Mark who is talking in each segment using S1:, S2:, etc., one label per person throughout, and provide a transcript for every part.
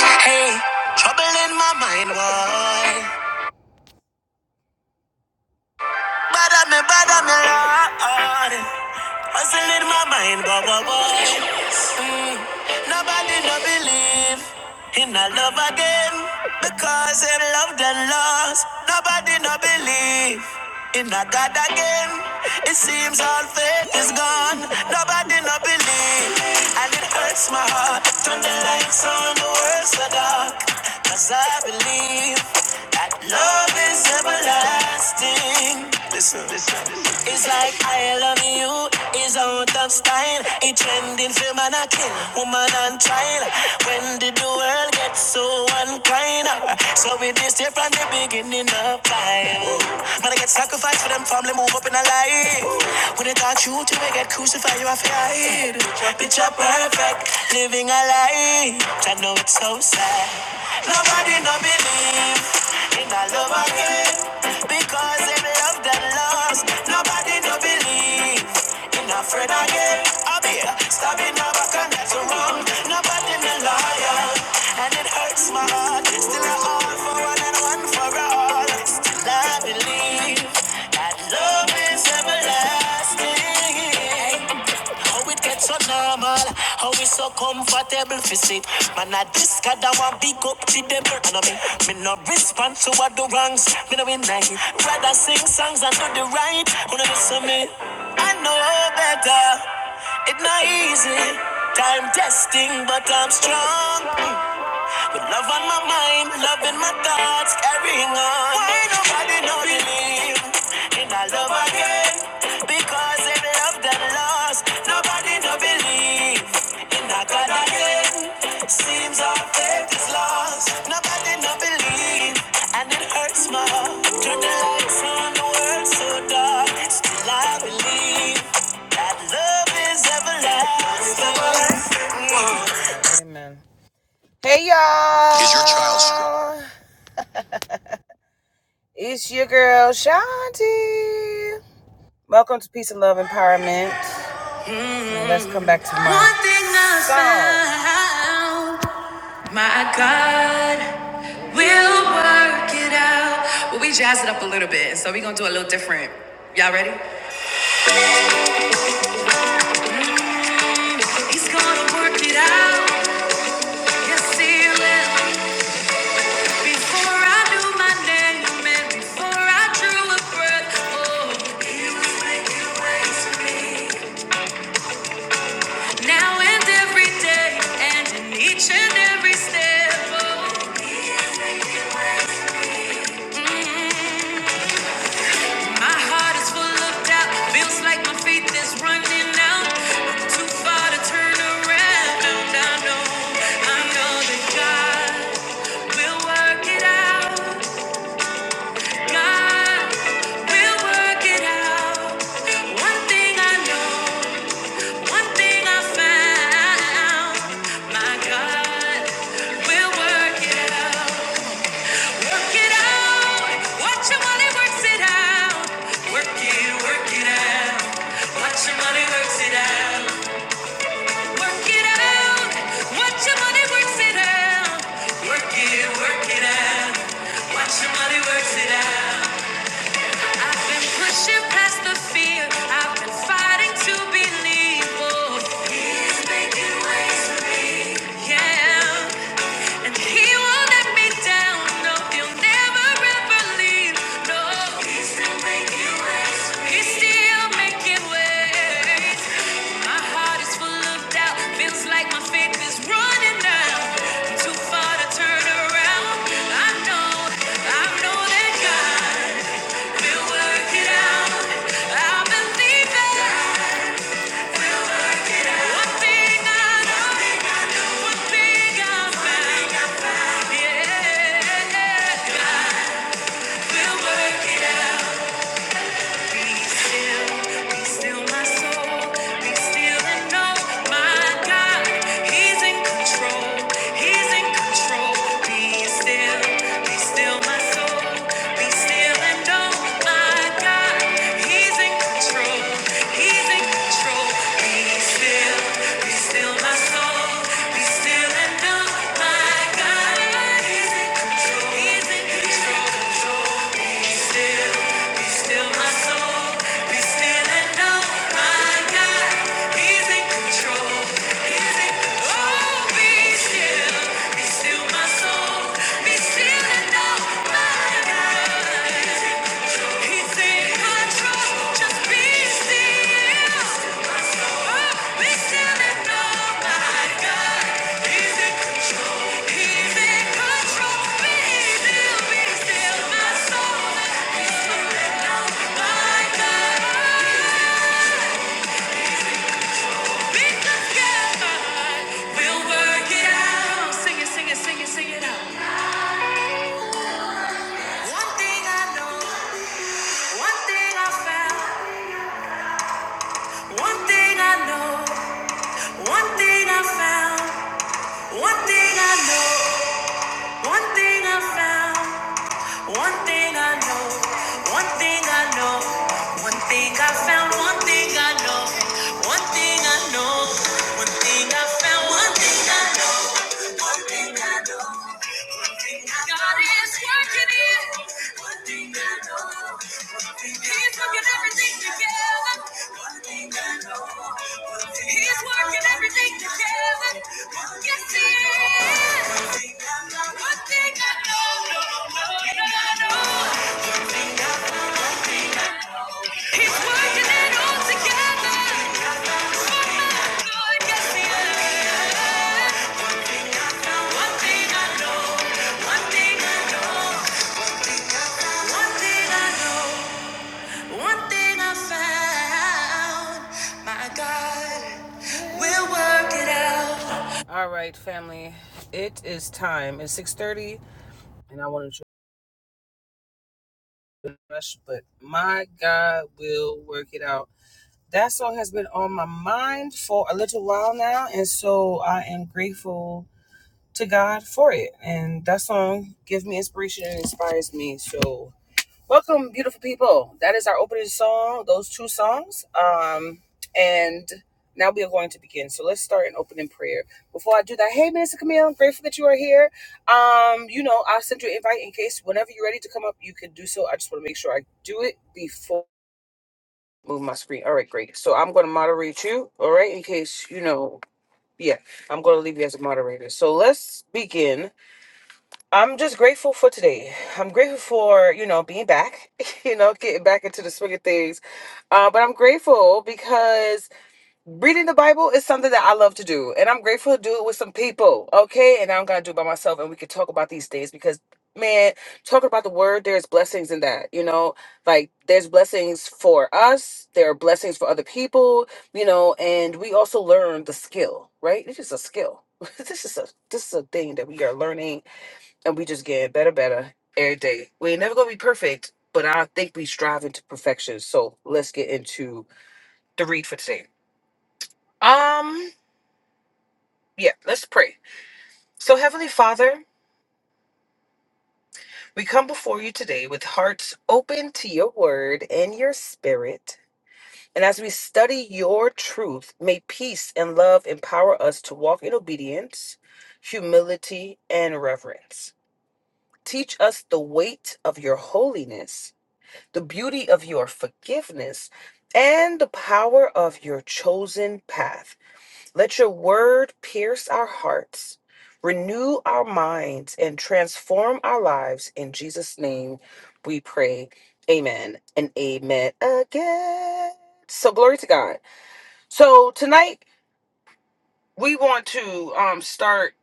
S1: Hey, trouble in my mind, boy. Bother me, bother me, Lord. Hustle in my mind, boy, boy, boy. Mm, nobody no believe in a love again because they loved and lost. Nobody no believe in a God again. It seems all faith is gone. Nobody no believe. And it hurts my heart. Turn the lights on, the world's so dark. Cause I believe that love is everlasting. Listen. It's like I love you is out of style. It's trending for man a king, woman on trial. When did the world get so unkind? So it is here from the beginning of time. Man, I get sacrificed for them family move up in a line. When they thought you to get crucified, you have to hide. Picture perfect, living a life. I know it's so sad. Nobody no believe in a love again because them love them lost. Nobody no believe in a friend again. I'll be stabbing her back and that's wrong. Nobody no liar. And it hurts my heart. Still I all for one and one for all. Still I believe believe that love is everlasting. How it gets so normal, how we so comfortable for it. Man, I discard our big up to them. I know me me no respond to what the wrongs, me no win like it. Rather sing songs and do the right. When I listen me, I know better. It not easy, time testing, but I'm strong. With love on my mind, love in my thoughts, carrying on. Why nobody know the name? And I love again, because they love that lost. Nobody no believe. And I got again, seems our faith is lost. Nobody no believe, and it hurts my heart. Turn the lights on, the world so dark. Still I believe that love is everlasting. Amen. Hey y'all! Is your child strong? It's your girl Shanti. Welcome to Peace and Love Empowerment. And let's come back to my the song. We'll work it out. Well, we jazzed it up a little bit, so we're gonna do a little different. Y'all ready? Mm. He's gonna work it out. Yes, he will. Before I knew my name, and before I drew a breath, oh, he was making ways for me. Now and every day, and in each and every step. Oh, mm, my heart is full of doubt. Feels like my faith is running out. I'm too far to turn around. I know, I know that God will work it out. God will work it out. One thing I know, one thing I found. My God will work it out. Work it out. Watch your money works it out. Work it, work it out. Watch your money works it out. Work it out. Watch your money works it out. Work it, work it out. Watch your money works it out. I've been pushing past the fear. I've been fighting to believe. Oh, he's making ways for me. Yeah. And he won't let me down. No, he'll never ever leave. No, he's still making ways. He's still making ways. My heart is full of doubt. Feels like my faith is running out. Too far to turn around. I know, I know that God will work it out. I believe it. God will work it out. One thing I know, one thing I found. Yeah, yeah, yeah. God will work it out. He's in control. He's in control. Be still, be still, my soul. One thing I found, one thing I know, one thing I know, one thing I found. One thing I know, one thing I know. God is working it. One thing I know, one thing I know. He's working everything together. One thing I know, one thing He's working everything together. yes, He is. One thing I know, one thing I know, one thing I know. One thing I know. He's working it all together. For my good, yes, He is. All right, family. It is time. It's six thirty, and I wanted to rush, but my God will work it out. That song has been on my mind for a little while now, and so I am grateful to God for it. And that song gives me inspiration and inspires me. So, welcome, beautiful people. That is our opening song, those two songs. Um, and now we are going to begin. So, let's start an opening prayer. Before I do that, hey, Minister Camille, I'm grateful that you are here. Um, you know, I'll send you an invite in case whenever you're ready to come up, you can do so. I just want to make sure I do it before I move my screen. All right, great. So, I'm going to moderate you, all right, in case, you know, yeah, I'm going to leave you as a moderator. So, let's begin I'm just grateful for today. I'm grateful for, you know, being back, you know, getting back into the swing of things. Uh, but I'm grateful because reading the Bible is something that I love to do. And I'm grateful to do it with some people, okay? And I'm going to do it by myself. And we can talk about these things because, man, talking about the word, there's blessings in that, you know? Like, there's blessings for us, there are blessings for other people, you know? And we also learn the skill, right? It's just a skill. this is a this is a thing that we are learning and we just get better, better every day. We ain't never gonna be perfect, but I think we strive into perfection. So let's get into the read for today. Um, yeah, let's pray. So Heavenly Father, we come before you today with hearts open to your word and your spirit. And as we study your truth, may peace and love empower us to walk in obedience, humility, and reverence. Teach us the weight of your holiness the beauty of your forgiveness, and the power of your chosen path. Let your word pierce our hearts, renew our minds, and transform our lives. In Jesus' name we pray. Amen and amen again. So, glory to God. So, tonight we want to um, start.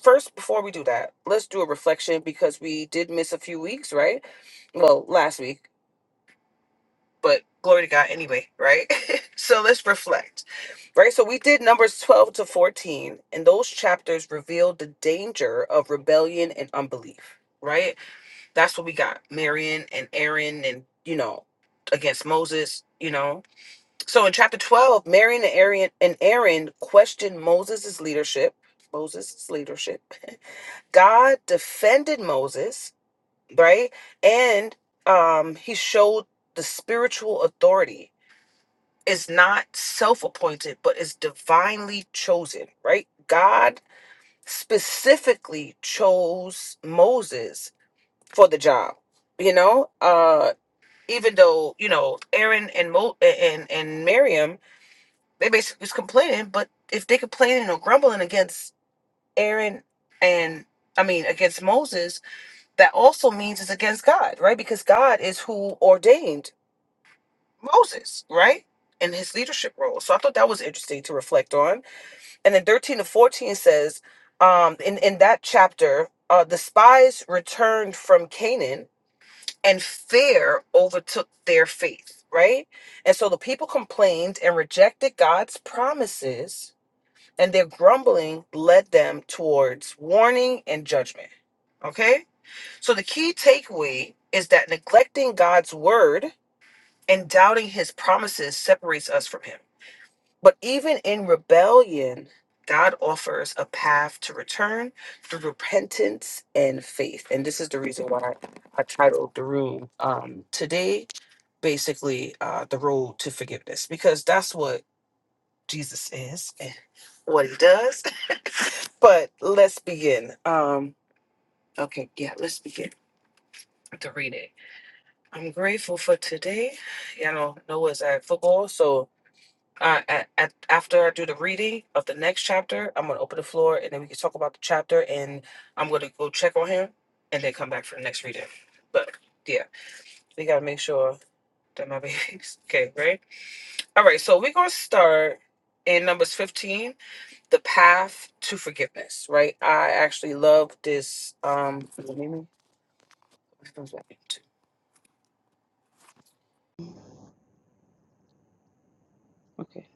S1: First, before we do that, let's do a reflection because we did miss a few weeks, right? Well, last week. but glory to God anyway, right? so let's reflect, right? So we did Numbers 12 to 14, and those chapters revealed the danger of rebellion and unbelief, right? That's what we got Marion and Aaron, and you know, against Moses, you know. So in chapter 12, Marion and Aaron, and Aaron questioned Moses' leadership. Moses' leadership. God defended Moses, right? And um, he showed the spiritual authority it's not self appointed, but it's divinely chosen, right? God specifically chose Moses for the job, you know? Uh, even though, you know, Aaron and Mo- and, and Miriam, they basically was complaining, but if they complaining or grumbling against Aaron and, I mean, against Moses, that also means it's against God, right? Because God is who ordained Moses, right? In his leadership role. So I thought that was interesting to reflect on and then 13 to 14 says um in in that chapter uh the spies returned from canaan and fear overtook their faith right and so the people complained and rejected god's promises and their grumbling led them towards warning and judgment okay so the key takeaway is that neglecting god's word and doubting his promises separates us from him but even in rebellion, God offers a path to return through repentance and faith. And this is the reason why I titled the room um, today, basically, uh, The Road to Forgiveness, because that's what Jesus is and what he does. But let's begin. Um, okay, yeah, let's begin to read it. I'm grateful for today. Y'all know Noah's at football, so Uh, at, at, after I do the reading of the next chapter, I'm going to open the floor and then we can talk about the chapter. And I'm going to go check on him and then come back for the next reading. But yeah, we got to make sure that my babies. Okay, right? All right, so we're going to start in Numbers 15, the path to forgiveness, right? I actually love this. Um, okay,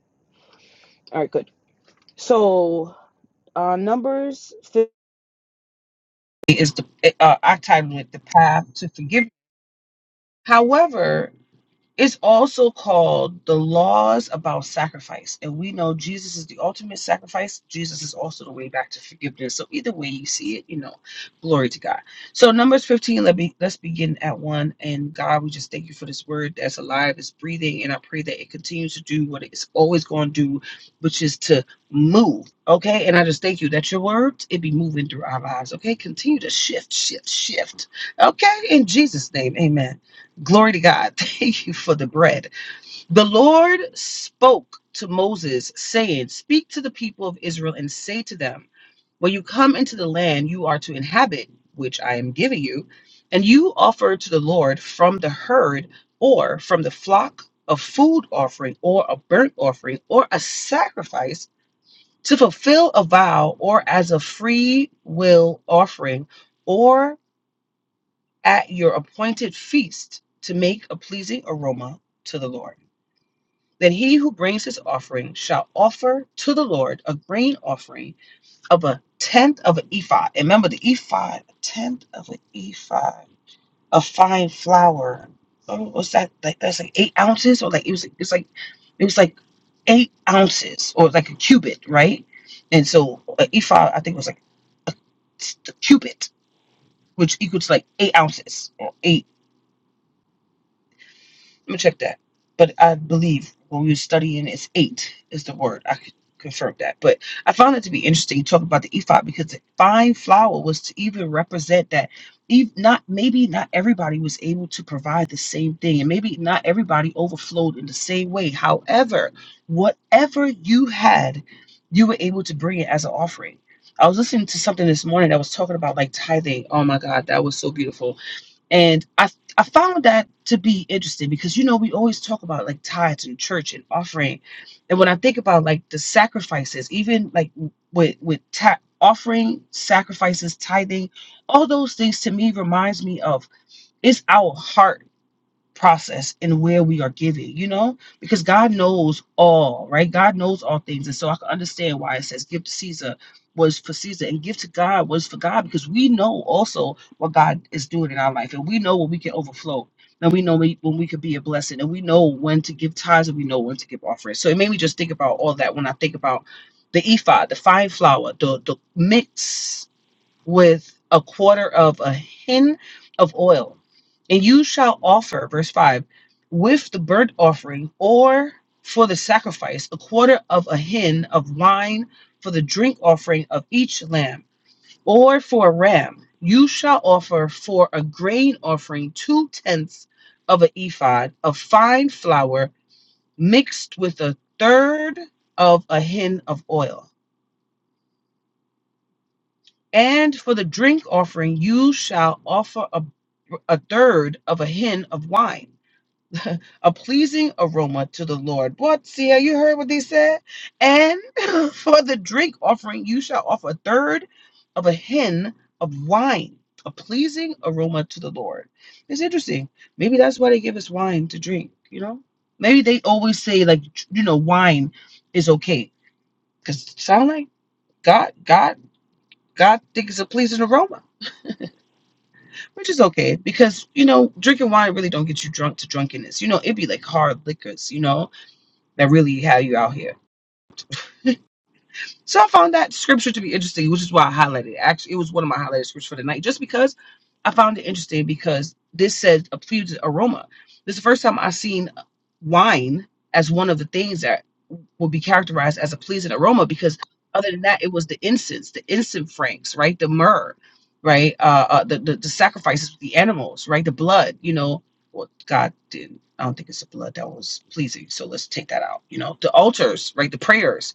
S1: all right, good. So, uh, Numbers 15 is the, uh, I titled it The Path to forgiveness. However, it's also called the laws about sacrifice. And we know Jesus is the ultimate sacrifice. Jesus is also the way back to forgiveness. So either way you see it, you know, glory to God. So Numbers 15, let me let's begin at one. And God, we just thank you for this word that's alive, it's breathing, and I pray that it continues to do what it's always going to do, which is to move. Okay. And I just thank you that your word it be moving through our lives. Okay. Continue to shift, shift, shift. Okay. In Jesus' name. Amen. Glory to God. Thank you for the bread. The Lord spoke to Moses, saying, Speak to the people of Israel and say to them, When you come into the land you are to inhabit, which I am giving you, and you offer to the Lord from the herd or from the flock a food offering or a burnt offering or a sacrifice to fulfill a vow or as a free will offering or." at your appointed feast to make a pleasing aroma to the Lord. Then he who brings his offering shall offer to the Lord a grain offering of a tenth of an ephah. And remember the ephah, a tenth of an ephah, a fine flour. Oh, what's that? Like that's like eight ounces, or like it was it's like it was like eight ounces, or like a cubit, right? And so an ephah, I think, was like a, a cubit, which equals like eight ounces or eight. Let me check that. But I believe when we were studying, it's eight is the word. I could confirm that. But I found it to be interesting you talk about the ephod because the fine flour was to even represent that. ev- Not maybe not everybody was able to provide the same thing, and maybe not everybody overflowed in the same way. However, whatever you had, you were able to bring it as an offering. I was listening to something this morning that was talking about like tithing. Oh my God, that was so beautiful and I I found that to be interesting because you know we always talk about like tithes and church and offering, and when I think about like the sacrifices, even like with with ta- offering sacrifices, tithing, all those things to me reminds me of it's our heart process and where we are giving, you know, because God knows all, right? God knows all things. And so I can understand why it says give to Caesar was for Caesar and give to God was for God because we know also what God is doing in our life and we know when we can overflow and we know we- when we could be a blessing and we know when to give tithes and we know when to give offerings. So it made me just think about all that when I think about the ephod, the fine flour, the, the mix with a quarter of a hin of oil. And you shall offer, verse 5, with the burnt offering or for the sacrifice, a quarter of a hin of wine for the drink offering of each lamb, or for a ram. You shall offer for a grain offering two tenths of an ephod of fine flour mixed with a third of a hin of oil And for the drink offering, you shall offer a, a third of a hin of wine, a pleasing aroma to the Lord. What? See how you heard what they said? And for the drink offering, you shall offer a third of a hin of wine, a pleasing aroma to the Lord. It's interesting. Maybe that's why they give us wine to drink, you know? Maybe they always say, like, you know, wine is okay. Because it sounds like God, God, God thinks it's a pleasing aroma which is okay because you know drinking wine really don't get you drunk to drunkenness you know it'd be like hard liquors you know that really have you out here so I found that scripture to be interesting, which is why I highlighted it. Actually, it was one of my highlighted scriptures for the night, just because I found it interesting because this says a pleasing aroma. This is the first time I've seen wine as one of the things that will be characterized as a pleasing aroma because other than that, it was the incense, the incense franks, right? The myrrh, right? Uh, uh the, the the sacrifices, the animals, right? The blood, you know. Well, God didn't. I don't think it's the blood that was pleasing. So let's take that out. You know, the altars, right? The prayers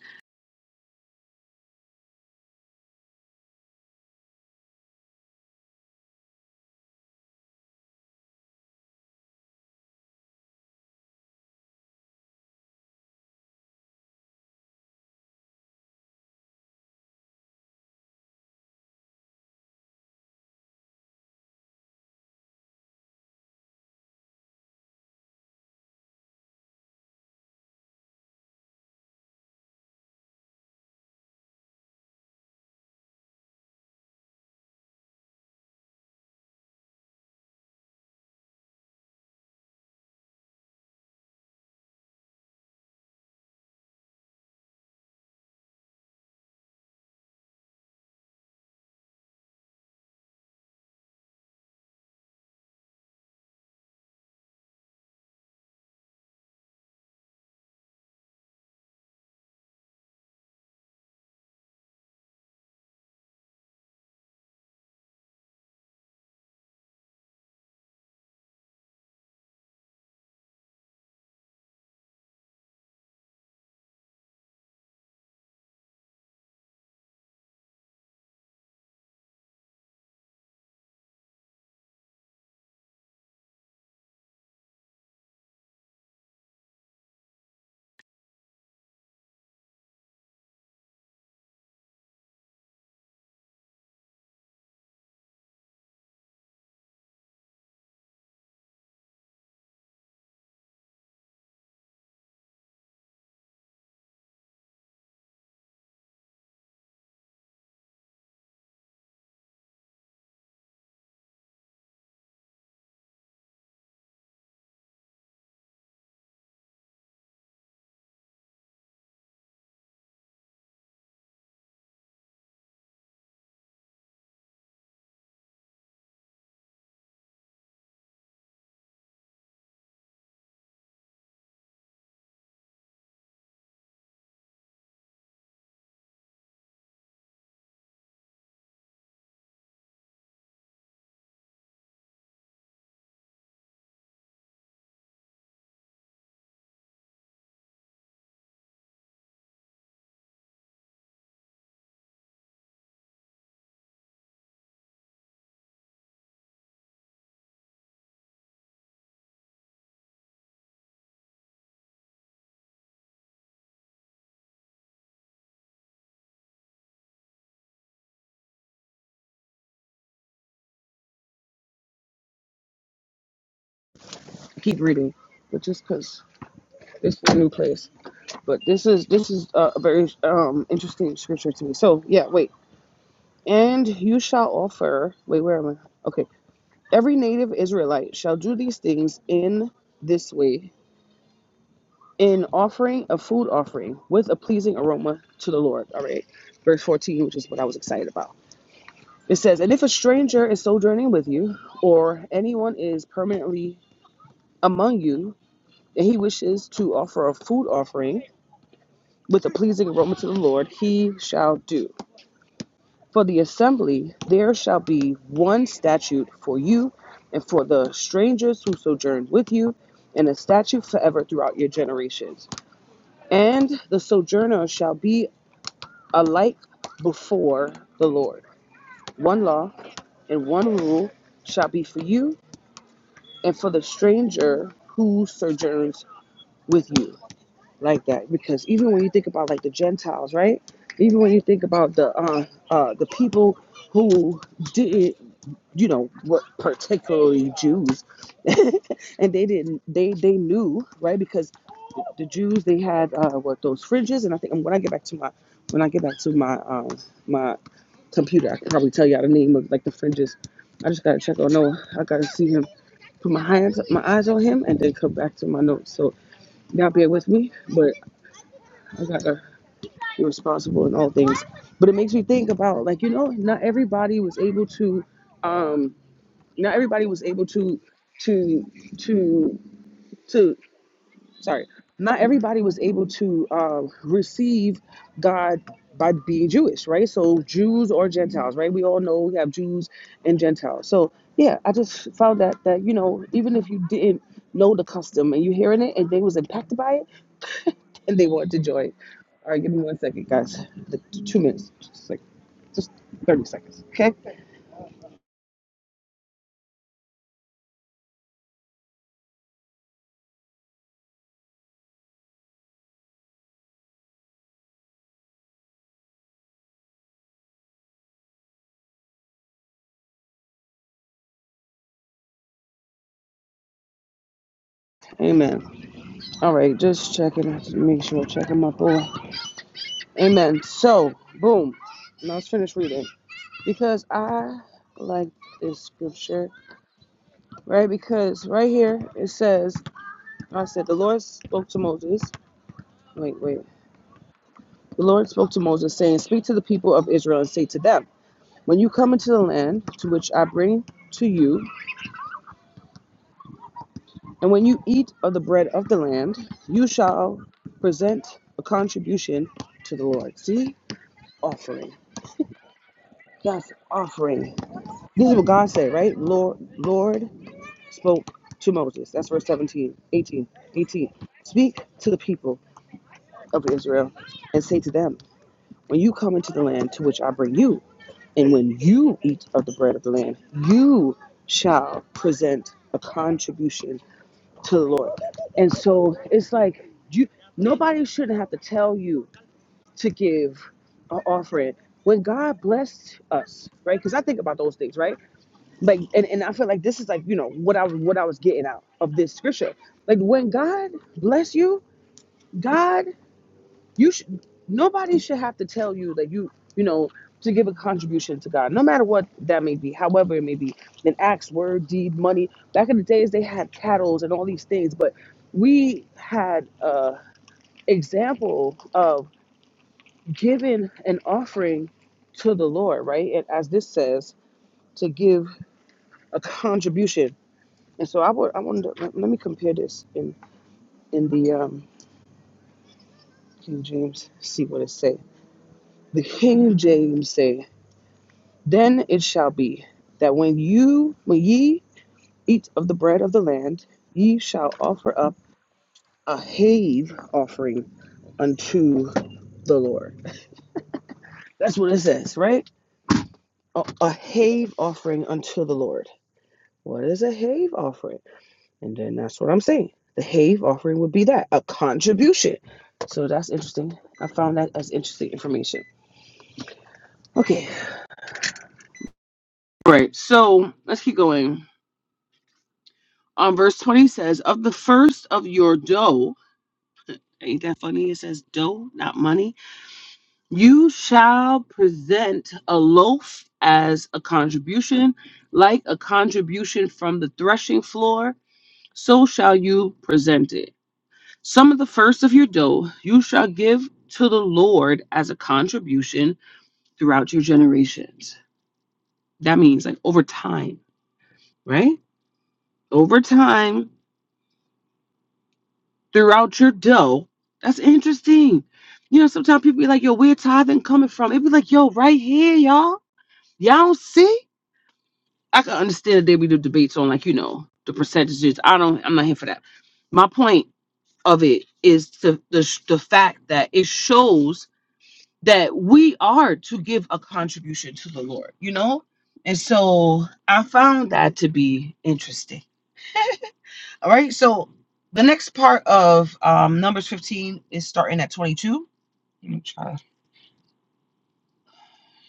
S1: keep reading, but just because it's a new place. But this is this is uh, a very um interesting scripture to me. So yeah, wait. And you shall offer. Wait, where am I? Okay. Every native Israelite shall do these things in this way, in offering a food offering with a pleasing aroma to the Lord. All right. Verse 14, which is what I was excited about. It says, And if a stranger is sojourning with you, or anyone is permanently among you, and he wishes to offer a food offering, with a pleasing aroma to the Lord, he shall do. For the assembly, there shall be one statute for you and for the strangers who sojourn with you, and a statute forever throughout your generations. And the sojourner shall be alike before the Lord. One law and one rule shall be for you and for the stranger who sojourns with you. like that because even when you think about like the Gentiles, right? Even when you think about the uh, uh, the people who didn't, you know, what particularly Jews, and they didn't, they they knew, right? Because the Jews they had uh, what those fringes, and I think when I get back to my when I get back to my um, my computer, I can probably tell y'all the name of like the fringes. I just gotta check on Noah. I gotta see him put my hands, my eyes on him, and then come back to my notes. So y'all bear with me, but I gotta be responsible in all things. But it makes me think about like you know, not everybody was able to, not everybody was able to, to, to, to. Sorry, not everybody was able to um, receive God by being Jewish, right? So Jews or Gentiles, right? We all know we have Jews and Gentiles. So yeah, I just found that that you know, even if you didn't know the custom and you're hearing it and they was impacted by it, and they want to join. All right, give me one second, guys. The two minutes, just like just thirty seconds. Okay. Amen. All right, just checking, make sure checking my boy. Amen. So, boom. Now let's finish reading because I like this scripture, right? Because right here it says, "I said the Lord spoke to Moses." Wait, wait. The Lord spoke to Moses, saying, "Speak to the people of Israel and say to them, When you come into the land to which I bring." to you And when you eat of the bread of the land, you shall present a contribution to the Lord. See? Offering. That's offering. This is what God said, right? Lord Lord spoke to Moses. That's verse 17, 18, 18. Speak to the people of Israel and say to them, When you come into the land to which I bring you, and when you eat of the bread of the land, you shall present a contribution to the Lord. And so it's like you nobody shouldn't have to tell you to give an offering. When God blessed us, right? Because I think about those things, right? Like and, and I feel like this is like, you know, what I was what I was getting out of this scripture. Like when God bless you, God you should nobody should have to tell you that you you know to give a contribution to God, no matter what that may be, however it may be, an acts, word, deed, money. Back in the days, they had cattles and all these things, but we had a example of giving an offering to the Lord, right? And as this says, to give a contribution. And so I would, I wanted to, let let me compare this in in the um, King James, see what it say. The King James say. Then it shall be that when you, when ye eat of the bread of the land, ye shall offer up a have offering unto the Lord. That's what it says, right? A, a have offering unto the Lord. What is a have offering? And then that's what I'm saying. The have offering would be that, a contribution. So that's interesting. I found that as interesting information. Okay. All right. So let's keep going. On verse 20 says, Of the first of your dough, Ain't that funny? It says dough, not money. You shall present a loaf as a contribution, like a contribution from the threshing floor, so shall you present it. Some of the first of your dough you shall give to the Lord as a contribution throughout your generations. That means like over time, right? Over time, throughout your dough. That's interesting. You know, sometimes people be like, yo, where tithing coming from? It be like, yo, right here, y'all. Y'all don't see? I can understand that they be the debates on like, you know, the percentages. I don't I'm not here for that. My point of it is to the sh- the fact that it shows that we are to give a contribution to the Lord, you know? And so I found that to be interesting. All right. So the next part of um, Numbers 15 is starting at 22 Let me try to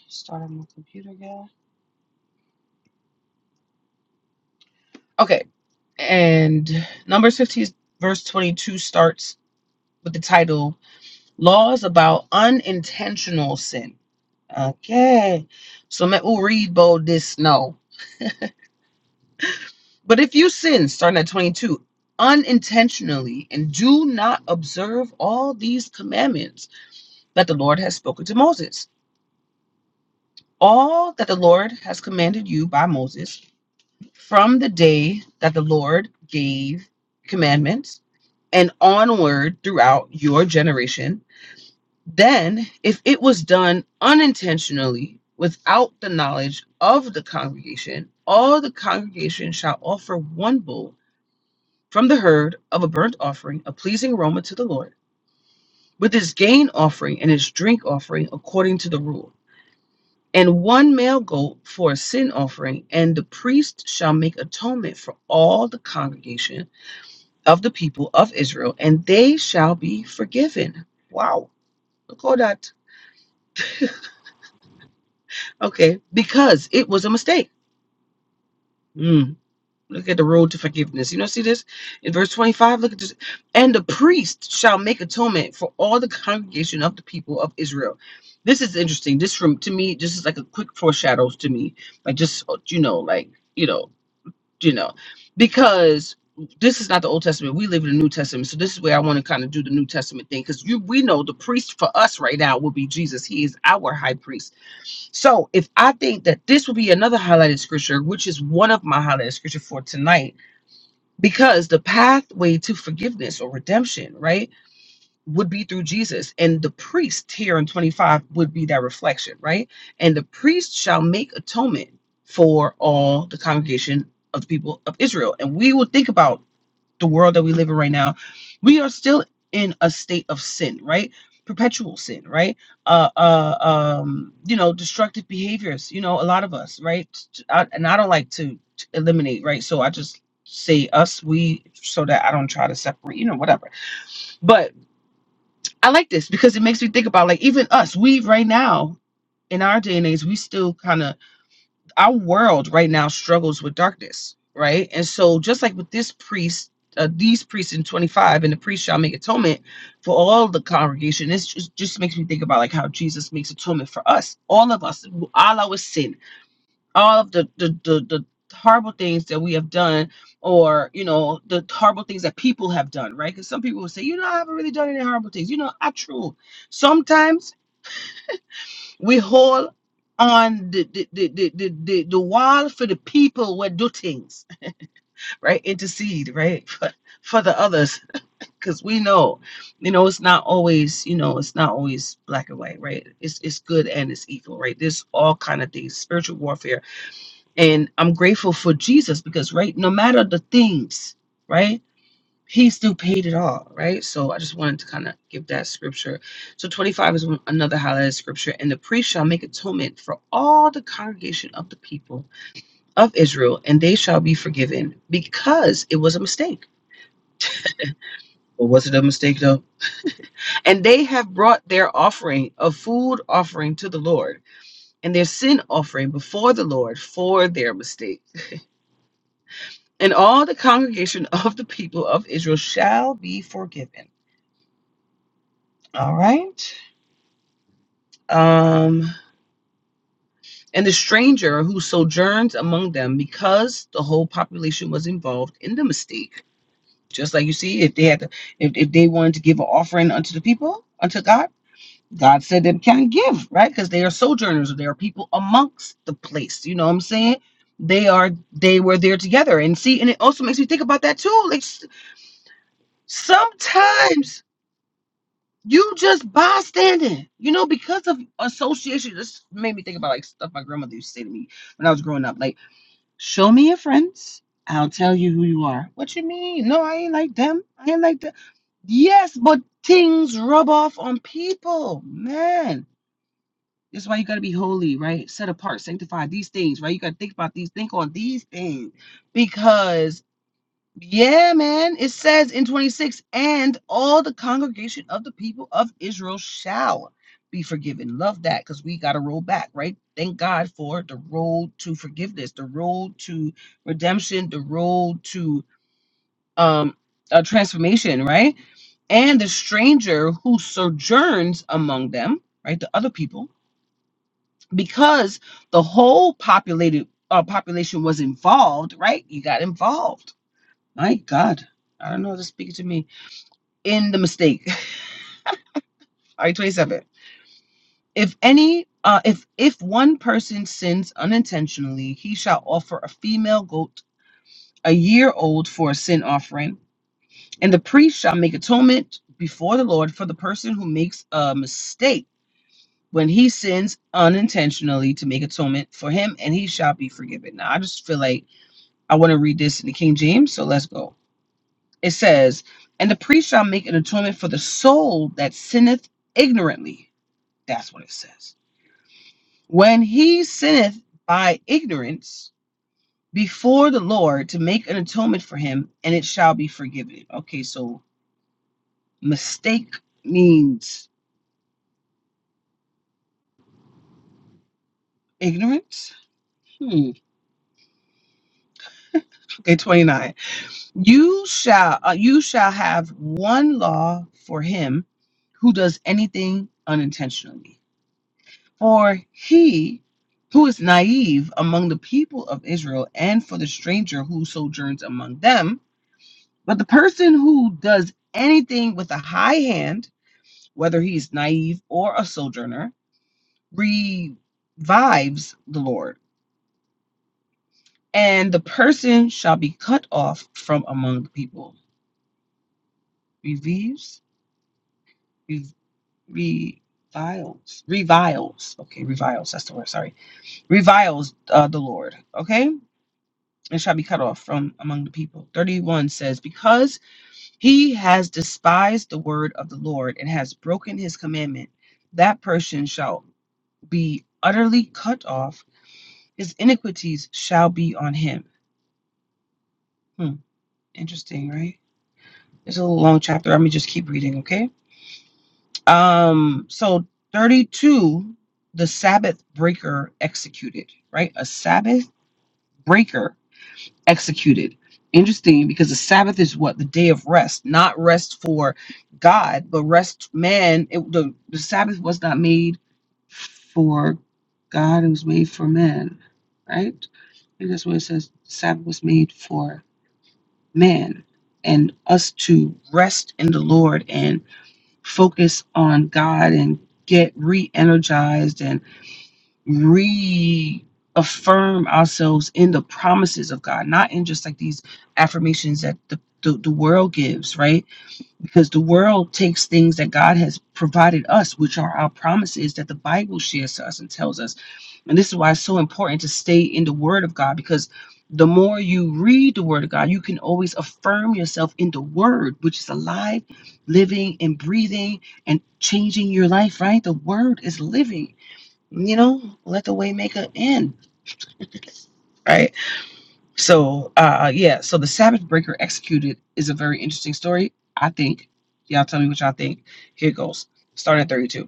S1: start on my computer again. Okay, and Numbers 15, verse 22 starts with the title Laws About Unintentional Sin. Okay, so let- we'll read bold this no. But if you sin, starting at 22, unintentionally and do not observe all these commandments that the Lord has spoken to Moses, all that the Lord has commanded you by Moses from the day that the Lord gave commandments and onward throughout your generation. Then, if it was done unintentionally without the knowledge of the congregation, all the congregation shall offer one bull from the herd of a burnt offering, a pleasing aroma to the Lord, with his gain offering and his drink offering according to the rule, and one male goat for a sin offering. And the priest shall make atonement for all the congregation of the people of Israel, and they shall be forgiven. Wow. Look at that. Okay. Because it was a mistake. Mm. Look at the road to forgiveness. You know, see this in verse 25. Look at this. And the priest shall make atonement for all the congregation of the people of Israel. This is interesting. This from to me, this is like a quick foreshadows to me. Like just you know, like you know. you know, because this is not the Old Testament. We live in the New Testament. So this is where I want to kind of do the New Testament thing because you we know the priest for us right now will be Jesus. He is our high priest. So if I think that this will be another highlighted scripture, which is one of my highlighted scripture for tonight, because the pathway to forgiveness or redemption, right? would be through Jesus. And the priest here in 25 would be that reflection, right? And the priest shall make atonement for all the congregation of the people of Israel. And we will think about the world that we live in right now. We are still in a state of sin, right? Perpetual sin, right? Uh, uh, um, you know, destructive behaviors. You know, a lot of us, right? I, and I don't like to, to eliminate, right? So I just say us, we, so that I don't try to separate. You know, whatever. But I like this because it makes me think about like even us, we right now in our day and age, we still kind of our world right now struggles with darkness, right? And so just like with this priest, uh, these priests in 25, and the priest shall make atonement for all the congregation. This just, just makes me think about like how Jesus makes atonement for us, all of us, all our sin all of the the, the the horrible things that we have done or you know the horrible things that people have done right because some people will say you know i haven't really done any horrible things you know i true sometimes we hold on the the, the, the, the, the the wall for the people who do things right intercede right for, for the others because we know you know it's not always you know it's not always black and white right it's it's good and it's evil right there's all kind of things spiritual warfare and I'm grateful for Jesus because, right, no matter the things, right, he still paid it all, right? So I just wanted to kind of give that scripture. So 25 is one- another highlighted scripture. And the priest shall make atonement for all the congregation of the people of Israel, and they shall be forgiven because it was a mistake. Or was it a mistake though? And they have brought their offering of food offering to the Lord and their sin offering before the Lord for their mistake and all the congregation of the people of Israel shall be forgiven. All right. Um, and the stranger who sojourns among them, because the whole population was involved in the mistake. Just like you see, if they had to, if, if they wanted to give an offering unto the people, unto God, God said they can't give, right? Because they are sojourners, or they are people amongst the place. You know what I'm saying? They are they were there together. And see, and it also makes me think about that too. Like s- sometimes You just bystanding. You know, because of association, this made me think about like stuff my grandmother used to say to me when I was growing up. Like, show me your friends. I'll tell you who you are. What you mean? No, I ain't like them. I ain't like them. Yes, but things rub off on people, man. That's why you gotta be holy, right? Set apart, sanctified. These things, right? You gotta think about these, think on these things, because yeah, man. It says in 26, and all the congregation of the people of Israel shall be forgiven. Love that because we got to roll back, right? Thank God for the road to forgiveness, the road to redemption, the road to um uh, transformation, right? And the stranger who sojourns among them, right? The other people, because the whole populated uh, population was involved, right? You got involved my God, I don't know. how to speak to me in the mistake. I twenty-seven. If any, uh, if if one person sins unintentionally, he shall offer a female goat a year old for a sin offering, and the priest shall make atonement before the Lord for the person who makes a mistake when he sins unintentionally to make atonement for him, and he shall be forgiven. Now, I just feel like I want to read this in the King James, so let's go. It says, And the priest shall make an atonement for the soul that sinneth ignorantly. That's what it says. When he sinneth by ignorance before the Lord to make an atonement for him, and it shall be forgiven. Okay, so mistake means ignorance. Hmm. Okay, 29. You shall uh, you shall have one law for him who does anything unintentionally For he who is naive among the people of Israel, and for the stranger who sojourns among them, but the person who does anything with a high hand, whether he is naive or a sojourner, revives the Lord, and the person shall be cut off from among the people. Revives, re- reviles, reviles. Okay, reviles. That's the word. Sorry, reviles uh, the Lord. Okay and shall be cut off from among the people. 31 says, Because he has despised the word of the Lord and has broken his commandment, that person shall be utterly cut off. His iniquities shall be on him. Hmm, interesting, right? It's a little long chapter. Let me just keep reading, okay? Um, so 32, the Sabbath breaker executed, right? A Sabbath breaker executed. Interesting because the Sabbath is what? The day of rest, not rest for God, but rest man. It, the, the Sabbath was not made for God, it was made for man, right? And that's what it says Sabbath was made for man and us to rest in the Lord and focus on God and get re energized and reaffirm ourselves in the promises of God, not in just like these affirmations that the, the, the world gives, right? Because the world takes things that God has provided us, which are our promises that the Bible shares to us and tells us. And this is why it's so important to stay in the Word of God because the more you read the Word of God, you can always affirm yourself in the Word, which is alive, living, and breathing and changing your life, right? The Word is living you know, let the waymaker in, right? So, uh, yeah. So the Sabbath breaker executed is a very interesting story. I think. Y'all tell me what y'all think. Here goes. Start at 32.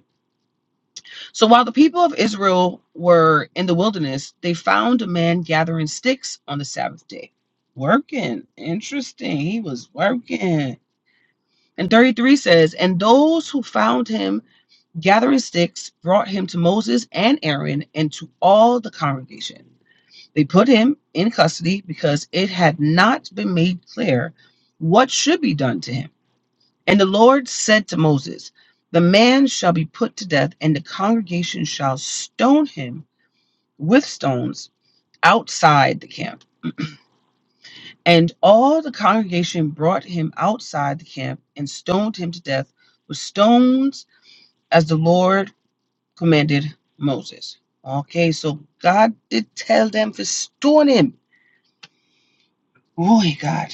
S1: So while the people of Israel were in the wilderness, they found a man gathering sticks on the Sabbath day. Working. Interesting. He was working. And 33 says, And those who found him gathering sticks brought him to Moses and Aaron and to all the congregation. They put him in custody because it had not been made clear what should be done to him. And the Lord said to Moses, The man shall be put to death, and the congregation shall stone him with stones outside the camp. And all the congregation brought him outside the camp and stoned him to death with stones as the Lord commanded Moses. Okay, so God did tell them to stone him Oh my God.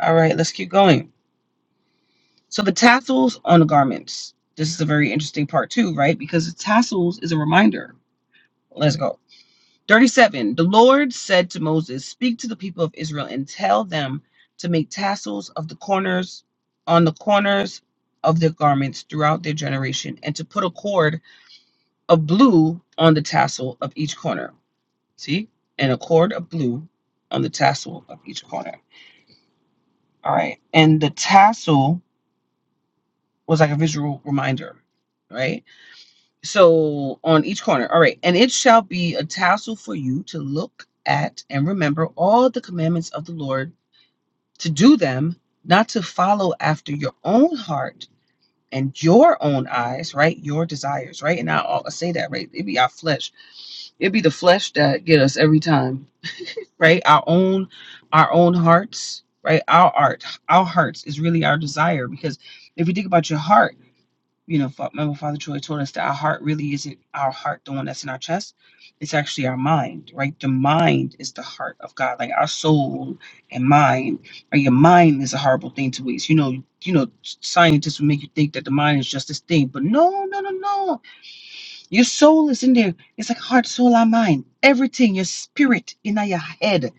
S1: All right, let's keep going. So the tassels on the garments. This is a very interesting part too, right? Because the tassels is a reminder. Let's go. 37. The Lord said to Moses, Speak to the people of Israel and tell them to make tassels of the corners on the corners of their garments throughout their generation and to put a cord of blue on the tassel of each corner. See? And a cord of blue on the tassel of each corner. All right. And the tassel was like a visual reminder, right? So on each corner, all right, and it shall be a tassel for you to look at and remember all the commandments of the Lord, to do them, not to follow after your own heart and your own eyes, right? Your desires, right? And I all say that, right? It be our flesh. It be the flesh that get us every time, right? Our own, our own hearts, right? Our art, our hearts is really our desire because if you think about your heart you know, fa- remember Father Troy told us that our heart really isn't our heart, the one that's in our chest. It's actually our mind, right? The mind is the heart of God, like our soul and mind. Right? Your mind is a horrible thing to waste. You know, you know, scientists will make you think that the mind is just this thing, but no, no, no, no. Your soul is in there. It's like heart, soul, our mind, everything. Your spirit in your head.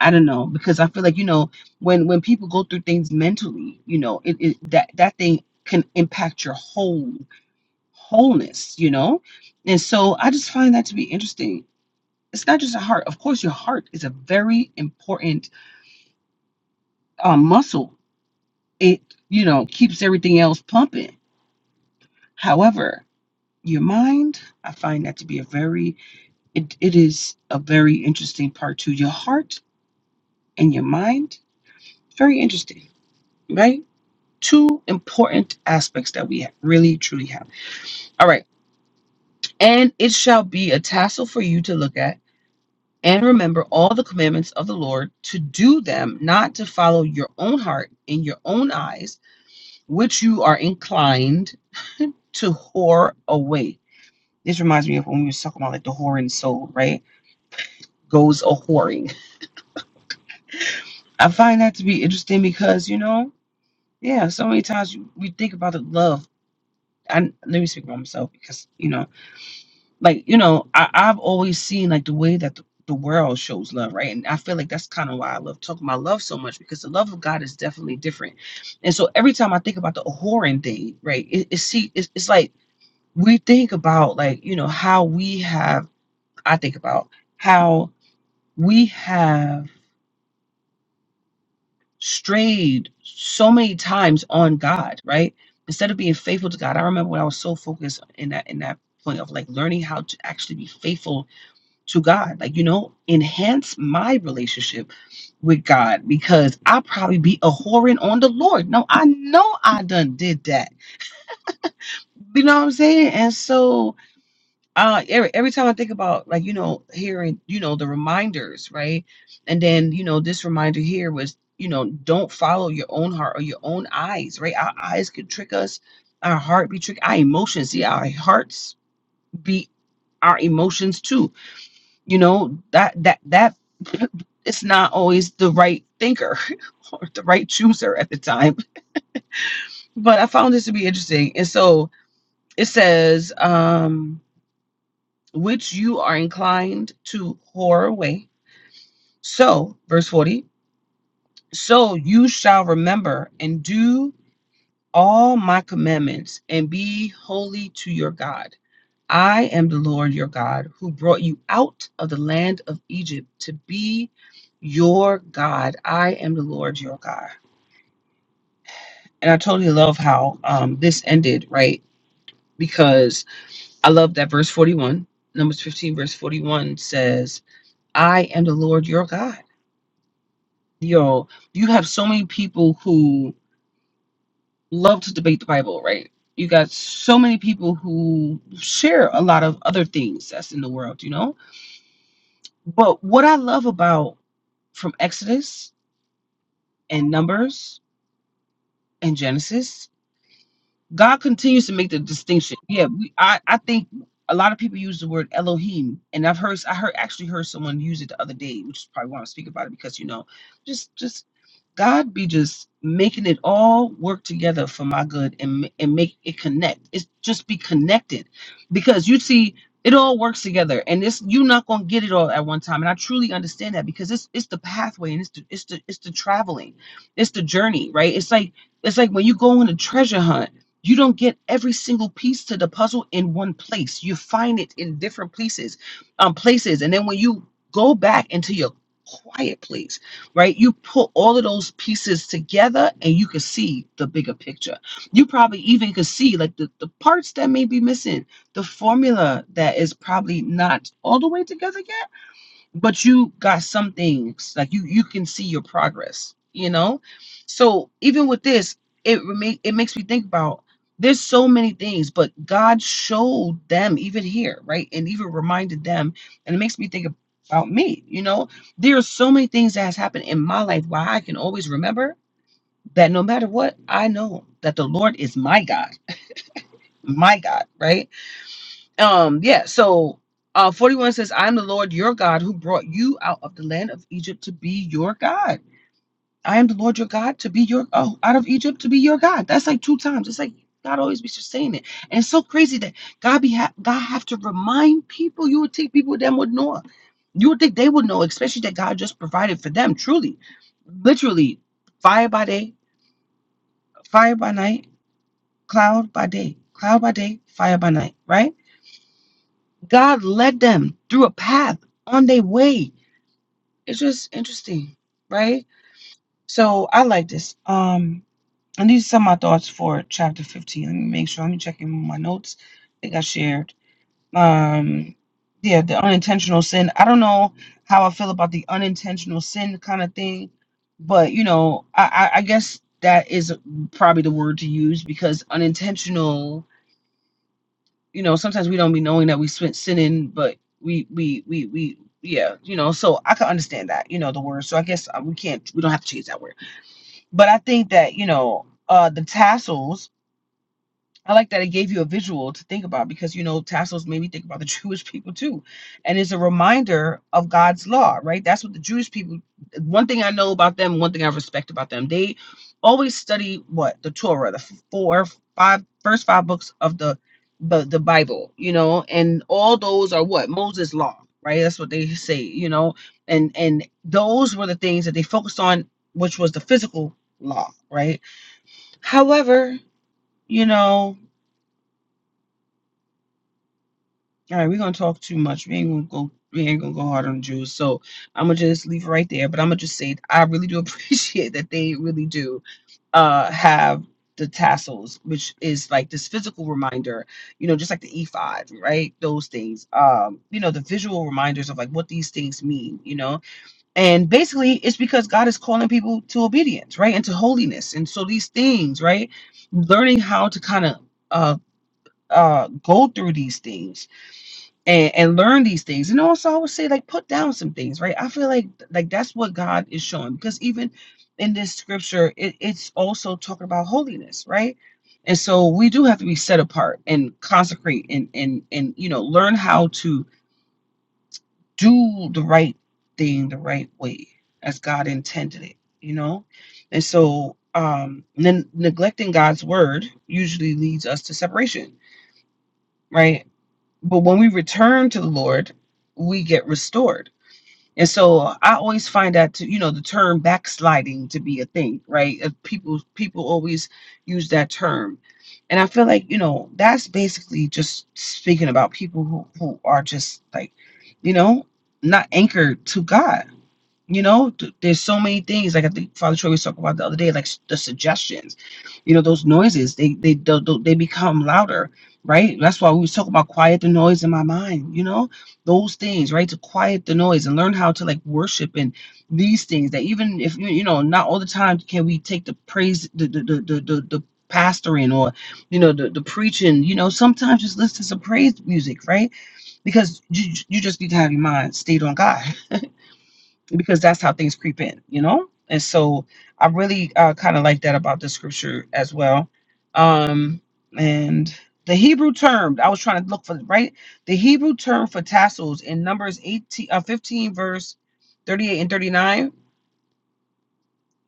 S1: I don't know because I feel like you know when when people go through things mentally, you know, it, it that that thing can impact your whole wholeness, you know? And so I just find that to be interesting. It's not just a heart. Of course, your heart is a very important uh, muscle. It, you know, keeps everything else pumping. However, your mind, I find that to be a very, it, it is a very interesting part too. Your heart and your mind, very interesting, right? Two important aspects that we really truly have. All right. And it shall be a tassel for you to look at and remember all the commandments of the Lord to do them, not to follow your own heart and your own eyes, which you are inclined to whore away. This reminds me of when we were talking about like the whoring soul, right? Goes a whoring. I find that to be interesting because you know, yeah, so many times you- we think about the love. And let me speak for myself because you know. like you know I, i've always seen like the way that the, the world shows love right and i feel like that's kind of why i love talking about love so much because the love of god is definitely different and so every time i think about the whoring thing right it, it see it's, it's like we think about like you know how we have i think about how we have strayed so many times on god right instead of being faithful to god i remember when i was so focused in that in that point of like learning how to actually be faithful to God. Like, you know, enhance my relationship with God because I probably be a whoring on the Lord. No, I know I done did that. You know what I'm saying? And so uh every, every time I think about like, you know, hearing, you know, the reminders, right? And then, you know, this reminder here was, you know, don't follow your own heart or your own eyes, right? Our eyes could trick us, our heart be tricked, our emotions, see our hearts be our emotions too You know, that that that it's not always the right thinker or the right chooser at the time. But I found this to be interesting. And so it says, um, which you are inclined to whore away. So, verse 40, so you shall remember and do all my commandments and be holy to your God I am the Lord your God who brought you out of the land of Egypt to be your God. I am the Lord your God. And I totally love how um, this ended, right? Because I love that verse 41, Numbers 15, verse 41 says, I am the Lord your God. Yo, you have so many people who love to debate the Bible, right? You got so many people who share a lot of other things that's in the world, you know? But what I love about from Exodus and Numbers and Genesis God continues to make the distinction. Yeah, we, I I think a lot of people use the word Elohim, and I've heard I heard actually heard someone use it the other day, which is probably why I'm speaking about it because you know, just just God be just making it all work together for my good and ma- and make it connect. It's just be connected because you see it all works together and it's you're not gonna get it all at one time and i truly understand that because it's it's the pathway and it's the it's the it's the traveling it's the journey right it's like it's like when you go on a treasure hunt you don't get every single piece to the puzzle in one place. You find it in different places, um, places, and then when you go back into your quiet place, right? You put all of those pieces together, and you can see the bigger picture. You probably even can see like the the parts that may be missing, the formula that is probably not all the way together yet but you got some things like you you can see your progress you know so even with this it rema- it makes me think about there's so many things but god showed them even here right and even reminded them and it makes me think about me you know there are so many things that has happened in my life why i can always remember that no matter what i know that the lord is my god my god right um, yeah, so uh 41 says, I am the Lord your God who brought you out of the land of Egypt to be your God. I am the Lord your God to be your oh out of Egypt to be your God. That's like two times. It's like God always be just saying it. And it's so crazy that God be ha- God have to remind people. You would think people them would know. You would think they would know, especially that God just provided for them, truly. Literally, fire by day, fire by night, cloud by day, cloud by day, fire by night, right? God led them through a path on their way. It's just interesting, right? So I like this. Um, and these are some of my thoughts for chapter 15. Let me make sure. Let me check in my notes. I think I shared. Um, yeah, the unintentional sin. I don't know how I feel about the unintentional sin kind of thing, but you know, I, I, I guess that is probably the word to use because unintentional you know sometimes we don't be knowing that we spent sinning but we we we we yeah you know so i can understand that you know the word so i guess uh, we can't we don't have to change that word but i think that you know uh the tassels I like that it gave you a visual to think about because you know Tassos made me think about the Jewish people too, and it's a reminder of God's law, right? That's what the Jewish people. One thing I know about them, one thing I respect about them, they always study what the Torah, the four, five, first five books of the the, the Bible, you know, and all those are what Moses' law, right? That's what they say, you know, and and those were the things that they focused on, which was the physical law, right? However, you know All right, we're gonna talk too much. We ain't gonna go. We ain't gonna go hard on the Jews. So I'm gonna just leave it right there. But I'm gonna just say I really do appreciate that they really do uh have the tassels, which is like this physical reminder. You know, just like the e right? Those things. Um, you know, the visual reminders of like what these things mean. You know, and basically it's because God is calling people to obedience, right, and to holiness. And so these things, right, learning how to kind of uh uh go through these things and and learn these things and also i would say like put down some things right i feel like like that's what god is showing because even in this scripture it, it's also talking about holiness right and so we do have to be set apart and consecrate and and and you know learn how to do the right thing the right way as god intended it you know and so um then neglecting god's word usually leads us to separation right but when we return to the Lord, we get restored. And so I always find that to, you know the term backsliding to be a thing, right? Uh, People people always use that term. And I feel like, you know, that's basically just speaking about people who, who are just like, you know, not anchored to God you know, th- there's so many things. Like I think Father Troy was talking about the other day, like s- the suggestions. You know, those noises they they they, they become louder, right? That's why we was talking about quiet the noise in my mind. You know, those things, right? To quiet the noise and learn how to like worship and these things. That even if you you know, not all the time can we take the praise the the the the, the, the pastoring or you know the, the preaching you know sometimes just listen to some praise music right because you you just need to have your mind stayed on God. because that's how things creep in, you know? And so I really uh, kind of like that about the scripture as well. Um, and the Hebrew term, I was trying to look for, right? The Hebrew term for tassels in Numbers 18, uh, 15, verse 38 and 39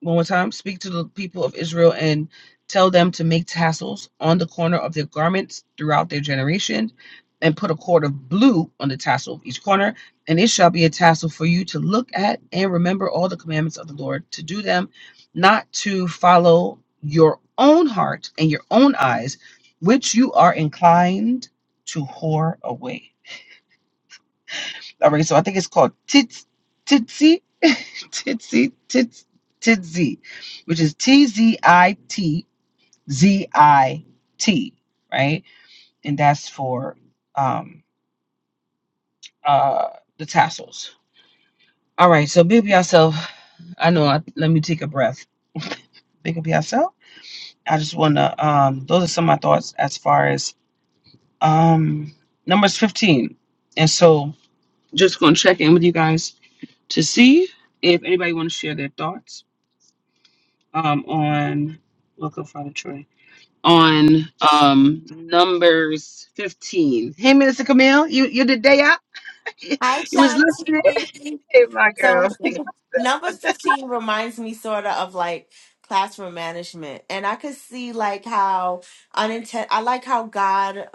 S1: one more time. Speak to the people of Israel and tell them to make tassels on the corner of their garments throughout their generation, and put a cord of blue on the tassel of each corner. And it shall be a tassel for you to look at and remember all the commandments of the Lord, to do them, not to follow your own heart and your own eyes, which you are inclined to whore away. All right, so I think it's called Tits titzy titzy Tits titzy, which is T Z I T Z I T, right? And that's for um uh the tassels. All right, so big up yourself. I know. I, let me take a breath. Big up yourself. I just wanna. Um, those are some of my thoughts as far as um numbers fifteen, and so just gonna check in with you guys to see if anybody want to share their thoughts um, on welcome Father Troy on um, Numbers 15. Hey, Minister Camille, you you the day out?
S2: Hi,
S1: you was listening.
S2: Shanti.
S1: Hey, my
S2: So
S1: girl.
S2: number 15 reminds me sort of of like classroom management. And I could see like how unintent I like how God,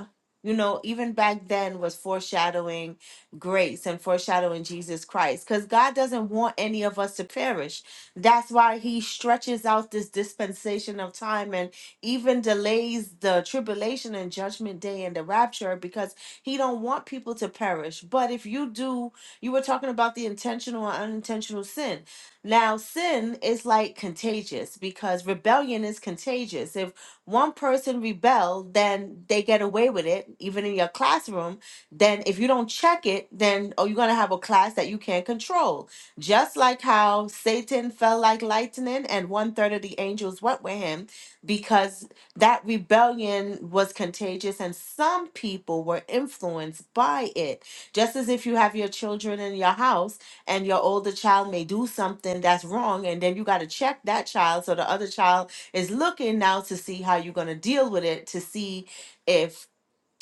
S2: you know, even back then was foreshadowing grace and foreshadowing Jesus Christ. Because God doesn't want any of us to perish. That's why he stretches out this dispensation of time and even delays the tribulation and judgment day and the rapture because he don't want people to perish. But if you do you were talking about the intentional and unintentional sin. Now, sin is like contagious because rebellion is contagious. If one person rebel, then they get away with it, even in your classroom. Then, if you don't check it, then oh, you're gonna have a class that you can't control. Just like how Satan fell like lightning, and one third of the angels went with him because that rebellion was contagious, and some people were influenced by it just as if you have your children in your house and your older child may do something that's wrong, and then you got to check that child. So the other child is looking now to see how you're going to deal with it, to see if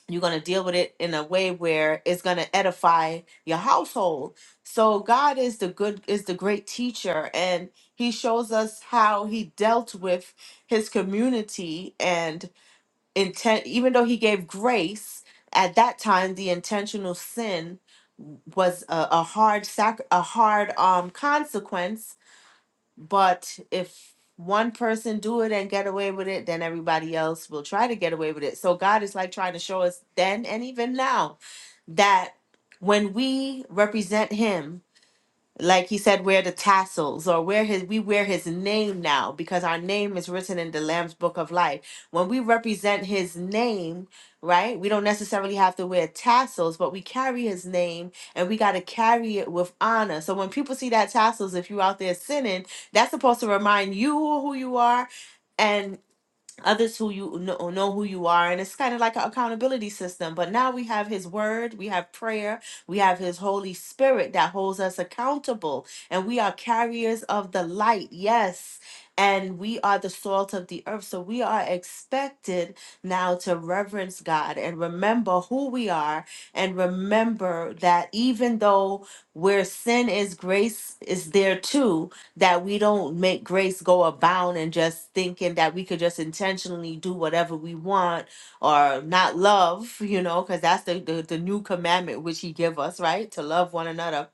S2: you're going to deal with it in a way where it's going to edify your household. So God is the good, is the great teacher, and He shows us how He dealt with His community. and intent even though he gave grace at that time the intentional sin was a, a hard sac a hard um consequence but if one person do it and get away with it then everybody else will try to get away with it so god is like trying to show us then and even now that when we represent him like he said, wear the tassels or wear his we wear his name now because our name is written in the Lamb's book of life. When we represent his name, right? We don't necessarily have to wear tassels, but we carry his name and we got to carry it with honor. So when people see that tassels, if you're out there sinning, that's supposed to remind you who you are others who you know, know who you are and it's kind of like an accountability system but now we have his word we have prayer we have his holy spirit that holds us accountable and we are carriers of the light yes and we are the salt of the earth so we are expected now to reverence god and remember who we are and remember that even though where sin is grace is there too that we don't make grace go abound and just thinking that we could just intentionally do whatever we want or not love you know because that's the, the the new commandment which he give us right to love one another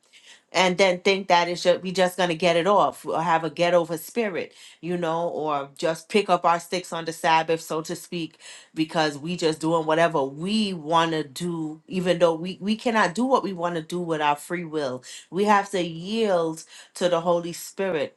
S2: and then think that it's just we just gonna get it off or have a get over spirit you know or just pick up our sticks on the sabbath so to speak because we just doing whatever we want to do even though we we cannot do what we want to do with our free will we have to yield to the holy spirit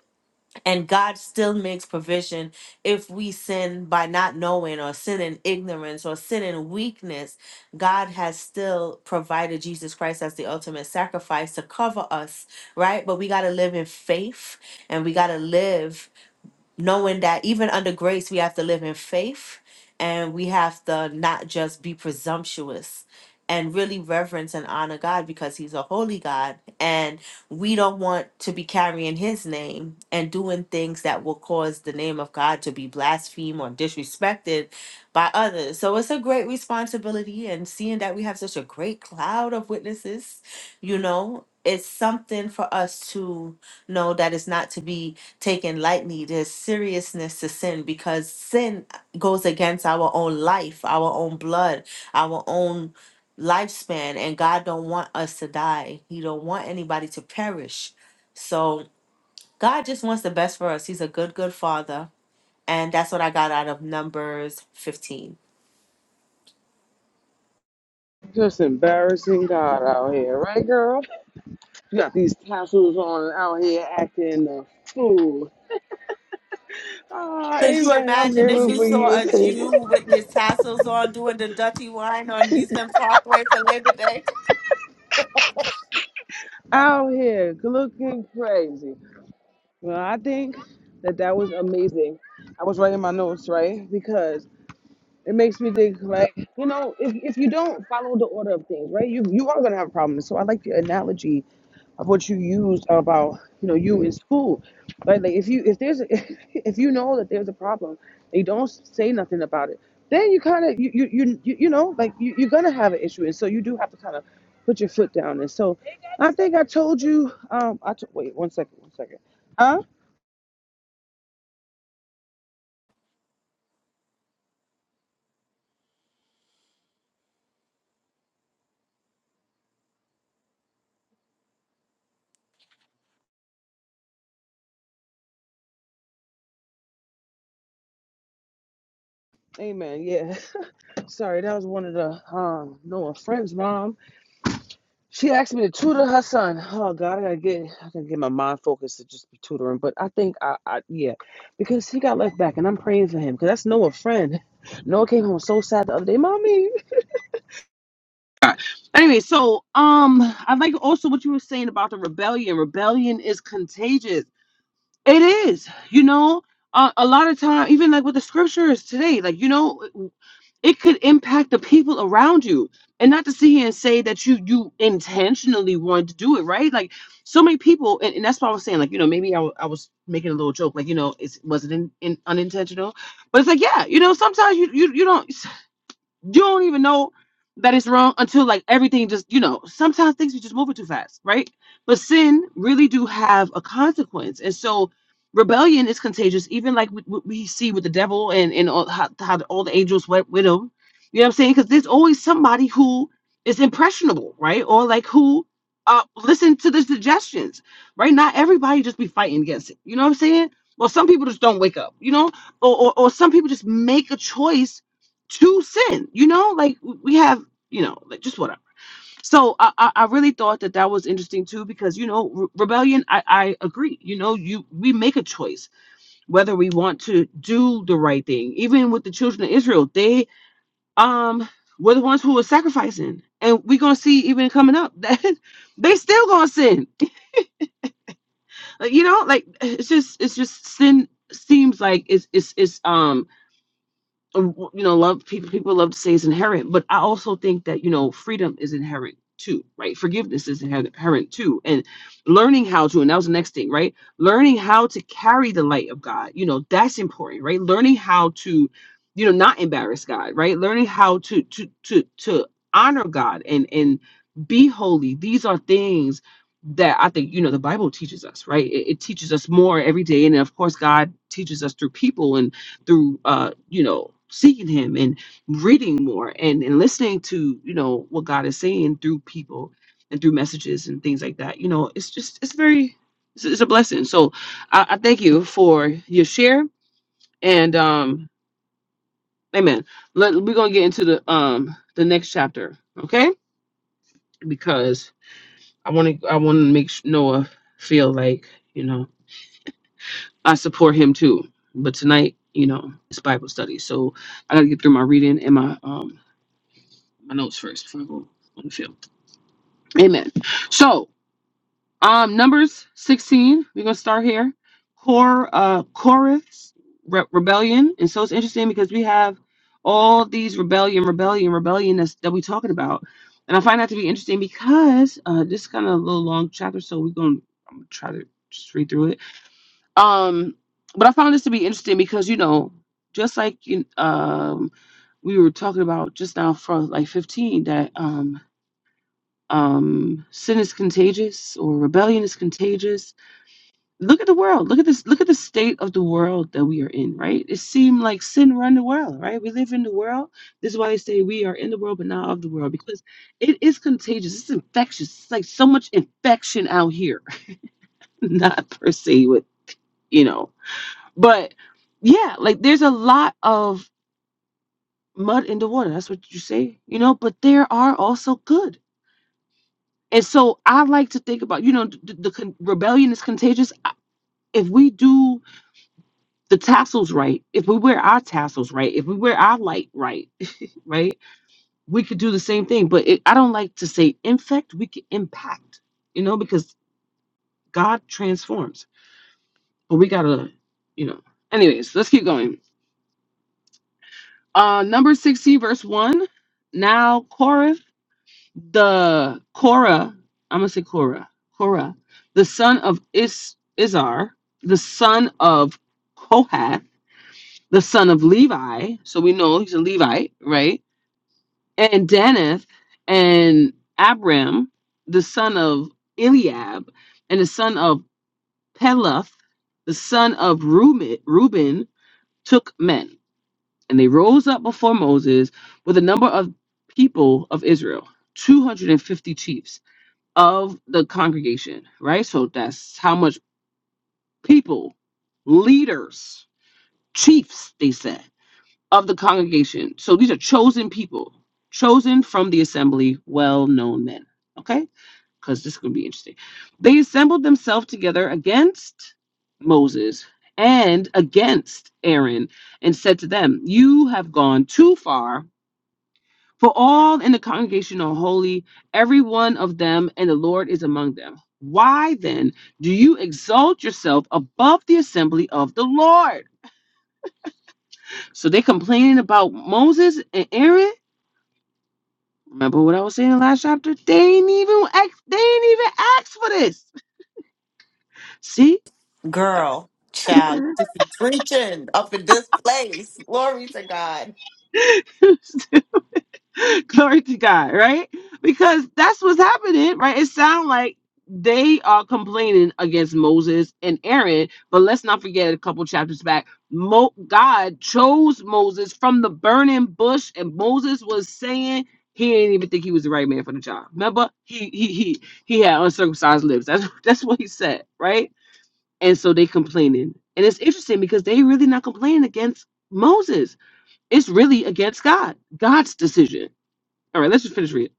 S2: and God still makes provision if we sin by not knowing or sin in ignorance or sin in weakness. God has still provided Jesus Christ as the ultimate sacrifice to cover us, right? But we got to live in faith and we got to live knowing that even under grace, we have to live in faith and we have to not just be presumptuous and really reverence and honor God because He's a holy God. And we don't want to be carrying His name and doing things that will cause the name of God to be blasphemed or disrespected by others. So it's a great responsibility. And seeing that we have such a great cloud of witnesses, you know, it's something for us to know that it's not to be taken lightly. There's seriousness to sin because sin goes against our own life, our own blood, our own lifespan, and God don't want us to die. He don't want anybody to perish. So God just wants the best for us. He's a good, good father. And that's what I got out of Numbers 15.
S1: Just embarrassing God out here, right, girl? You got these tassels on and out here acting a fool. Ah,
S2: Could you
S1: amen. I'm
S2: imagine if
S1: grateful
S2: you
S1: for
S2: saw
S1: you.
S2: a Jew with his tassels on doing the dirty wine on Houston Parkway for Labor Day?
S1: out here looking crazy. Well, I think that that was amazing. I was writing my notes, right? because. It makes me think like, you know, if, if you don't follow the order of things, right, you you are gonna have problems. So I like your analogy of what you used about, you know, you in school. right? like if you if there's if you know that there's a problem and you don't say nothing about it, then you kind of you, you you you you know like you, you're gonna have an issue, and so you do have to kind of put your foot down. And so I think I told you. Um, I t- wait one second, one second. Huh? Amen. Yeah. Sorry, that was one of the um Noah friends' mom. She asked me to tutor her son. Oh God, I gotta get I gotta get my mind focused to just be tutoring. But I think I, I yeah, because he got left back, and I'm praying for him because that's Noah friend. Noah came home so sad the other day, mommy. Anyway, so um, I like also what you were saying about the rebellion. Rebellion is contagious. It is, you know. Uh, a lot of time, even like with the scriptures today, like you know it could impact the people around you and not to sit here and say that you you intentionally wanted to do it right like so many people and, and that's what i was saying like you know maybe I w- I was making a little joke like you know it's was it in, in, unintentional but it's like yeah you know sometimes you you, you don't You don't even know that it's wrong until like everything just, you know, sometimes things are just moving too fast, right? But sin really do have a consequence. And so rebellion is contagious, even like what what we see with the devil and, and all, how, how the- all the angels went with him. You know what I'm saying? Because there's always somebody who is impressionable, right? Or like who uh, listen to the suggestions, right? Not everybody just be fighting against it. You know what I'm saying? Well, some people just don't wake up, you know, or, or, or some people just make a choice to sin. You know, like we have, you know, like just whatever. So I, I, I really thought that that was interesting too, because you know, re- rebellion. I, I agree. You know, you we make a choice whether we want to do the right thing. Even with the children of Israel, they um were the ones who were sacrificing, and we're gonna see even coming up that they still gonna sin. Like, You know, like it's just it's just sin seems like it's it's it's um um, you know love people people love to say is inherent but i also think that you know freedom is inherent too right forgiveness is inher- inherent too and learning how to and that was the next thing right learning how to carry the light of god you know that's important right learning how to you know not embarrass god right learning how to to to to honor god and and be holy these are things that i think you know the bible teaches us right it, it teaches us more every day and then, of course god teaches us through people and through uh you know seeking him and reading more and and listening to you know what god is saying through people and through messages and things like that you know it's just it's very it's, it's a blessing so I, I thank you for your share and um amen Let, we're gonna get into the um the next chapter okay because i want to i want to make sh- noah feel like you know i support him too but tonight you know it's bible study so I gotta get through my reading and my um my notes first before I go on the field. Amen. So, um, Numbers 16, we're gonna start here. Cor, uh, Korah's re- rebellion, and so it's interesting because we have all these rebellion, rebellion, rebellion that's, that we're talking about, and I find that to be interesting because uh, this is kind of a little long chapter, so we're gonna I'm gonna try to just read through it. Um, but I found this to be interesting because you know, just like you, um, we were talking about just now for like 15 that um um, sin is contagious or rebellion is contagious. Look at the world. Look at this. Look at the state of the world that we are in. Right? It seemed like sin run the world. Right? We live in the world. This is why they say we are in the world but not of the world because it is contagious. It's infectious. It's like so much infection out here. not per se with you know, but yeah, like there's a lot of mud in the water. That's what you say, you know. But there are also good. And so I like to think about, you know, the, the con- rebellion is contagious. I- If we do the tassels right, if we wear our tassels right, if we wear our light right, right, we could do the same thing. But it, I don't like to say infect, we could impact, you know, because God transforms. But we got to, you know, anyways, let's keep going. Uh, number 16, verse 1. Now, Korah the Korah, I'm gonna say Korah, Korah, the son of Is Izar, the son of Kohath, the son of Levi. So we know he's a Levite, right? And Danith and Abram, the son of Eliab, and the son of Peleth, the son of Reuben, Reuben took men, and they rose up before Moses with a number of people of Israel, 250 chiefs of the congregation, right? So that's how much people, leaders, chiefs, they said, of the congregation. So these are chosen people, chosen from the assembly, well known men, okay? Because this could be interesting. They assembled themselves together against Moses and against Aaron and said to them, You have gone too far for all in the congregation are holy, every one of them, and the Lord is among them. Why then do you exalt yourself above the assembly of the Lord? So they complaining about Moses and Aaron. Remember what I was saying in the last chapter? They ain't even ask, they ain't even asked for this. See?
S2: Girl, child, just be preaching up in this place. Glory to God.
S1: Glory to God, right? Because that's what's happening, right? It sounds like they are complaining against Moses and Aaron, but let's not forget a couple chapters back. Mo- God chose Moses from the burning bush, and Moses was saying he didn't even think he was the right man for the job. Remember, he he he he had uncircumcised lips. That's that's what he said, right? And so they complaining, and it's interesting because they really not complaining against Moses. It's really against God, God's decision all right, let's just finish reading.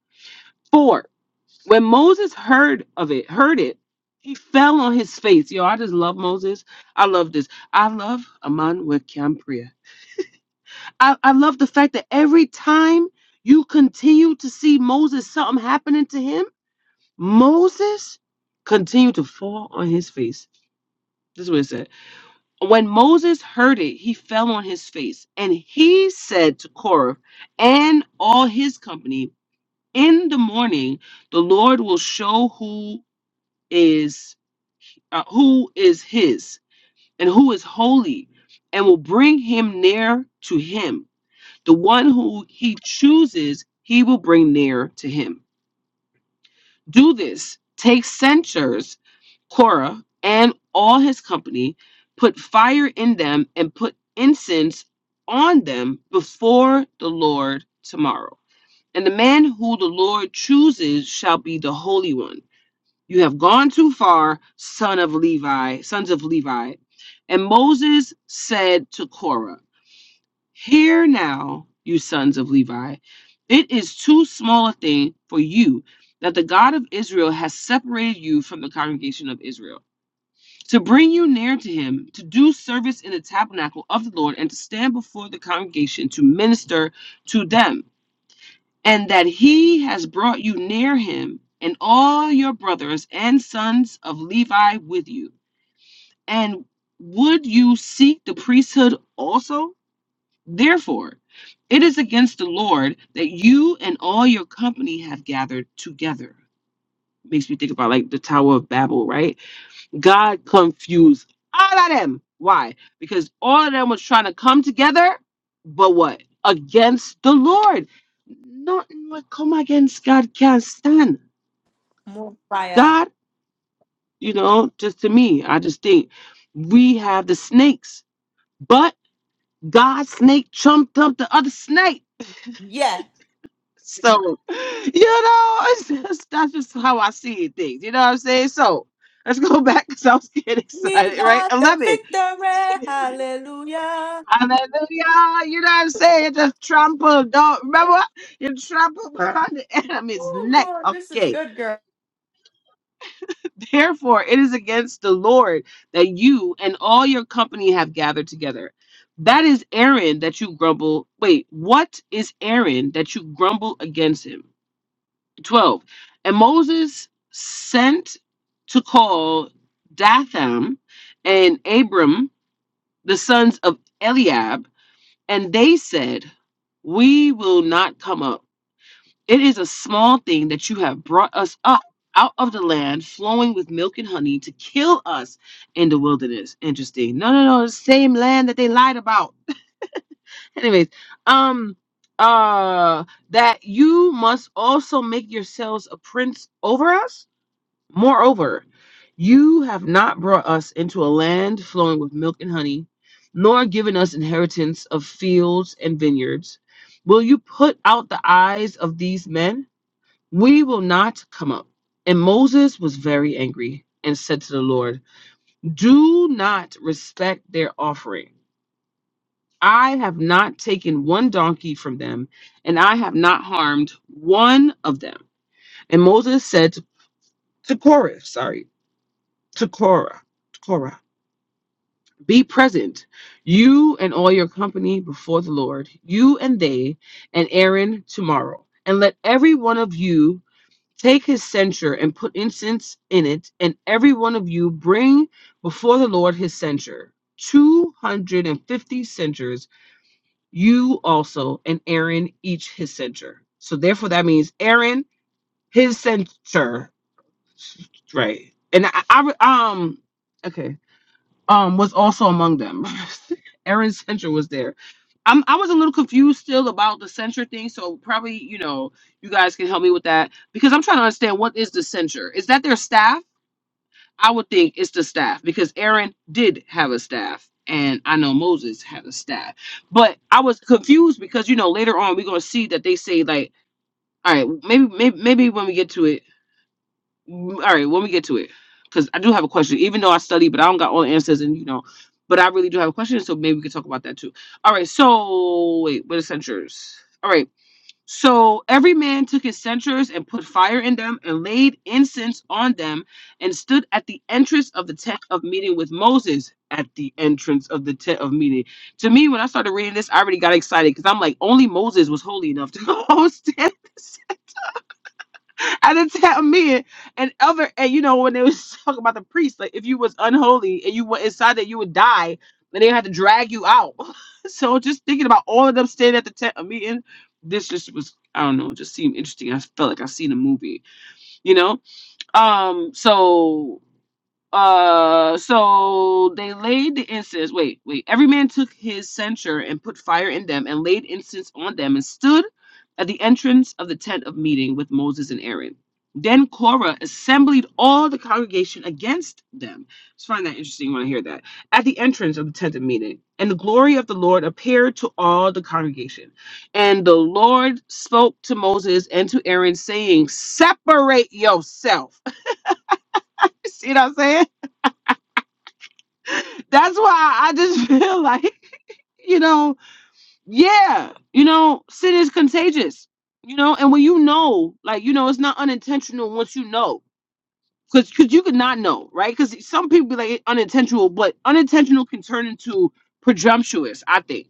S1: Four. When Moses heard of it, heard it, he fell on his face. Yo, I just love Moses. I love this. I love Aman with Campria. I, I love the fact that every time you continue to see Moses, something happening to him, Moses continued to fall on his face. This is what it said. When Moses heard it, he fell on his face, and he said to Korah and all his company, in the morning the lord will show who is uh, who is his and who is holy and will bring him near to him the one who he chooses he will bring near to him do this take censers korah and all his company put fire in them and put incense on them before the lord tomorrow and the man who the lord chooses shall be the holy one You have gone too far, son of Levi, sons of Levi. And Moses said to Korah, Hear now, you sons of Levi, it is too small a thing for you that the God of Israel has separated you from the congregation of Israel, to bring you near to him, to do service in the tabernacle of the Lord, and to stand before the congregation to minister to them and that he has brought you near him, and all your brothers and sons of Levi with you. And would you seek the priesthood also? Therefore, it is against the Lord that you and all your company have gathered together. Makes me think about like the Tower of Babel, right? God confused all of them. Why? Because all of them was trying to come together, but what? Against the Lord. Nothing will come against God can't stand.
S2: More fire.
S1: God, you know, just to me, I just think we have the snakes, but God's snake trumped up the other snake.
S2: Yeah.
S1: So, you know, it's just, that's just how I see things. You know what I'm saying? So, let's go back because I was getting
S2: We
S1: excited, right?
S2: got the
S1: 11.
S2: victory. Hallelujah.
S1: Hallelujah. You know what I'm saying? Just trample. Don't remember what? You trample on the enemy's
S2: Oh,
S1: neck.
S2: Lord, this is
S1: Okay.
S2: good, girl.
S1: Therefore, it is against the Lord that you and all your company have gathered together. That is Aaron that you grumble. Wait, what is Aaron that you grumble against him? 12. And Moses sent to call Datham and Abram, the sons of Eliab And they said, We will not come up. It is a small thing that you have brought us up out of the land flowing with milk and honey to kill us in the wilderness. Interesting. No, no, no, the same land that they lied about. Anyways, um uh that you must also make yourselves a prince over us? Moreover, you have not brought us into a land flowing with milk and honey, nor given us inheritance of fields and vineyards. Will you put out the eyes of these men? We will not come up. And Moses was very angry and said to the Lord, Do not respect their offering. I have not taken one donkey from them, and I have not harmed one of them. And Moses said to to Korah, sorry, to Korah, Korah. Be present, you and all your company before the Lord, you and they, and Aaron tomorrow. And let every one of you take his censer and put incense in it, and every one of you bring before the Lord his censer. 250 censers, you also and Aaron each his censer. So therefore, that means Aaron his censer, right? And I, I um, okay um was also among them. Aaron Center was there. I'm, I was a little confused still about the censure thing, so probably you know you guys can help me with that because I'm trying to understand what is the censure. Is that their staff? I would think it's the staff because Aaron did have a staff, and I know Moses had a staff. But I was confused because you know later on we're gonna see that they say like, all right, maybe maybe, maybe when we get to it all right, when we get to it, because I do have a question, even though I study, but I don't got all the answers, and you know, but I really do have a question, so maybe we could talk about that too. All right, so wait, what are censures? All right, so every man took his censers and put fire in them and laid incense on them and stood at the entrance of the tent of meeting with Moses. At the entrance of the tent of meeting. To me, when I started reading this, I already got excited because I'm like, only Moses was holy enough to host it. at the town meeting and other and you know when they was talking about the priest like if you was unholy and you went inside that you would die and they had to drag you out so just thinking about all of them staying at the town meeting this just was i don't know it just seemed interesting i felt like i seen a movie you know um so uh, so they laid the incense. Wait, wait. Every man took his censer and put fire in them and laid incense on them and stood at the entrance of the tent of meeting with Moses and Aaron. Then Korah assembled all the congregation against them. Just find that interesting when I hear that. At the entrance of the tent of meeting, and the glory of the Lord appeared to all the congregation. And the Lord spoke to Moses and to Aaron, saying, Separate yourself. See what I'm saying? That's why I just feel like, you know, yeah, you know, sin is contagious, you know, and when you know, like, you know, it's not unintentional once you know, because because you could not know, right? Because some people be like "It unintentional, but unintentional can turn into presumptuous, I think.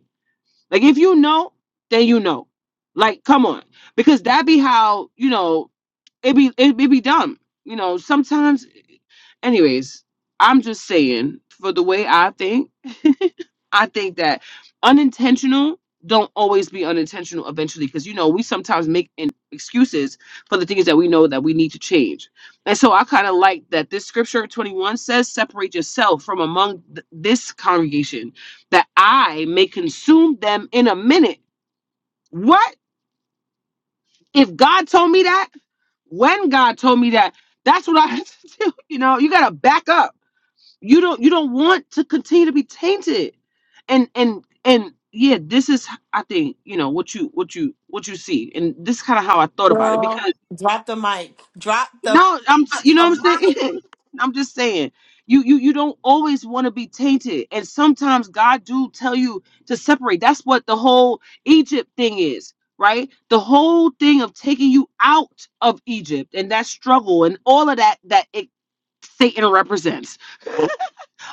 S1: Like, if you know, then you know. Like, come on, because that be how, you know, it be it, it be dumb. You know, sometimes Anyways, I'm just saying, for the way I think, I think that unintentional don't always be unintentional eventually because you know we sometimes make in- excuses for the things that we know that we need to change and so i kind of like that this scripture 21 says separate yourself from among th- this congregation that i may consume them in a minute what if god told me that when god told me that that's what i had to do you know you gotta back up you don't you don't want to continue to be tainted and and and yeah this is i think you know what you what you what you see and this is kind of how i thought about it
S2: Girl,
S1: because
S2: drop the mic. Drop the,
S1: no i'm
S2: drop
S1: you know what
S2: the
S1: i'm
S2: mic.
S1: saying i'm just saying you you you don't always want to be tainted and sometimes god do tell you to separate that's what the whole egypt thing is right the whole thing of taking you out of egypt and that struggle and all of that that it satan represents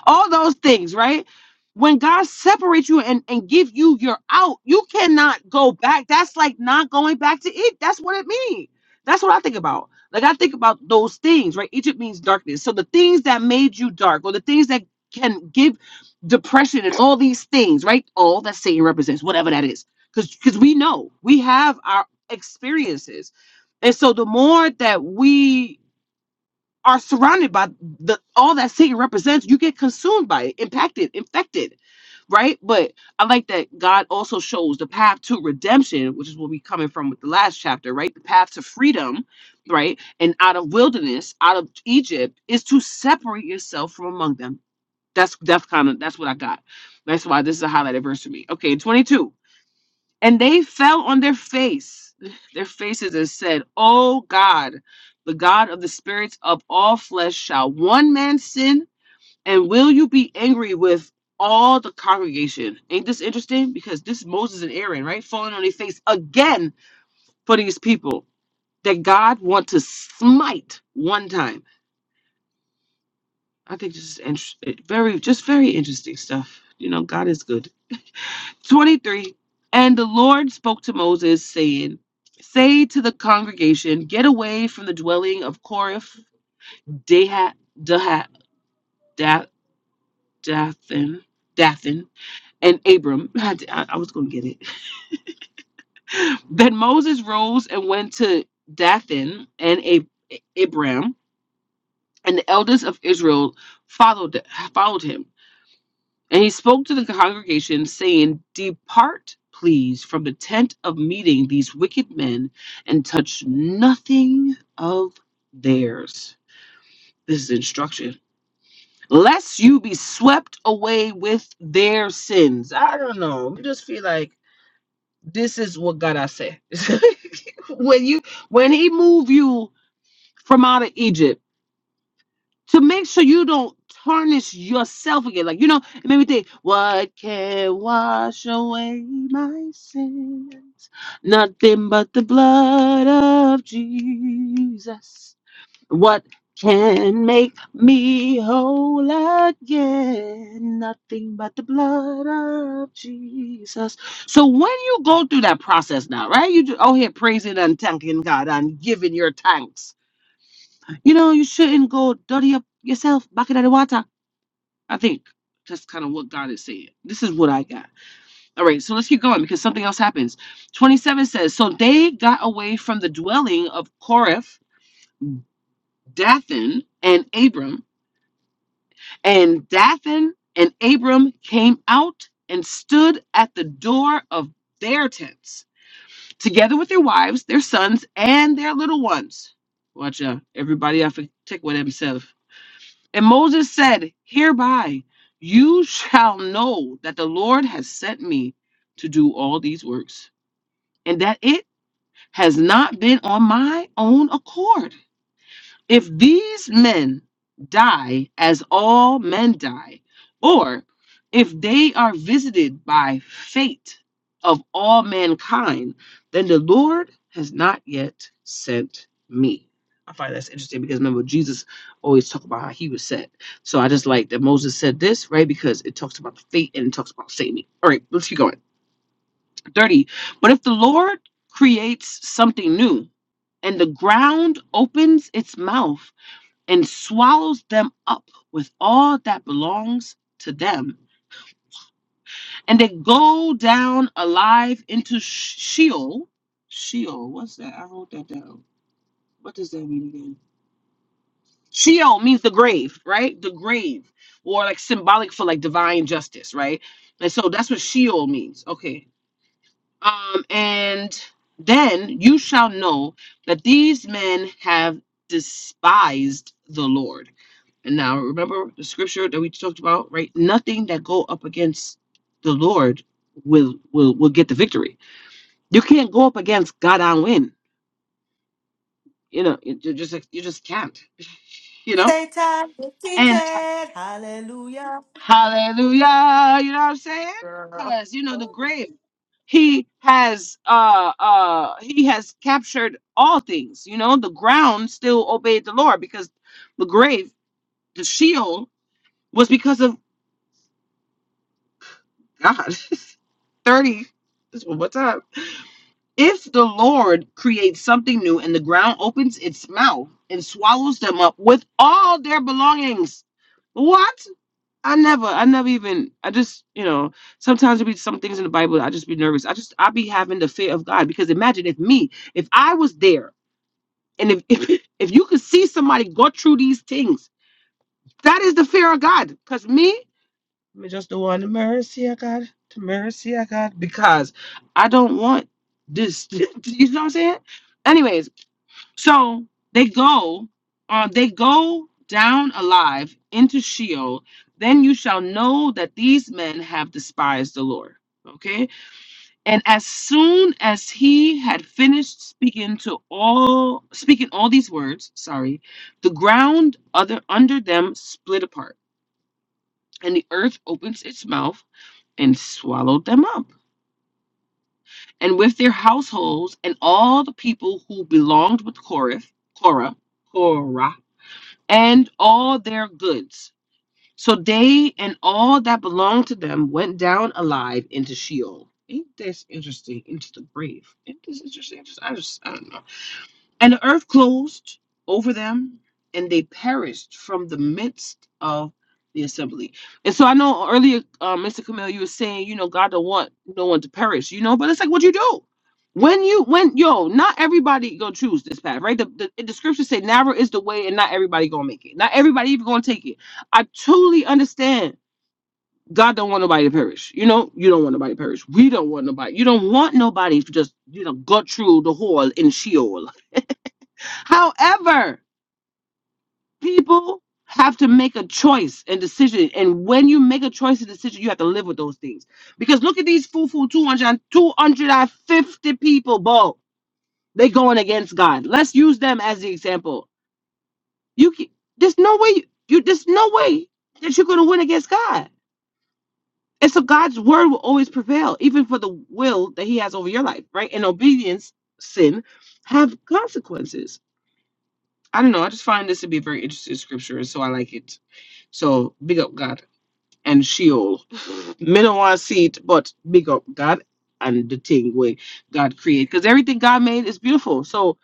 S1: all those things, right? When God separates you and, and give you your out, you cannot go back. That's like not going back to it. That's what it means. That's what I think about. Like I think about those things, right? Egypt means darkness. So the things that made you dark or the things that can give depression and all these things, right? All that Satan represents, whatever that is. Because because we know we have our experiences. And so the more that we are surrounded by the all that Satan represents, you get consumed by it, impacted, infected, right? But I like that God also shows the path to redemption, which is what we coming from with the last chapter, right? The path to freedom, right? And out of wilderness, out of Egypt, is to separate yourself from among them. That's that's kind of that's what I got. That's why this is a highlighted verse for me. Okay, 22. And they fell on their face, their faces, and said, "O God, the God of the spirits of all flesh, shall one man sin? And will you be angry with all the congregation?" Ain't this interesting? Because this Moses and Aaron, right, falling on their face again for these people that God want to smite one time. I think this is interesting, very, just very interesting stuff. You know, God is good. 23 And the Lord spoke to Moses, saying, Say to the congregation, Get away from the dwelling of Korath, Dahat, Dahat, Da- Dathan, Dathan, and Abram. I, I was going to get it. Then Moses rose and went to Dathan and Ab- Abram, and the elders of Israel followed followed him. And he spoke to the congregation, saying, Depart, please, from the tent of meeting these wicked men, and touch nothing of theirs. This is instruction. Lest you be swept away with their sins. I don't know. I just feel like this is what God I say. when you when he move you from out of Egypt to make sure you don't tarnish yourself again. Like, you know, it made me think, what can wash away my sins? Nothing but the blood of Jesus. What can make me whole again? Nothing but the blood of Jesus. So when you go through that process now, right? You just oh here praising and thanking God and giving your thanks you know, you shouldn't go dirty up yourself back in the water. I think that's kind of what God is saying. This is what I got. All right, so let's keep going because something else happens. 27 says, So they got away from the dwelling of Korath, Dathan, and Abram. And Dathan and Abram came out and stood at the door of their tents, together with their wives, their sons, and their little ones. Watch out. Everybody have to take with themselves. And Moses said, Hereby you shall know that the Lord has sent me to do all these works, and that it has not been on my own accord. If these men die as all men die, or if they are visited by fate of all mankind, then the Lord has not yet sent me. I find that's interesting because remember Jesus always talked about how he was sent. So I just like that Moses said this, right? Because it talks about the fate and it talks about saving. All right, let's keep going. 30. But if the Lord creates something new and the ground opens its mouth and swallows them up with all that belongs to them. And they go down alive into Sheol. Sheol, what's that? I wrote that down. What does that mean again? Sheol means the grave, right? The grave, or like symbolic for like divine justice, right? And so that's what Sheol means. Okay. Um, and then you shall know that these men have despised the Lord And now remember the scripture that we talked about, right? Nothing that go up against the Lord will will will get the victory. You can't go up against God and win. You know, you you just you just can't. You know,
S2: Satan is
S1: and
S2: seated. Hallelujah.
S1: hallelujah. You know what I'm saying?
S2: Girl.
S1: Because you know the grave. He has uh uh he has captured all things. You know, the ground still obeyed the Lord because the grave, the Sheol, was because of God, 30. What's up? If the Lord creates something new and the ground opens its mouth and swallows them up with all their belongings. What? I never, I never even, I just, you know, sometimes there be some things in the Bible, that I just be nervous. I just, I be having the fear of God because imagine if me, if I was there and if, if, if you could see somebody go through these things, that is the fear of God. Because me, me just the one the mercy I got, the mercy I got, because I don't want this. you know what I'm saying? Anyways, so they go, uh, they go down alive into Sheol. Then you shall know that these men have despised the Lord. Okay, and as soon as he had finished speaking to all, speaking all these words, sorry, the ground other under them split apart, and the earth opens its mouth and swallowed them up, and with their households and all the people who belonged with Korah, Korah, Korah, and all their goods. So they and all that belonged to them went down alive into Sheol. Ain't this interesting? Into the grave. Ain't this interesting? Interesting. I just, I don't know. And the earth closed over them, and they perished from the midst of the assembly. And so I know earlier, uh, Mr. Camille, you were saying, you know, God don't want no one to perish, you know, but it's like what you do. When you when yo, not everybody gonna choose this path, right? The, the, the scriptures say narrow is the way, and not everybody gonna make it. Not everybody even gonna take it. I truly understand. God don't want nobody to perish. You know, you don't want nobody to perish. We don't want nobody. You don't want nobody to just, you know, go through the hole in Sheol However, people have to make a choice and decision. And when you make a choice and decision, you have to live with those things. Because look at these fufu 200, two hundred, two hundred and fifty people, bro. They going against God. Let's use them as the example. You can' there's no way you, you there's no way that you're gonna win against God. And so God's word will always prevail, even for the will that He has over your life, right? And obedience, sin, have consequences. I don't know. I just find this to be a very interesting scripture, and so I like it. So big up God and Sheol. Me don't want to see it, but big up God and the thing way God created. Because everything God made is beautiful. So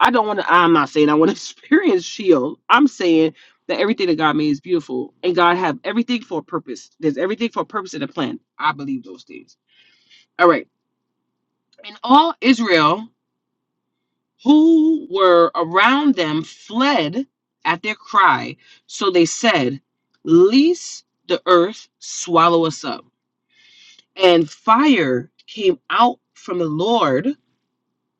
S1: I don't want to, I'm not saying I want to experience Sheol. I'm saying that everything that God made is beautiful and God have everything for a purpose. There's everything for a purpose and a plan. I believe those things. All right. In all Israel, who were around them fled at their cry. So they said, "Lest the earth swallow us up. And fire came out from the Lord.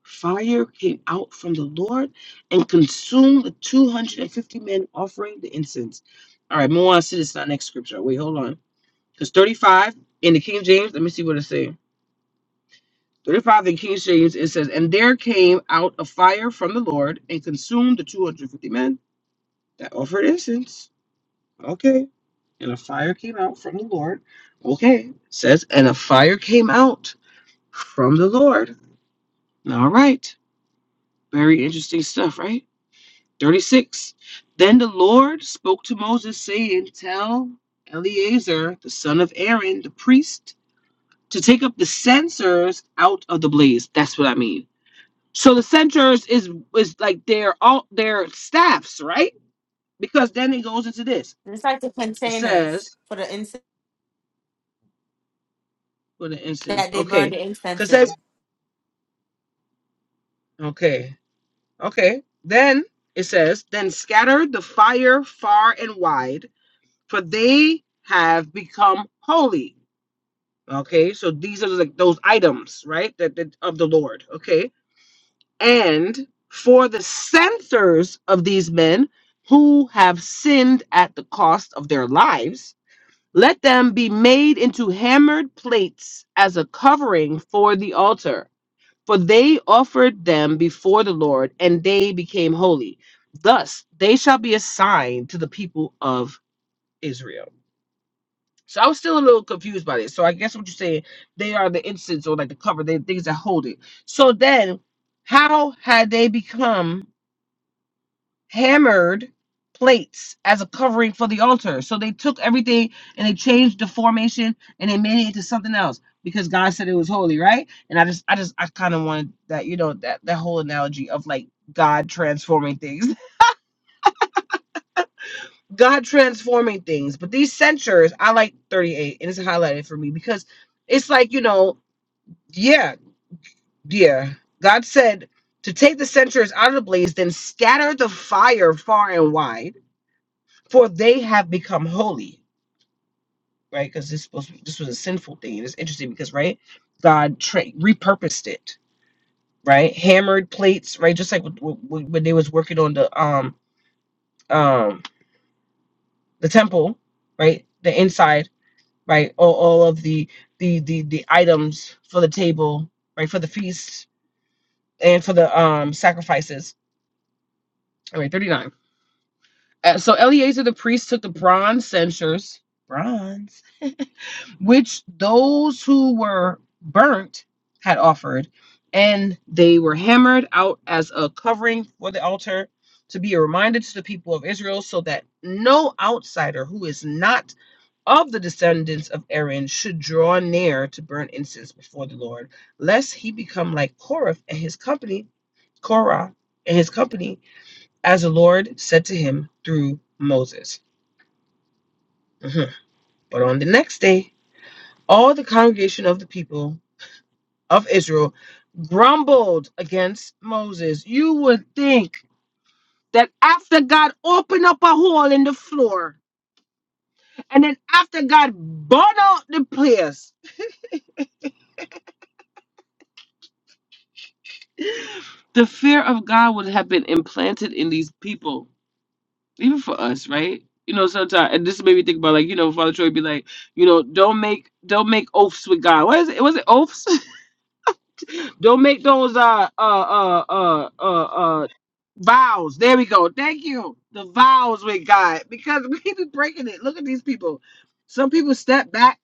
S1: Fire came out from the Lord and consumed the 250 men offering the incense. All right, more on to see this is our next scripture. Wait, hold on. Because 35 in the King James, let me see what it says. 35 in King James, it says, And there came out a fire from the Lord and consumed the 250 men that offered incense. Okay. And a fire came out from the Lord. Okay. Says, And a fire came out from the Lord. All right. Very interesting stuff, right? 36. Then the Lord spoke to Moses, saying, Tell Eleazar, the son of Aaron, the priest, to take up the censers out of the blaze. That's what I mean So the centers is is like their all their staffs, right? Because then it goes into this.
S2: It's like the
S1: It
S2: containers
S1: says,
S2: for the incense
S1: for the instance,
S2: that they burned
S1: okay,
S2: the incense
S1: because says,
S2: in.
S1: okay, okay. Then it says, then scatter the fire far and wide, for they have become holy. Okay, so these are like those items, right? That, that of the Lord. Okay, and for the censors of these men who have sinned at the cost of their lives Let them be made into hammered plates as a covering for the altar. For they offered them before the Lord, and they became holy. Thus they shall be a sign to the people of Israel. So I was still a little confused by this. So I guess what you're saying, they are the incense or like the cover, they things that hold it. So then, how had they become? hammered plates as a covering for the altar. So they took everything and they changed the formation and they made it into something else because God said it was holy, right? And I just I just I kind of wanted that, you know, that that whole analogy of like God transforming things. God transforming things. But these censures, I like 38 and it's highlighted for me because it's like, you know, yeah, yeah. God said to take the censures out of the blaze, then scatter the fire far and wide, for they have become holy right? Because this supposed to be, this was a sinful thing. And it's interesting because right, God tra- repurposed it, right? Hammered plates, right? Just like w- w- w- when they was working on the um um the temple, right? The inside, right? All, all of the, the the the items for the table, right? For the feast and for the um sacrifices. All right, thirty nine. Uh, so Eleazar the priest took the bronze censers, bronze. which those who were burnt had offered, and they were hammered out as a covering for the altar to be a reminder to the people of Israel so that no outsider who is not of the descendants of Aaron should draw near to burn incense before the Lord, lest he become like Korah and his company, Korah and his company, as the Lord said to him through Moses. Mhm. But on the next day, all the congregation of the people of Israel grumbled against Moses, you would think that after God opened up a hole in the floor and then after God burned out the place, the fear of God would have been implanted in these people, even for us, right? You know, sometimes and this made me think about like, you know, Father Troy be like, you know, don't make don't make oaths with God. What is it? Was it oaths? Don't make those uh uh uh uh uh uh vows. There we go. Thank you. The vows with God because we be breaking it. Look at these people. Some people step back,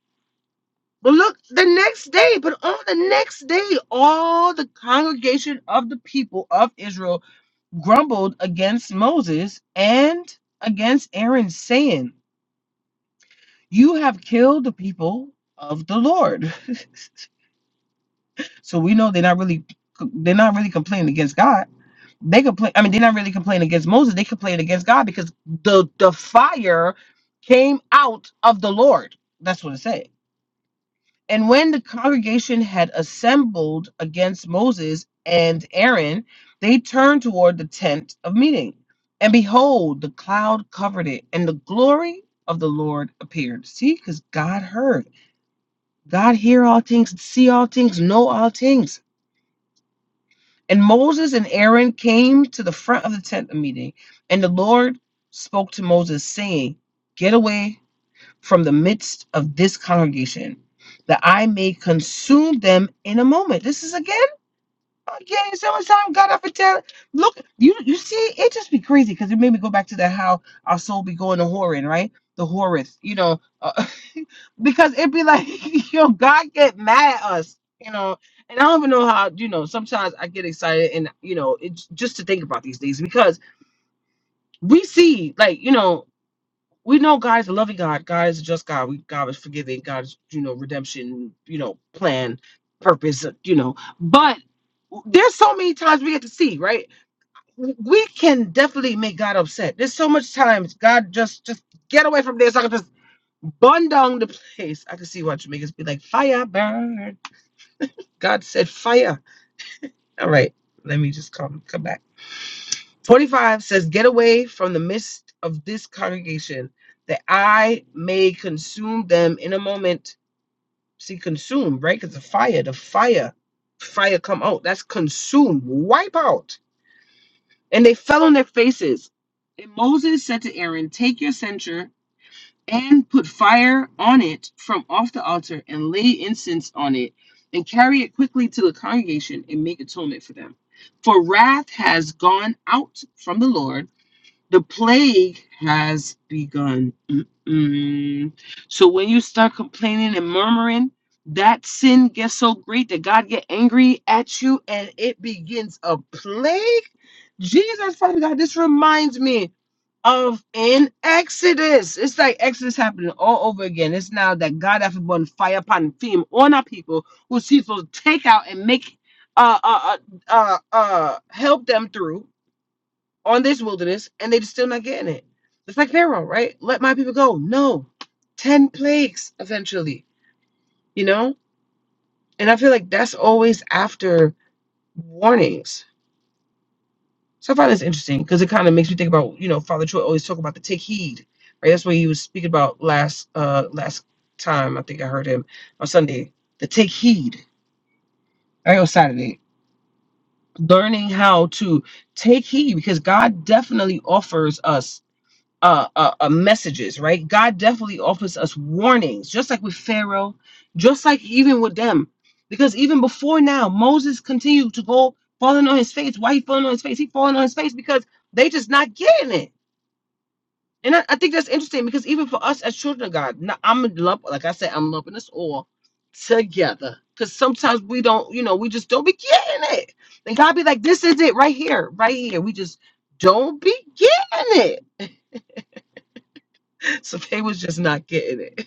S1: but look the next day. But on the next day, all the congregation of the people of Israel grumbled against Moses and against Aaron, saying, "You have killed the people of the Lord." so we know they're not really they're not really complaining against God They complain. I mean, they're not really complaining against Moses. They complain against God because the the fire came out of the Lord. That's what it said. And when the congregation had assembled against Moses and Aaron, they turned toward the tent of meeting. And behold, the cloud covered it, and the glory of the Lord appeared. See, because God heard. God hear all things, see all things, know all things. And Moses and Aaron came to the front of the tent of meeting, and the Lord spoke to Moses, saying, Get away from the midst of this congregation, that I may consume them in a moment. This is again. Okay, summertime, God, I for tell. Look, you you see, it just be crazy because it made me go back to that how our soul be going to whoring, right? The whoreth, you know, uh, because it be like, yo, God get mad at us, you know. And I don't even know how, you know, sometimes I get excited and, you know, it's just to think about these things because we see, like, you know, we know God is a loving God. God is a just God. We, God is forgiving. God's, you know, redemption, you know, plan, purpose, you know. But there's so many times we get to see right we can definitely make god upset there's so much times god just just get away from this i can just burn down the place i can see what jamaicans be like fire burn god said fire all right let me just come come back 45 says get away from the midst of this congregation that i may consume them in a moment see consume right because the fire the fire fire come out that's consume wipe out And they fell on their faces. And Moses said to Aaron, Take your censer and put fire on it from off the altar and lay incense on it and carry it quickly to the congregation and make atonement for them. For wrath has gone out from the Lord, the plague has begun. Mm-mm. So when you start complaining and murmuring, that sin gets so great that God get angry at you and it begins a plague Jesus, Father God, this reminds me of in Exodus. It's like Exodus happening all over again. It's now that God has been fire upon theme on our people who sees will take out and make uh uh uh uh uh, help them through on this wilderness, and they're still not getting it. It's like Pharaoh, right? Let my people go. No, ten plagues eventually, you know. And I feel like that's always after warnings So I find this interesting because it kind of makes me think about, you know, Father Troy always talk about the take heed, right? That's what he was speaking about last uh last time I think I heard him on Sunday. The take heed, right? Or Saturday. Learning how to take heed because God definitely offers us uh, uh, uh messages, right? God definitely offers us warnings, just like with Pharaoh, just like even with them. Because even before now, Moses continued to go falling on his face. Why he falling on his face? He falling on his face because they just not getting it And I, I think that's interesting because even for us as children of God, now I'm lump, like I said, I'm lumping us all together. Because sometimes we don't, you know, we just don't be getting it. And God be like, this is it right here, right here. We just don't be getting it. So they was just not getting it.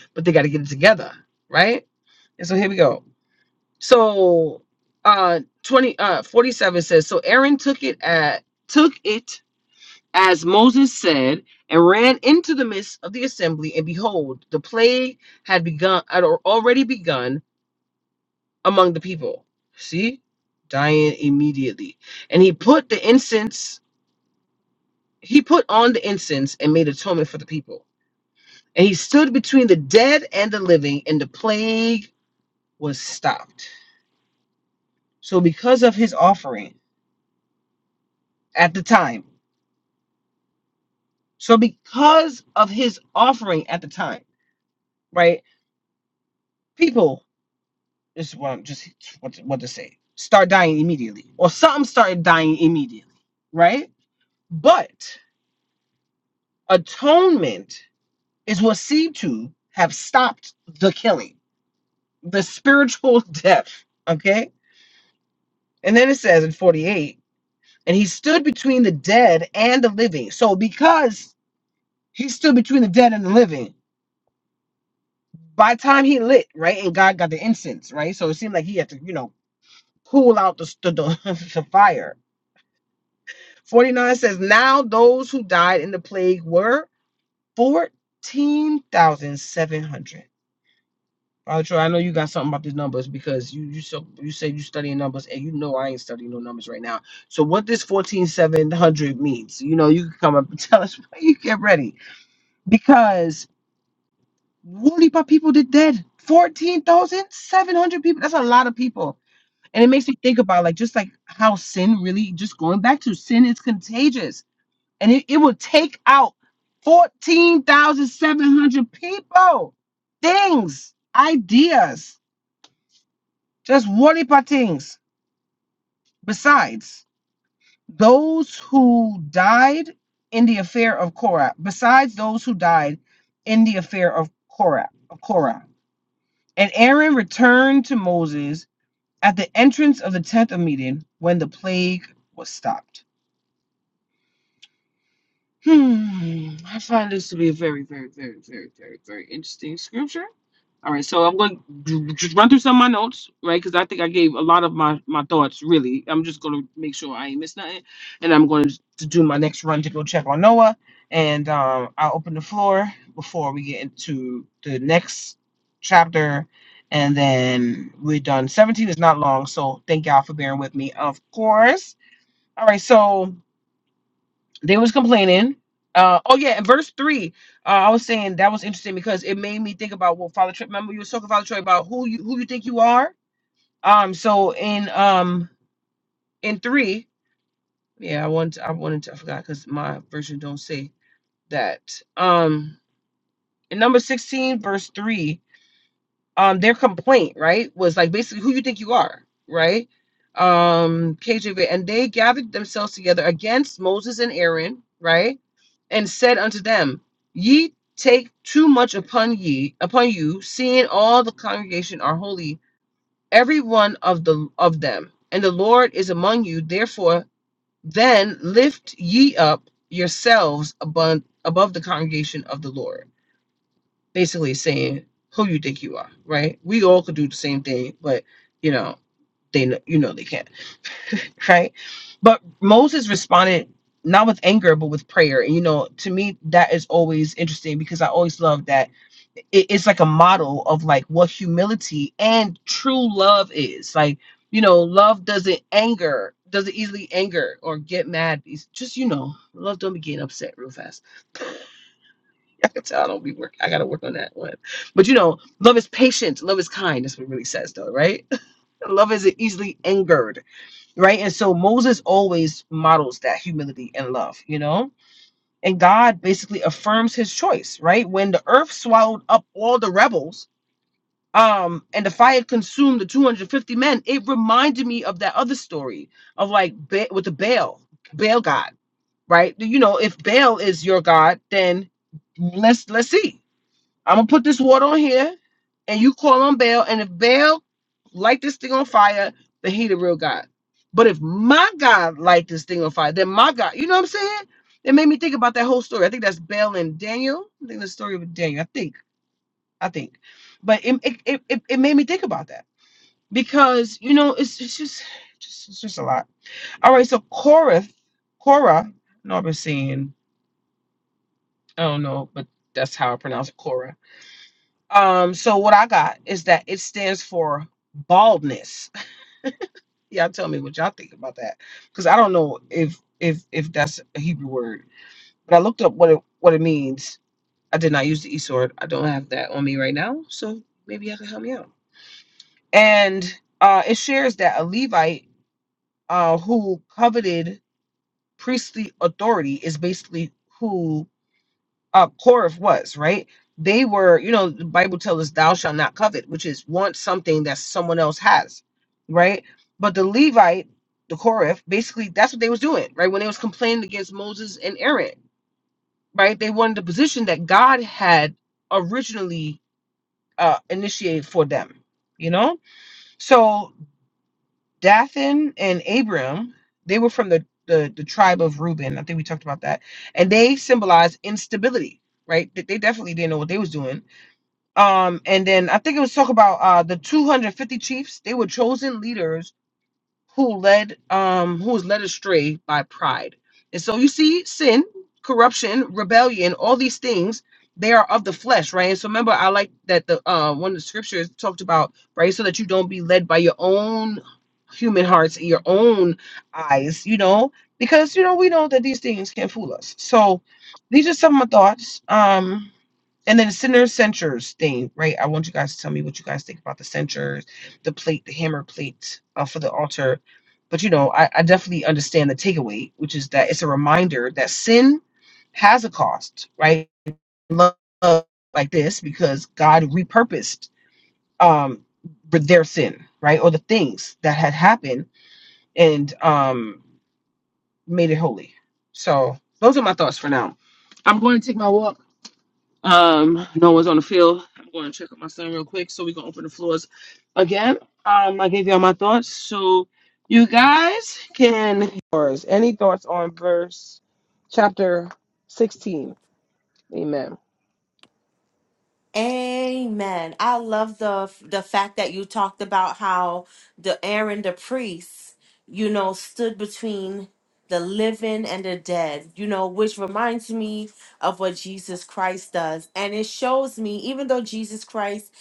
S1: But they got to get it together, right? And so here we go. So uh 20 uh 47 says, so Aaron took it at took it as Moses said, and ran into the midst of the assembly, and behold, the plague had begun had already begun among the people. See? Dying immediately. And he put the incense, he put on the incense and made atonement for the people. And he stood between the dead and the living, and the plague was stopped. So because of his offering at the time, so because of his offering at the time, right? People It's what I'm just what what to say. Start dying immediately, or something started dying immediately, right? But atonement is what seemed to have stopped the killing, the spiritual death. Okay, and then it says in forty eight, and he stood between the dead and the living. So because he stood between the dead and the living, by the time he lit right, and God got the incense right, so it seemed like he had to you know cool out the the, the fire 49 says, Now those who died in the plague were 14,700. Father Troy, I know you got something about these numbers because you you so you say you studying numbers and you know I ain't studying no numbers right now. So what this 14,700 means, you know, you can come up and tell us when you get ready. Because only by people did dead. 14,700 people. That's a lot of people. And it makes me think about like just like how sin really just going back to sin is contagious and it, it would take out 14,700 people. Things, ideas, just whatever things. Besides those who died in the affair of Korah, besides those who died in the affair of Korah, of Korah. And Aaron returned to Moses at the entrance of the tent of meeting when the plague was stopped. Hmm, I find this to be a very, very, very, very, very, very interesting scripture. All right, so I'm going to just run through some of my notes, right? Because I think I gave a lot of my my thoughts. Really, I'm just going to make sure I ain't miss nothing, and I'm going to do my next run to go check on Noah, and um, I'll open the floor before we get into the next chapter, and then we're done. 17 is not long, so thank y'all for bearing with me. Of course. All right, so they was complaining uh oh yeah in verse three uh, i was saying that was interesting because it made me think about what father troy remember you were talking father troy about who you who you think you are um so in um in three yeah i want i wanted to i forgot because my version don't say that um in number 16 verse 3 um their complaint right was like basically who you think you are right um kjv and they gathered themselves together against moses and aaron right and said unto them, Ye take too much upon ye upon you, seeing all the congregation are holy, every one of the of them, and the Lord is among you. Therefore, then lift ye up yourselves above above the congregation of the Lord. Basically, saying who you think you are, right? We all could do the same thing, but you know they know you know they can't right? But Moses responded not with anger, but with prayer. And you know, to me, that is always interesting because I always love that it- it's like a model of like what humility and true love is. Like, you know, love doesn't anger, doesn't easily anger or get mad. It's just, you know, love don't be getting upset real fast. I can tell I don't be work. I gotta work on that one. But you know, love is patient, love is kind. That's what it really says though, right? love isn't easily angered right? And so Moses always models that humility and love, you know? And God basically affirms his choice, right? When the earth swallowed up all the rebels, um, and the fire consumed the 250 men, it reminded me of that other story of like ba- with the Baal, Baal God, right? You know, if Baal is your God, then let's let's see. I'm gonna put this water on here, and you call on Baal, and if Baal light this thing on fire, then he the real God. But if my God light this thing on fire, then my God, you know what I'm saying? It made me think about that whole story. I think that's Baal and Daniel. I think the story of Daniel. I think. I think. But it it, it, it it made me think about that because you know it's it's just, just it's just a lot. All right, so Korah, Korah. No, I've been saying I don't know, but that's how I pronounce it, Korah Um, so what I got is that it stands for baldness. Y'all tell me what y'all think about that, because I don't know if if if that's a Hebrew word, but I looked up what it what it means. I did not use the e sword. I don't have that on me right now, so maybe y'all can help me out. And uh, it shares that a Levite uh, who coveted priestly authority is basically who uh Korah was, right? They were, you know, the Bible tells us thou shalt not covet, which is want something that someone else has, right? But the Levite, the Korah, basically that's what they was doing, right? When they was complaining against Moses and Aaron, right? They wanted the position that God had originally uh initiated for them, you know? So Dathan and Abiram, they were from the the, the tribe of Reuben. I think we talked about that. And they symbolize instability, right? They they definitely didn't know what they was doing um, and then I think it was talk about uh the 250 chiefs. They were chosen leaders who led um who was led astray by pride. And so you see sin, corruption, rebellion, all these things, they are of the flesh, right? And so remember, I like that the uh one of the scriptures talked about, right? So that you don't be led by your own human hearts and your own eyes, you know, because you know, we know that these things can fool us. So these are some of my thoughts. Um and then the center censures thing, right? I want you guys to tell me what you guys think about the censures, the plate, the hammer plate uh, for the altar. But you know, I, I definitely understand the takeaway, which is that it's a reminder that sin has a cost, right? Love like this because God repurposed um their sin, right, or the things that had happened and um made it holy. So those are my thoughts for now. I'm going to take my walk Um, no one's on the field. I'm going to check up my son real quick, so we can open the floors again. Um, I gave y'all my thoughts, so you guys can. Or Any thoughts on verse chapter sixteen? Amen.
S2: Amen. I love the the fact that you talked about how the Aaron the priest, you know, stood between the living and the dead, you know, which reminds me of what Jesus Christ does. And it shows me, even though Jesus Christ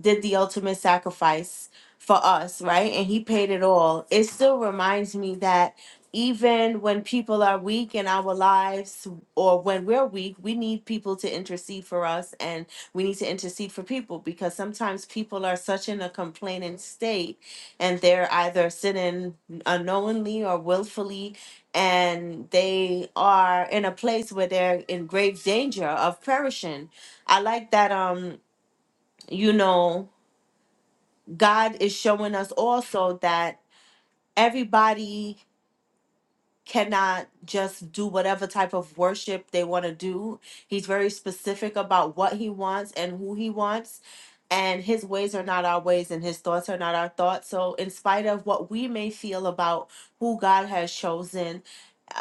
S2: did the ultimate sacrifice for us, right? And he paid it all. It still reminds me that even when people are weak in our lives or when we're weak, we need people to intercede for us and we need to intercede for people because sometimes people are such in a complaining state and they're either sinning unknowingly or willfully and they are in a place where they're in grave danger of perishing i like that um you know god is showing us also that everybody cannot just do whatever type of worship they want to do. He's very specific about what he wants and who he wants. And his ways are not our ways, and his thoughts are not our thoughts. So, in spite of what we may feel about who God has chosen,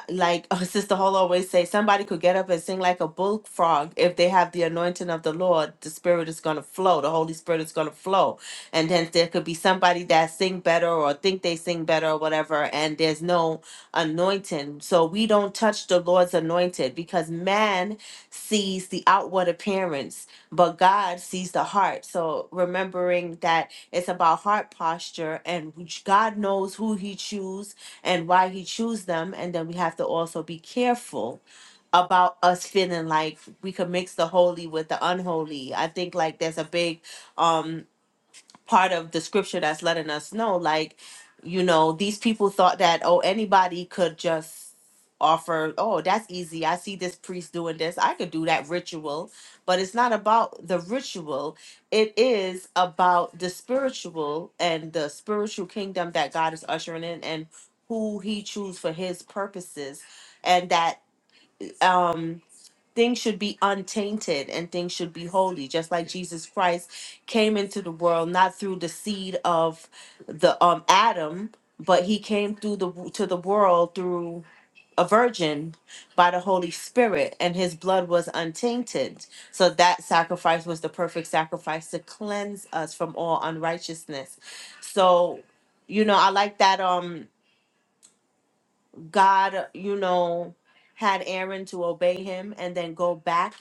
S2: like uh, Sister Hall always say, somebody could get up and sing like a bullfrog if they have the anointing of the Lord. The Spirit is going to flow. The Holy Spirit is going to flow, and then there could be somebody that sing better or think they sing better or whatever, and there's no anointing. So we don't touch the Lord's anointed because man sees the outward appearance, but God sees the heart. So remembering that it's about heart posture, and which God knows who He chooses and why he chose them. And then we have to also be careful about us feeling like we could mix the holy with the unholy. I think like there's a big um part of the scripture that's letting us know like you know these people thought that oh anybody could just offer oh that's easy i see this priest doing this i could do that ritual but it's not about the ritual it is about the spiritual and the spiritual kingdom that god is ushering in and who he chooses for his purposes and that um things should be untainted and things should be holy just like jesus christ came into the world not through the seed of the um adam but he came through the to the world through a virgin by the holy spirit and his blood was untainted so that sacrifice was the perfect sacrifice to cleanse us from all unrighteousness so you know i like that um God, you know, had Aaron to obey him and then go back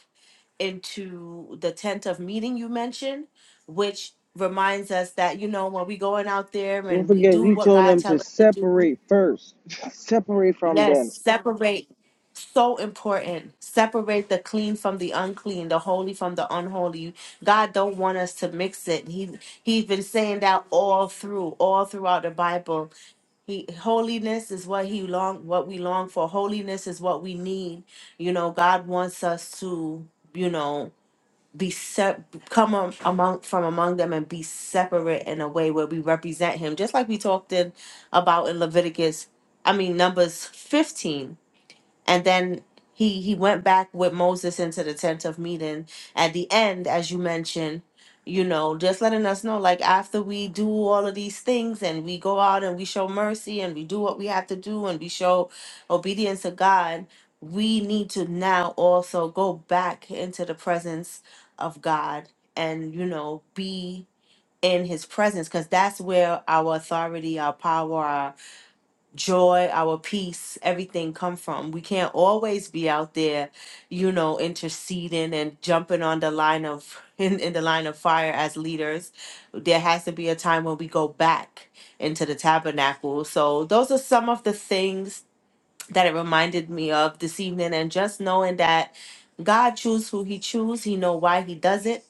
S2: into the tent of meeting you mentioned, which reminds us that, you know, when we going out there
S1: Don't
S2: and we
S1: forget,
S2: do
S1: he
S2: what
S1: told
S2: God
S1: them to
S2: tell us to do,
S1: separate first. Separate from
S2: yes,
S1: them.
S2: separate. So important. Separate the clean from the unclean, the holy from the unholy. God don't want us to mix it. He he's been saying that all through, all throughout the Bible he holiness is what he long what we long for. Holiness is what we need. You know, God wants us to, you know, be set come am- among from among them and be separate in a way where we represent him. Just like we talked in about in Leviticus, I mean Numbers 15 and then he he went back with Moses into the tent of meeting at the end as you mentioned you know just letting us know like after we do all of these things and we go out and we show mercy and we do what we have to do and we show obedience to God we need to now also go back into the presence of God and you know be in his presence cuz that's where our authority our power joy, our peace, everything come from. We can't always be out there, you know, interceding and jumping on the line of in, in the line of fire as leaders. There has to be a time when we go back into the tabernacle. So those are some of the things that it reminded me of this evening and just knowing that God chooses who he chooses, he know why he does it.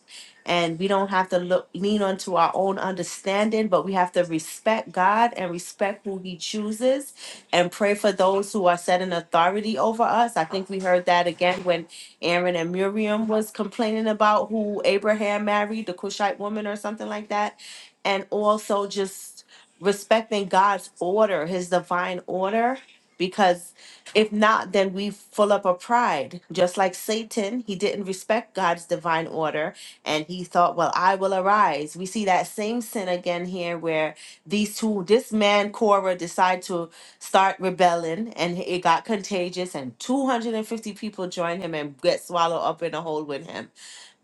S2: And we don't have to look lean onto our own understanding, but we have to respect God and respect who he chooses and pray for those who are set in authority over us. I think we heard that again when Aaron and Miriam was complaining about who Abraham married, the Cushite woman or something like that. And also just respecting God's order, his divine order, because if not, then we full up of pride. Just like Satan, he didn't respect God's divine order and he thought, well, I will arise. We see that same sin again here where these two, this man, Korah, decide to start rebelling and it got contagious and 250 people join him and get swallowed up in a hole with him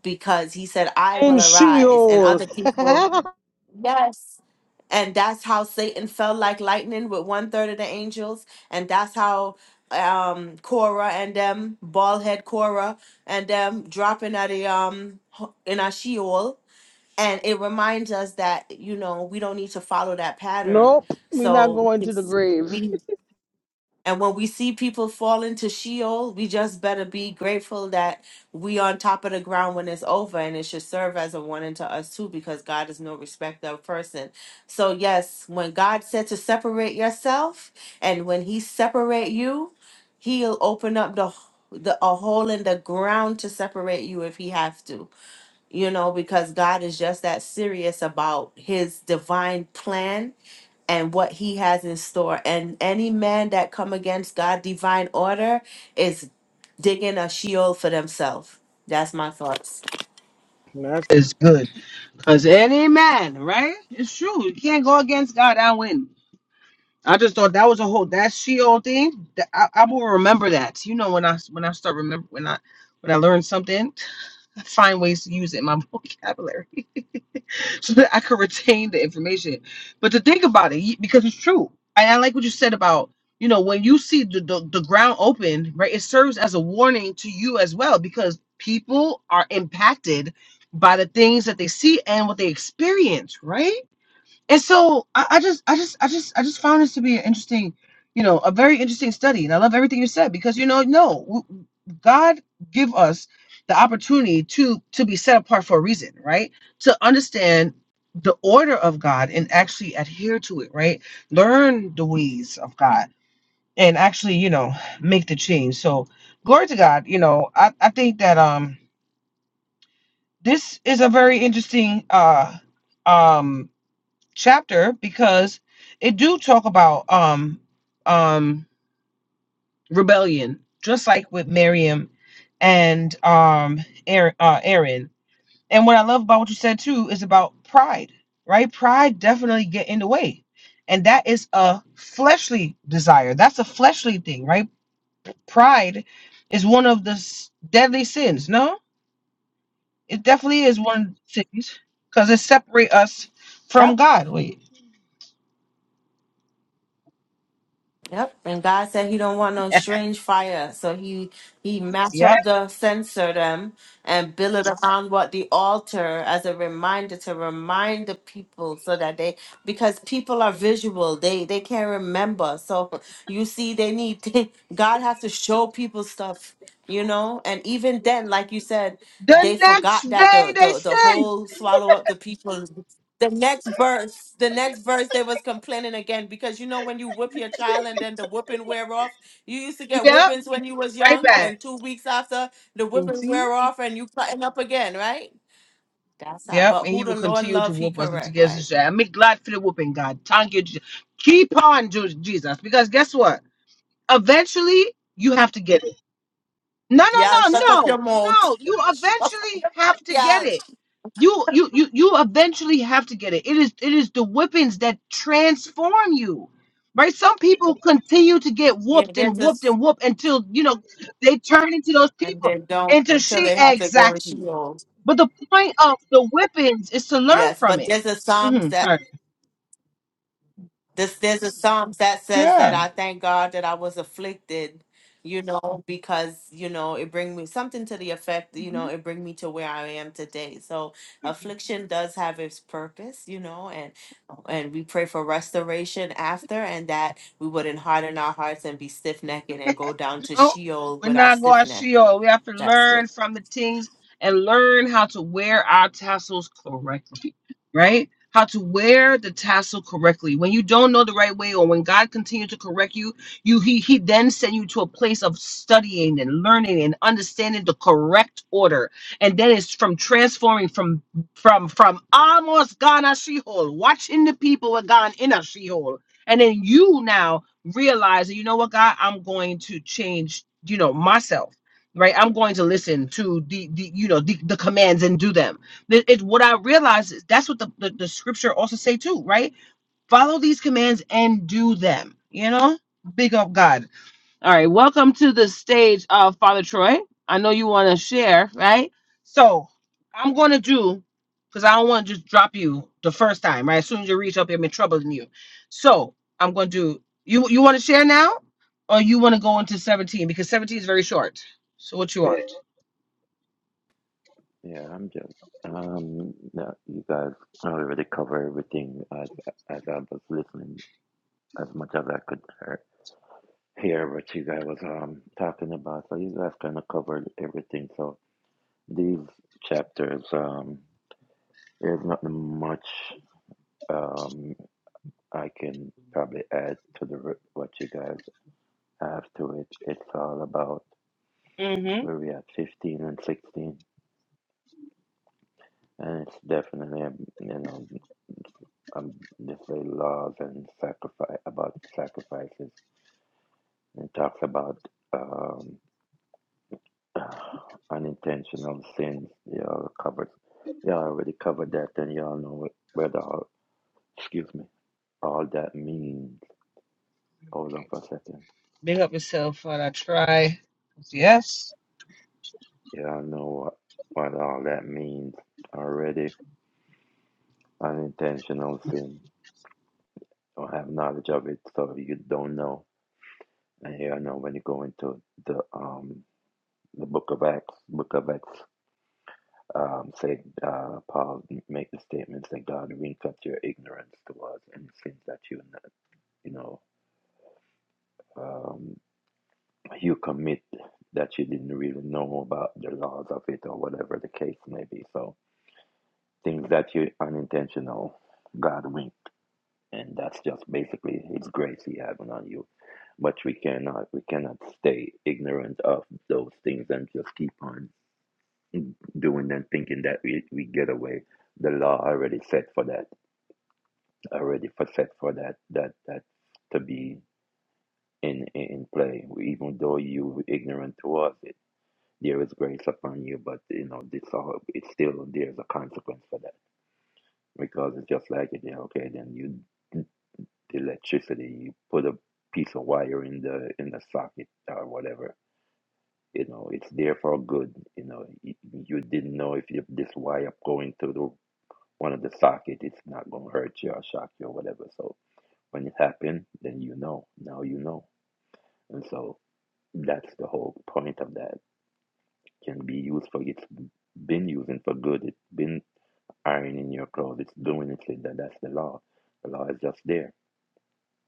S2: because he said, I
S1: In
S2: will arise. And
S1: Sheol,
S2: other people, yes and that's how Satan fell like lightning with one third of the angels, and that's how um Cora and them bald head Cora and them dropping at the um ho- in a sheol, and it reminds us that you know we don't need to follow that pattern.
S1: nope, we're not
S2: So
S1: going
S2: we can
S1: to the
S2: s-
S1: grave.
S2: we and when we see people fall into Sheol, we just better be grateful that we on top of the ground when it's over, and it should serve as a warning to us too, because God is no respecter of person. So yes, when God said to separate yourself, and when He separate you, He'll open up the, the a hole in the ground to separate you if He have to you know, because God is just that serious about his divine plan and what he has in store. And any man that come against God' divine order is digging a sheol for themselves. That's my thoughts.
S1: That's good, cause any man, right? It's true. You can't go against God and win. I just thought that was a whole that Sheol thing. That I, I will remember that. You know, when I when I start remember when I when I learn something, I find ways to use it in my vocabulary so that I can retain the information. But to think about it, y- because it's true, and I like what you said about you know when you see the the, the ground open, right? It serves as a warning to you as well because people are impacted by the things that they see and what they experience, right? And so I, I just, I just, I just, I just found this to be an interesting, you know, a very interesting study. And I love everything you said because you know, no, w- God give us the opportunity to to be set apart for a reason, right? To understand the order of God and actually adhere to it, right? Learn the ways of God and actually, you know, make the change. So glory to God. You know, I, I think that um this is a very interesting uh um chapter because it do talk about um um rebellion just like with Miriam and um Aaron, uh, Aaron. And what I love about what you said too is about pride, right? Pride definitely get in the way. And that is a fleshly desire. That's a fleshly thing, right? Pride is one of the s- deadly sins. No? It definitely is one of the sins cuz it separate us from God. Wait.
S2: Yep, and God said He don't want no strange fire, so He He match
S1: yeah.
S2: up the censer them and build it around what the altar as a reminder to remind the people so that they because people are visual, they they can't remember. So you see, they need God has to show people stuff, you know. And even then, like you said,
S1: The
S2: they
S1: next
S2: forgot that
S1: day
S2: the
S1: they
S2: the the
S1: said,
S2: whole swallow up the people the next verse, the next verse, they was complaining again because you know when you whip your child and then the whipping wear off. You used to get
S1: Yep,
S2: whippings
S1: he's
S2: when you was
S1: right
S2: young,
S1: back.
S2: and two weeks after the whipping wear off, and you cutting up again, right? That's how.
S1: Yep,
S2: But
S1: and he
S2: who the
S1: will
S2: Lord
S1: continue to
S2: love, He
S1: whoop us until
S2: correct, right?
S1: Jesus return. I'm glad for the whooping, God. Thank you. Je- Keep on, Ju- Jesus, because guess what? Eventually, you have to get it. No,
S2: Yeah,
S1: no, no,
S2: shut up your
S1: no,
S2: mouth.
S1: no. You eventually have to get
S2: yeah,
S1: it. You you you you eventually have to get it. It is it is the whippings that transform you. Right? Some people continue to get
S2: yeah.
S1: whooped and
S2: There's a
S1: whooped
S2: s-
S1: and whooped until you know they turn into those
S2: and
S1: people.
S2: they don't
S1: Into
S2: until
S1: she
S2: they have to go and
S1: exactly.
S2: Sheol.
S1: But the point of the whippings is to learn
S2: Yes,
S1: from
S2: but
S1: it.
S2: there's a Psalms
S1: Mhm.
S2: that. This, there's a Psalms that says that
S1: Yeah.
S2: I thank God that I was afflicted, you know, because, you know, it bring me something to the effect, you know, it bring me to where I am today. So affliction does have its purpose, you know, and and we pray for restoration after and that we wouldn't harden our hearts and be stiff necked and go down to
S1: No,
S2: Sheol
S1: we're
S2: with our
S1: not
S2: stiff
S1: going to
S2: neck.
S1: Sheol. We have to
S2: That's
S1: learn
S2: it.
S1: from the things and learn how to wear our tassels correctly, right? How to wear the tassel correctly. When you don't know the right way, or when God continues to correct you, you He He then send you to a place of studying and learning and understanding the correct order. And then it's from transforming from from from almost gone a she-hole, watching the people were gone in a she-hole. And then you now realizing, you know what, God, I'm going to change, you know, myself, right? I'm going to listen to the, the you know, the, the commands and do them. It- It's what I realize is that's what the, the, the scripture also say too, right? Follow these commands and do them, you know? Big up God. All right, welcome to the stage, uh, Father Troy. I know you want to share, right? So I'm going to do because I don't want to just drop you the first time, right? As soon as you reach up, I'm in trouble in you. So I'm going to do you. You want to share now, or you want to go into 17 because 17 is very short. So what you want?
S3: Yeah, I'm just Um, no, you guys already cover everything as as I was listening as much as I could hear, hear what you guys was um talking about. So you guys kind of covered everything. So these chapters, um, there's not much um I can probably add to the r- what you guys have to it. It's all about where we at 15 and 16, and it's definitely um, you know. um, this the laws and sacrifice about sacrifices and it talks about um, unintentional sins. They all covered. You already covered that, and you all know where the all, excuse me all that means. Hold on
S1: Okay,
S3: for a second.
S1: big up yourself, Father Try. Yes,
S3: You all know what, what all that means already. Unintentional sin. Don't have knowledge of it, so you don't know. And here I know when you go into the um the book of Acts, book of Acts Um, say, uh, Paul make the statements that God winked your ignorance towards and sins that you, you know, um, you commit that you didn't really know about the laws of it or whatever the case may be. So things that you unintentional, God winked, and that's just basically His grace He having on you. But we cannot, we cannot stay ignorant of those things and just keep on doing them, thinking that we, we get away. The law already set for that already for set for that that that to be in in play. Even though you were ignorant towards it, there is grace upon you. But you know, this all it's still there's a consequence for that because it's just like it. Yeah, okay, then you the electricity, you put a piece of wire in the in the socket or whatever. You know, it's there for good. You know, you, you didn't know if you, this wire going through the one of the socket, it's not gonna hurt you or shock you or whatever. So When it happened, then you know. Now you know. And so that's the whole point of that. It Can be used for it's been using for good. It's been ironing your clothes. It's doing it. Like That that's the law. The law is just there.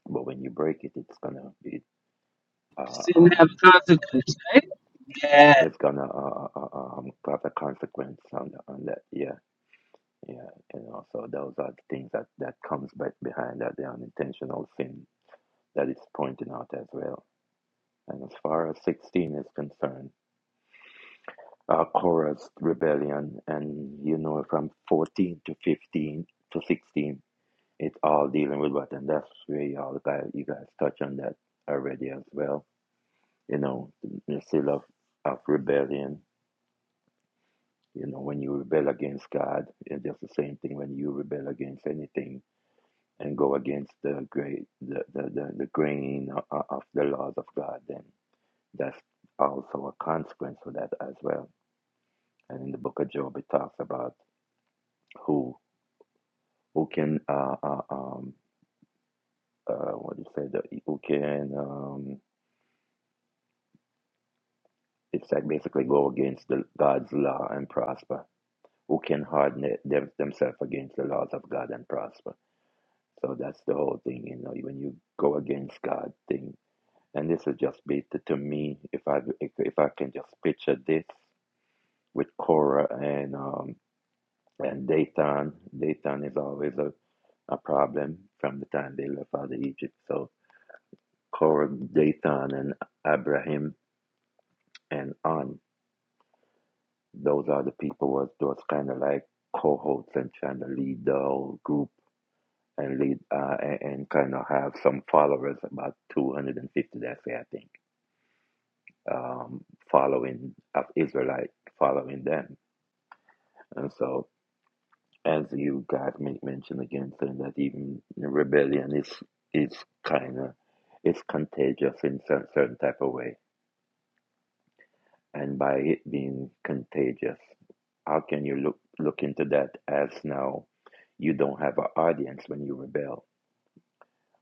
S3: But when you break it, it's gonna be uh,
S1: sin have
S3: um
S1: consequences, right? Yeah,
S3: it's gonna uh, uh, uh, um have a consequence on the, on that. Yeah, yeah. You know. So those are the things that that comes back behind that the unintentional sin that is pointing out as well. And as far as sixteen is concerned. uh, Korah's rebellion, and you know from 14 to 15 to 16, it's all dealing with what, and that's where y'all guys, you guys touch on that already as well. You know, the seal of, of rebellion. You know, when you rebel against God, it's just the same thing when you rebel against anything and go against the great, the the, the, the grain of, of the laws of God. Then that's also a consequence of that as well. And in the book of Job, it talks about who who can uh, uh, um, uh, what do you say the, who can um, it's like basically go against the God's law and prosper. Who can harden it- them, themselves against the laws of God and prosper? So that's the whole thing, you know. When you go against God thing, and this is just be to, to me. If I if, if I can just picture this with Korah and um, and Dathan, Dathan is always a, a problem from the time they left out of Egypt. So Korah, Dathan, and Abiram, and on Those are the people was those kind of like cohorts and trying to lead the whole group and lead uh, and, and kind of have some followers, about 250, that's it, I think, um, following of Israelite following them. And so, as you guys men- mentioned again, saying that even rebellion is is kind of it's contagious in cer- certain type of way and by it being contagious. How can you look look into that as now you don't have an audience when you rebel?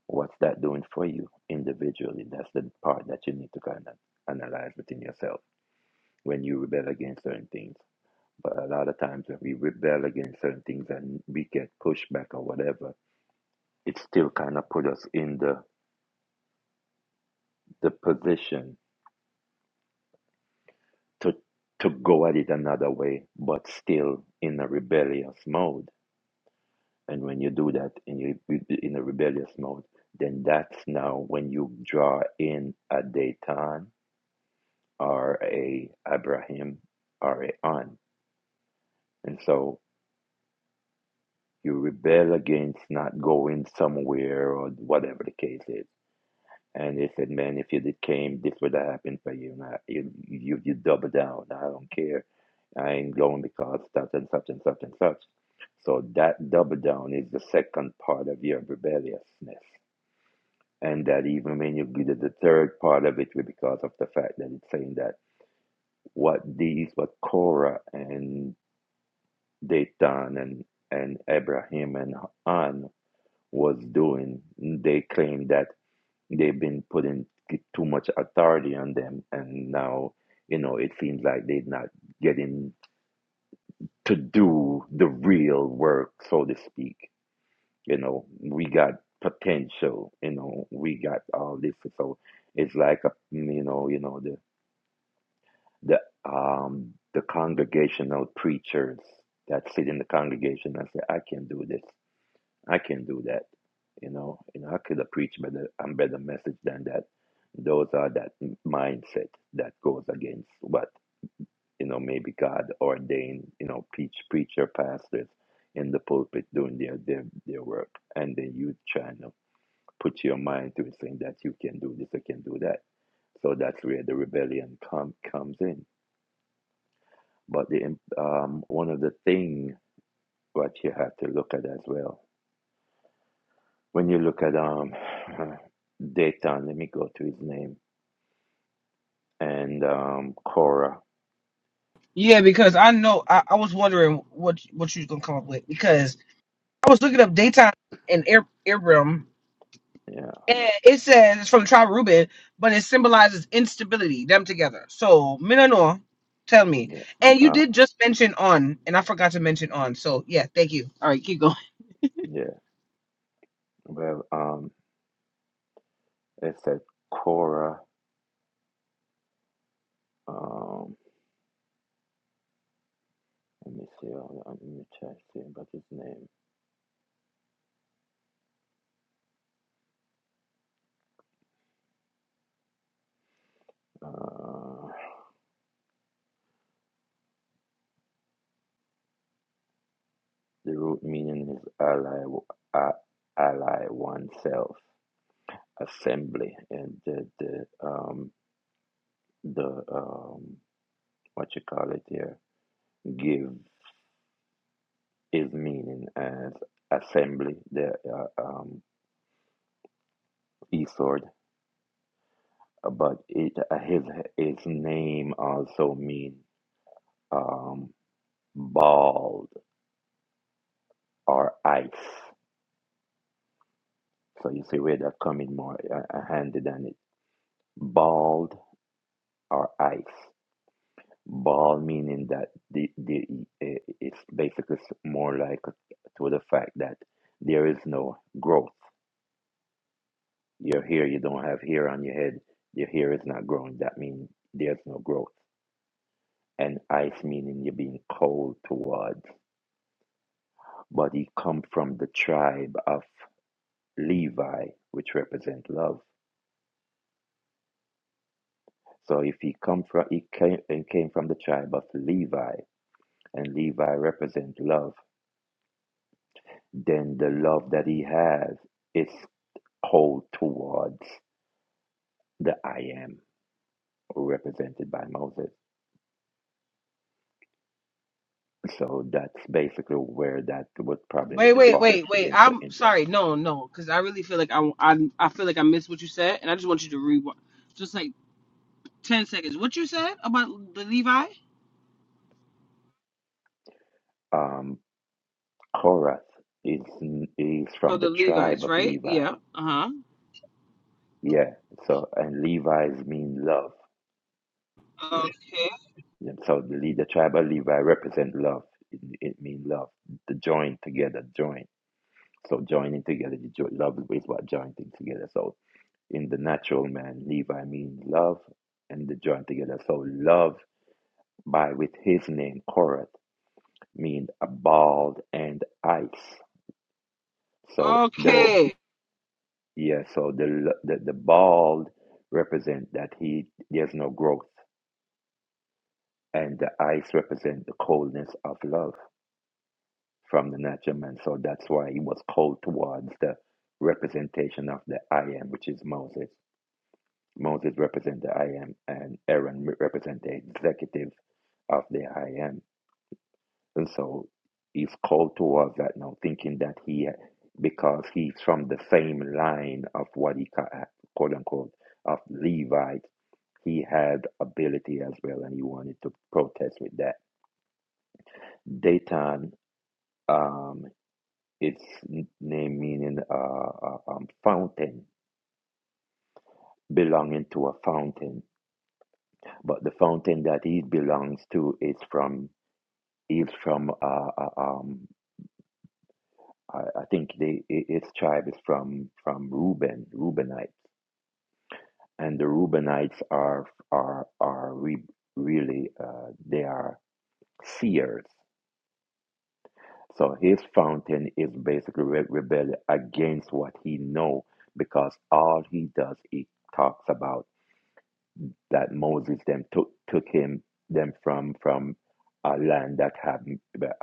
S3: What's that doing for you individually? That's the part that you need to kind of analyze within yourself when you rebel against certain things. But a lot of times when we rebel against certain things and we get pushback or whatever, it still kind of put us in the the position to to go at it another way, but still in a rebellious mode And when you do that and you in a rebellious mode, then that's now when you draw in a Dayton or a Abraham or a An. And so you rebel against not going somewhere or whatever the case is. And they said, man, if you did came, this would have happened for you. And I, you, you, you double down. I don't care. I ain't going because such and such and such and such. So that double down is the second part of your rebelliousness. and that even when you get to the third part of it, because of the fact that it's saying that what these, what Korah and Dathan and and Abraham and An was doing, they claim that they've been putting too much authority on them, and now you know it seems like they're not getting to do the real work, so to speak. you know we got potential you know we got all this so it's like a you know you know the the um the congregational preachers that sit in the congregation and say i can do this i can do that you know you know i could have preached better a better message than that those are that mindset that goes against what you know maybe god ordained you know preach preacher pastors in the pulpit doing their their, their work and then you trying to put your mind to it saying that you can do this, you can do that. So that's where the rebellion come, comes in. But the um, one of the thing what you have to look at as well when you look at um Dayton, let me go to his name and um Cora,
S1: yeah. Because I know I, I was wondering what what you was gonna come up with because. I was looking up daytime and air Abram,
S3: yeah,
S1: and it says it's from the tribe of Reuben, but it symbolizes instability, them together. So Minanoa, tell me.
S3: yeah,
S1: And you
S3: uh,
S1: did just mention on, and I forgot to mention on. So yeah, thank you. All right, keep going.
S3: yeah. Well, um, it said Cora. Um, let me see. let me try to see about his name. Uh, The root meaning is ally, uh, ally oneself, assembly, and the the um the um what you call it here give is meaning as assembly. The uh, um esword, but it uh, his his name also mean um bald or ice. So you see where that coming more uh, uh, handy than it bald or ice. Ball meaning that the, the eh, it's basically s- more like to the fact that there is no growth. Your hair, you don't have hair on your head. Your hair is not growing. That means there's no growth. And ice meaning you're being cold towards. But he come from the tribe of Levi, which represent love. So if he come from he came, he came from the tribe of Levi, and Levi represent love, then the love that he has. it's hold towards the I am represented by Moses. So that's basically where that would probably
S1: Wait, wait,
S3: fall
S1: wait, wait.
S3: into, into
S1: I'm
S3: in line.
S1: sorry. No, no, because I really feel like I, I I feel like I missed what you said, and I just want you to re just like ten seconds. What you said about the Levi?
S3: Um, Korath is is
S1: Oh,
S3: from the
S1: the
S3: tribe
S1: Levites,
S3: of
S1: right?
S3: Levi.
S1: Yeah. Uh
S3: Yeah. So and Levi's mean love.
S1: huh.
S3: And so the, Le- the tribe of Levi represent love. It, it means love. The join together, join. So joining together, you jo- love is what joining things together. So In the natural man, Levi means love, and they join together. So love by with his name Korath means a bald and ice. So the
S1: Okay.
S3: yeah, so the the, the bald represent that he there's no growth, and the ice represent the coldness of love from the natural man. So that's why he was cold towards the representation of the I am, which is Moses. Moses represent the I am, and Aaron represent the executive of the I am. And so he's called towards that now, thinking that he, because he's from the same line of what he ca- uh, quote unquote of Levite, he had ability as well, and he wanted to protest with that. Datan, um, its name meaning uh, uh, um, fountain, belonging to a fountain, but the fountain that he belongs to is from Is from uh, uh, um, I, I think they i- his tribe is from from Reuben, Reubenites, and the Reubenites are are are re, really uh, they are seers. So his fountain is basically re- rebellion against what he know because all he does he talks about that Moses them took took him them from from a land that have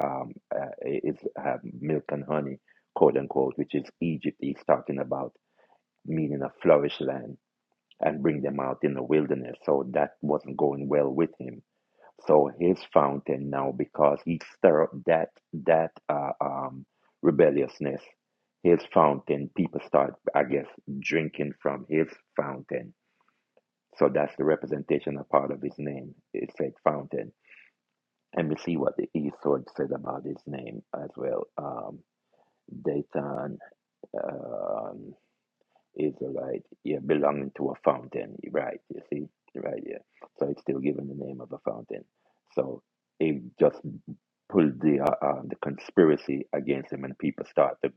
S3: um uh, is have milk and honey, quote unquote, which is Egypt. He's talking about meaning a flourished land and bring them out in the wilderness. So that wasn't going well with him. So his fountain now, because he stirred up that that uh, um rebelliousness, his fountain. People start, I guess, drinking from his fountain so that's the representation of part of his name. It said fountain. And we see what the East Sword said about his name as well. Um, Dayton um, Israelite, yeah, belonging to a fountain, right? You see, right? Yeah. So it's still given the name of a fountain. So it just pulled the uh, uh, the conspiracy against him, and people start to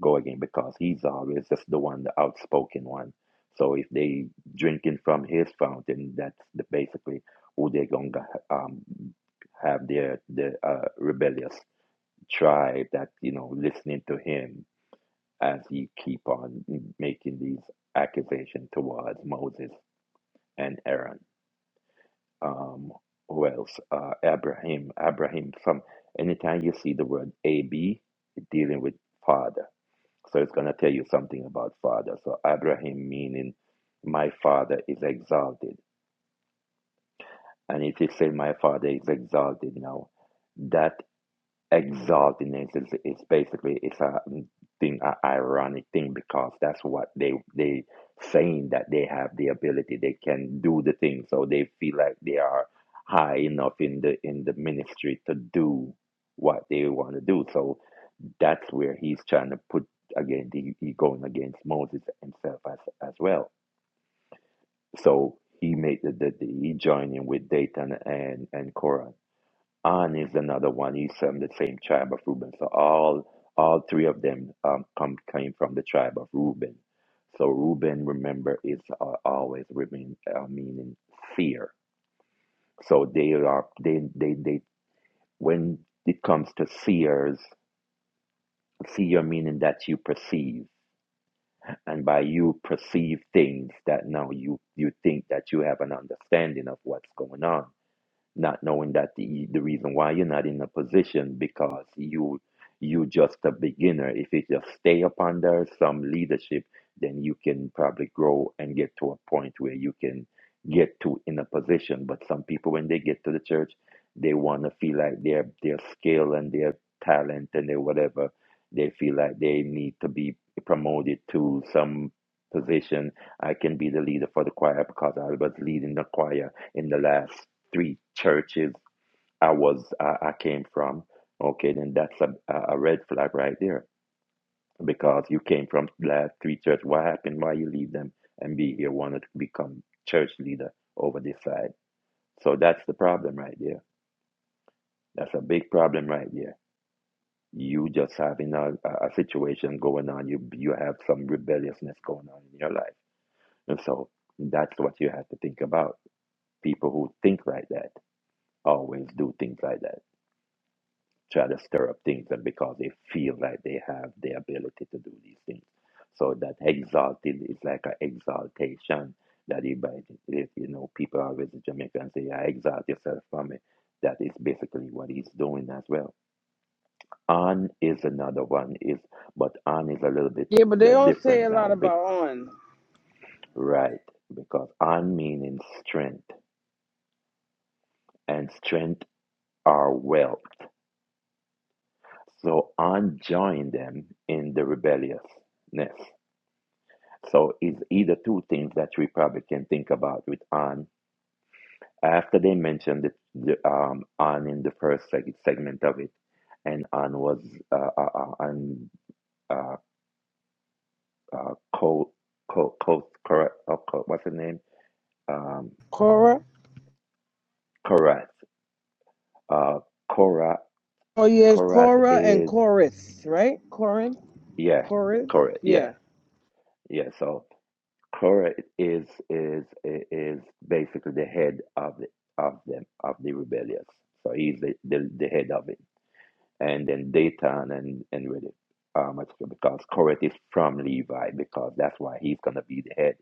S3: go again because he's always just the one, the outspoken one. So if they drinking from his fountain, that's the, basically who they're gonna um, have their the uh, rebellious tribe that you know listening to him as he keep on making these accusations towards Moses and Aaron. Um, who else? Uh, Abraham. Abraham. Some. Anytime you see the word Ab, dealing with father so it's going to tell you something about father. So Abraham meaning my father is exalted. And if you say my father is exalted now, that exaltedness is, is basically it's a thing, an ironic thing because that's what they they saying that they have the ability, they can do the thing, so they feel like they are high enough in the in the ministry to do what they want to do. So that's where he's trying to put again the he going against Moses himself as as well. So he made the, the, the he joined in with Dathan and and Korah. An is another one. He's from the same tribe of Reuben. So all all three of them um come came from the tribe of Reuben. So Reuben, remember, is uh, always remain uh, meaning fear. So they are they they they when it comes to seers, seer meaning that you perceive. and by you perceive things that now you you think that you have an understanding of what's going on not knowing that the, the reason why you're not in a position because you you just a beginner if you just stay up under some leadership then you can probably grow and get to a point where you can get to in a position but some people when they get to the church they want to feel like their their skill and their talent and their whatever they feel like they need to be promoted to some position i can be the leader for the choir because i was leading the choir in the last three churches I was I, I came from, okay, then that's a, a red flag right there because you came from last three church. What happened? Why you leave them and be here? Wanted to become church leader over this side. So that's the problem right there. That's a big problem right there. You just having a, a a situation going on. You you have some rebelliousness going on in your life, and so that's what you have to think about. People who think like that always do things like that try to stir up things and because they feel like they have the ability to do these things. So that exalted is like an exaltation that if, if you know people always in Jamaica and say, I exalt yourself from it. That is basically what he's doing as well. On is another one is but on is a little bit
S1: But they
S3: uh,
S1: don't say a
S3: different
S1: lot
S3: now, big
S1: about on.
S3: right. Because on meaning strength and strength are wealth. So on joined them in the rebelliousness So it's either two things that we probably can think about with Anne. After they mentioned the, the um, Anne in the first seg- segment of it, and Anne was uh, uh, uh, Anne uh, uh, co co co Cora- uh, Co- what's her name? Um,
S1: Cora.
S3: Korath. Uh, Korath.
S1: Oh yes,
S3: Korath
S1: Cora and
S3: is
S1: Chorus, right? Corin,
S3: yeah,
S1: Chorus.
S3: correct. Yeah,
S1: Yeah.
S3: yeah. So. Cora is is is basically the head of the, of them of the rebellious. So he's the, the, the head of it, and then Dayton and and with it, um, because Cora is from Levi because that's why he's gonna be the head.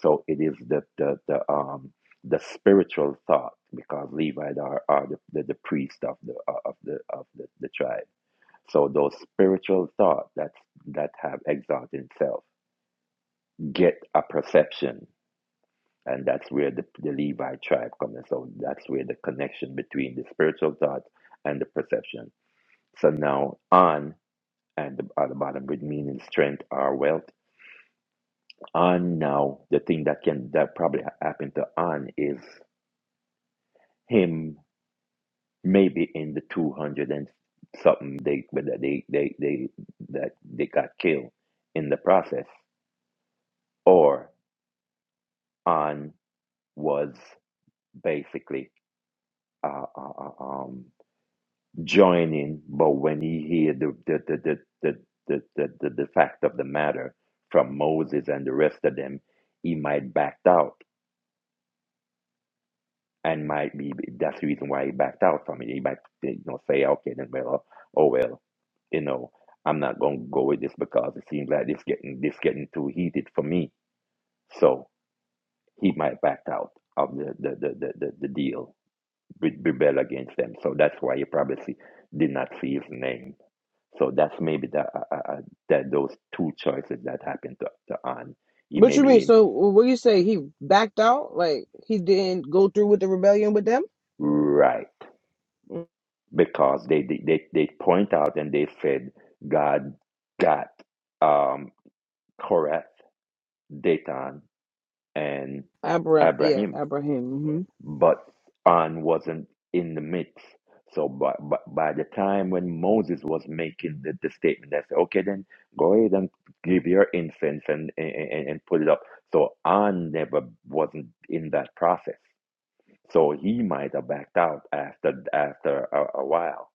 S3: So it is the the, the um the spiritual thought because Levi are, are the, the, the priest of the uh, of the of the, the tribe. So those spiritual thoughts that that have exalted itself get a perception and that's where the, the Levi tribe comes in. So that's where the connection between the spiritual thought and the perception. So now on at the, at the bottom would mean strength or wealth. On now, the thing that can that probably ha- happened to on is him maybe in the two hundred and something they but that they they they that they got killed in the process or on was basically uh, uh, uh, um joining, but when he heard the the the the, the the, the, the, the fact of the matter from Moses and the rest of them, he might backed out and might be that's the reason why he backed out from it. He might you know say, okay, then well, oh well, you know, I'm not gonna go with this because it seems like this getting this getting too heated for me. So he might backed out of the the the the, the, the deal, re- rebel against them. So that's why you probably see, did not see his name So that's maybe the, uh, uh, uh, that those two choices that happened to, to Anne. He
S1: What
S3: may
S1: you mean?
S3: be
S1: So what you say? He backed out, like he didn't go through with the rebellion with them.
S3: right because they, they they they point out and they said God got um, Korath, Datan, and
S1: Abraham, yeah,
S3: Abraham.
S1: Abraham.
S3: but An wasn't in the mix. So by, by, by the time when Moses was making the, the statement, they said, okay, then go ahead and give your incense and, and, and and put it up. So An never wasn't in that process. So he might have backed out after after a, a while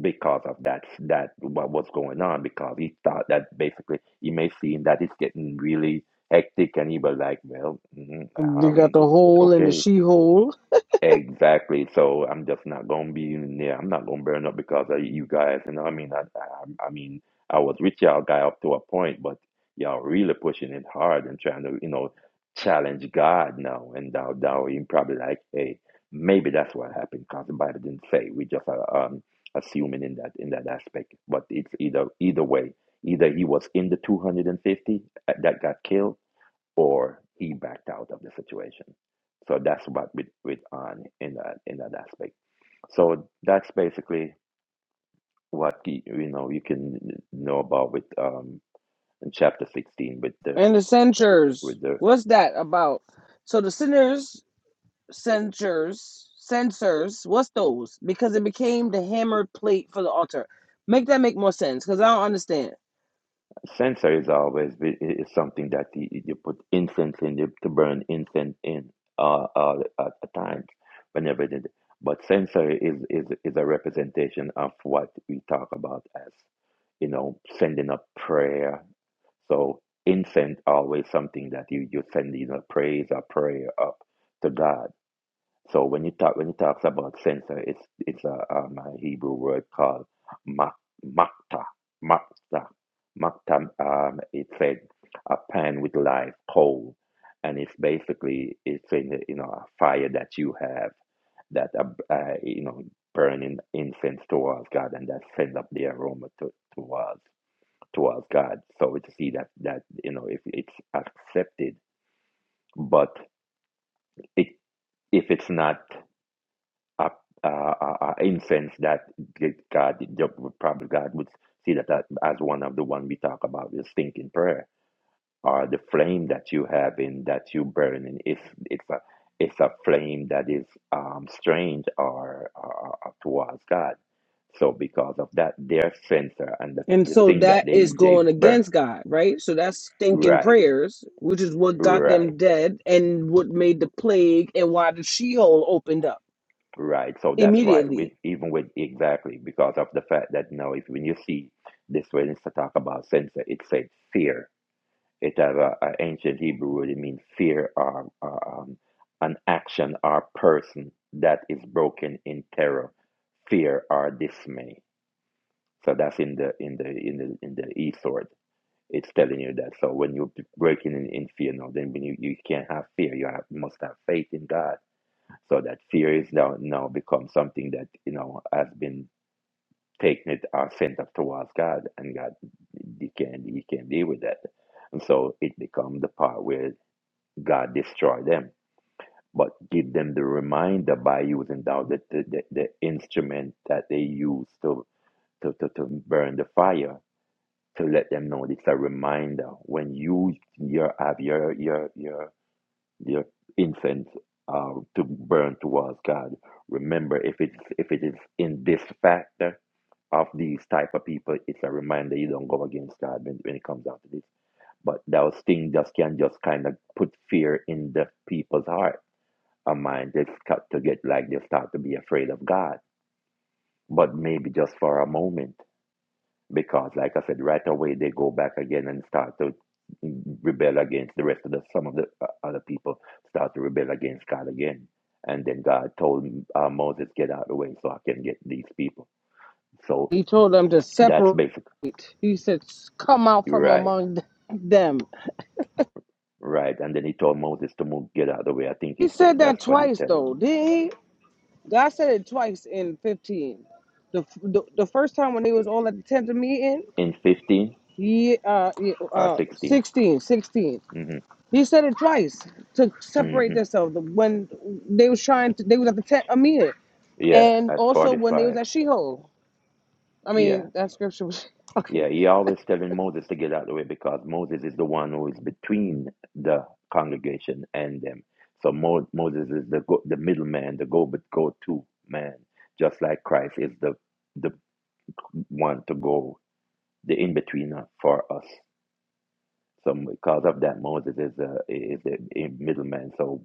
S3: because of that that what was going on because he thought that basically he may see that it's getting really hectic and he was like well mm,
S1: hmm They got the
S3: um
S1: hole and the
S3: okay
S1: she-hole
S3: Exactly. So I'm just not gonna be in there. I'm not gonna burn up because of you guys. You know, I mean, I, I, I mean, I was with y'all guy up to a point, but y'all really pushing it hard and trying to, you know, challenge God now. And now, now you probably like, hey, maybe that's what happened because the Bible didn't say. We just are um, assuming in that in that aspect. But it's either either way, either he was in the 250 that got killed or he backed out of the situation. So that's what we with on in that in that aspect. So that's basically what you, you know you can know about with um in chapter sixteen with the
S1: and the censures.
S3: with the
S1: What's that about? So the sinners, censures, censors. What's those? Because it became the hammered plate for the altar. Make that make more sense? Because I don't understand.
S3: censer is always be- is something that you, you put incense in you, to burn incense in uh, uh at the times whenever it is. But censer is is is a representation of what we talk about as you know sending up prayer So incense always something that you you send you know praise or prayer up to God. So when you talk when he talks about censer, it's it's a um, a Hebrew word called mak- makta makta makta. Um, it said a pan with live coal, and it's basically it's in the, you know a fire that you have that uh, uh, you know burning incense towards God, and that sends up the aroma to, towards towards God. So to see that that you know if it's accepted, but it if it's not a, a, a, a incense that God probably God would see that that as one of the one we talk about the stinking prayer or the flame that you have in that you burn in if it's a it's a flame that is um, strange or, or, or towards God. So because of that, their sensor and the,
S1: And
S3: the
S1: so
S3: thing that
S1: that is
S3: they they
S1: going
S3: burn
S1: against God, right? So that's stinking
S3: right
S1: prayers, which is what got
S3: right
S1: them dead and what made the plague and why the Sheol opened up
S3: Right. So that's right. With
S1: immediately.
S3: even with exactly because of the fact that now if when you see this when it's to talk about censor, it said fear. It has a, a ancient Hebrew word. It means fear or, or, um, an action or person that is broken in terror, fear or dismay. So that's in the in the in the in the E sword. It's telling you that. So when you're breaking in, in fear now, then when you, you can't have fear, you have, must have faith in God so that fear is now, now become something that, you know, has been taken it or sent up towards God and God he can he can deal with that. And so it becomes the part where God destroy them. But give them the reminder by using now the, the, the, the instrument that they use to, to, to, to burn the fire to let them know it's a reminder when you your have your your your Your incense uh, to burn towards God. Remember, if it's if it is in this factor of these type of people, it's a reminder you don't go against God when, when it comes down to this. But those things just can just kind of put fear in the people's heart or mind. They start to get like they start to be afraid of God. But maybe just for a moment because like I said, right away they go back again and start to rebel against the rest of the some of the uh, other people start to rebel against God again. And then God told uh, Moses, "Get out of the way, so I can get these people." So
S1: He told them to
S3: that's
S1: separate.
S3: basically
S1: He said, Come out from
S3: right,
S1: among them.
S3: right. And then he told Moses to move, get out of the way. I think
S1: He
S3: it's
S1: said that
S3: that's what he
S1: twice,
S3: tell
S1: though,
S3: him.
S1: didn't he? God said it twice in 15. The, the, the first time when they was all at the tent of meeting,
S3: in fifteen
S1: Yeah, uh, yeah,
S3: or
S1: uh,
S3: 16
S1: 16 16.
S3: Mm-hmm,
S1: He said it twice to
S3: mm-hmm.
S1: separate themselves when they was trying to, they was at the tent of meeting.
S3: Yeah,
S1: And
S3: at
S1: also when they was
S3: forty-five.
S1: at Sheol. I
S3: Yeah
S1: mean, that scripture was, okay,
S3: Yeah, he always telling Moses to get out of the way because Moses is the one who is between the congregation and them. So Mo- Moses is the go- the middleman, the go but go to man, just like Christ is the the one to go the in betweener for us. So because of that, Moses is a is the middleman. So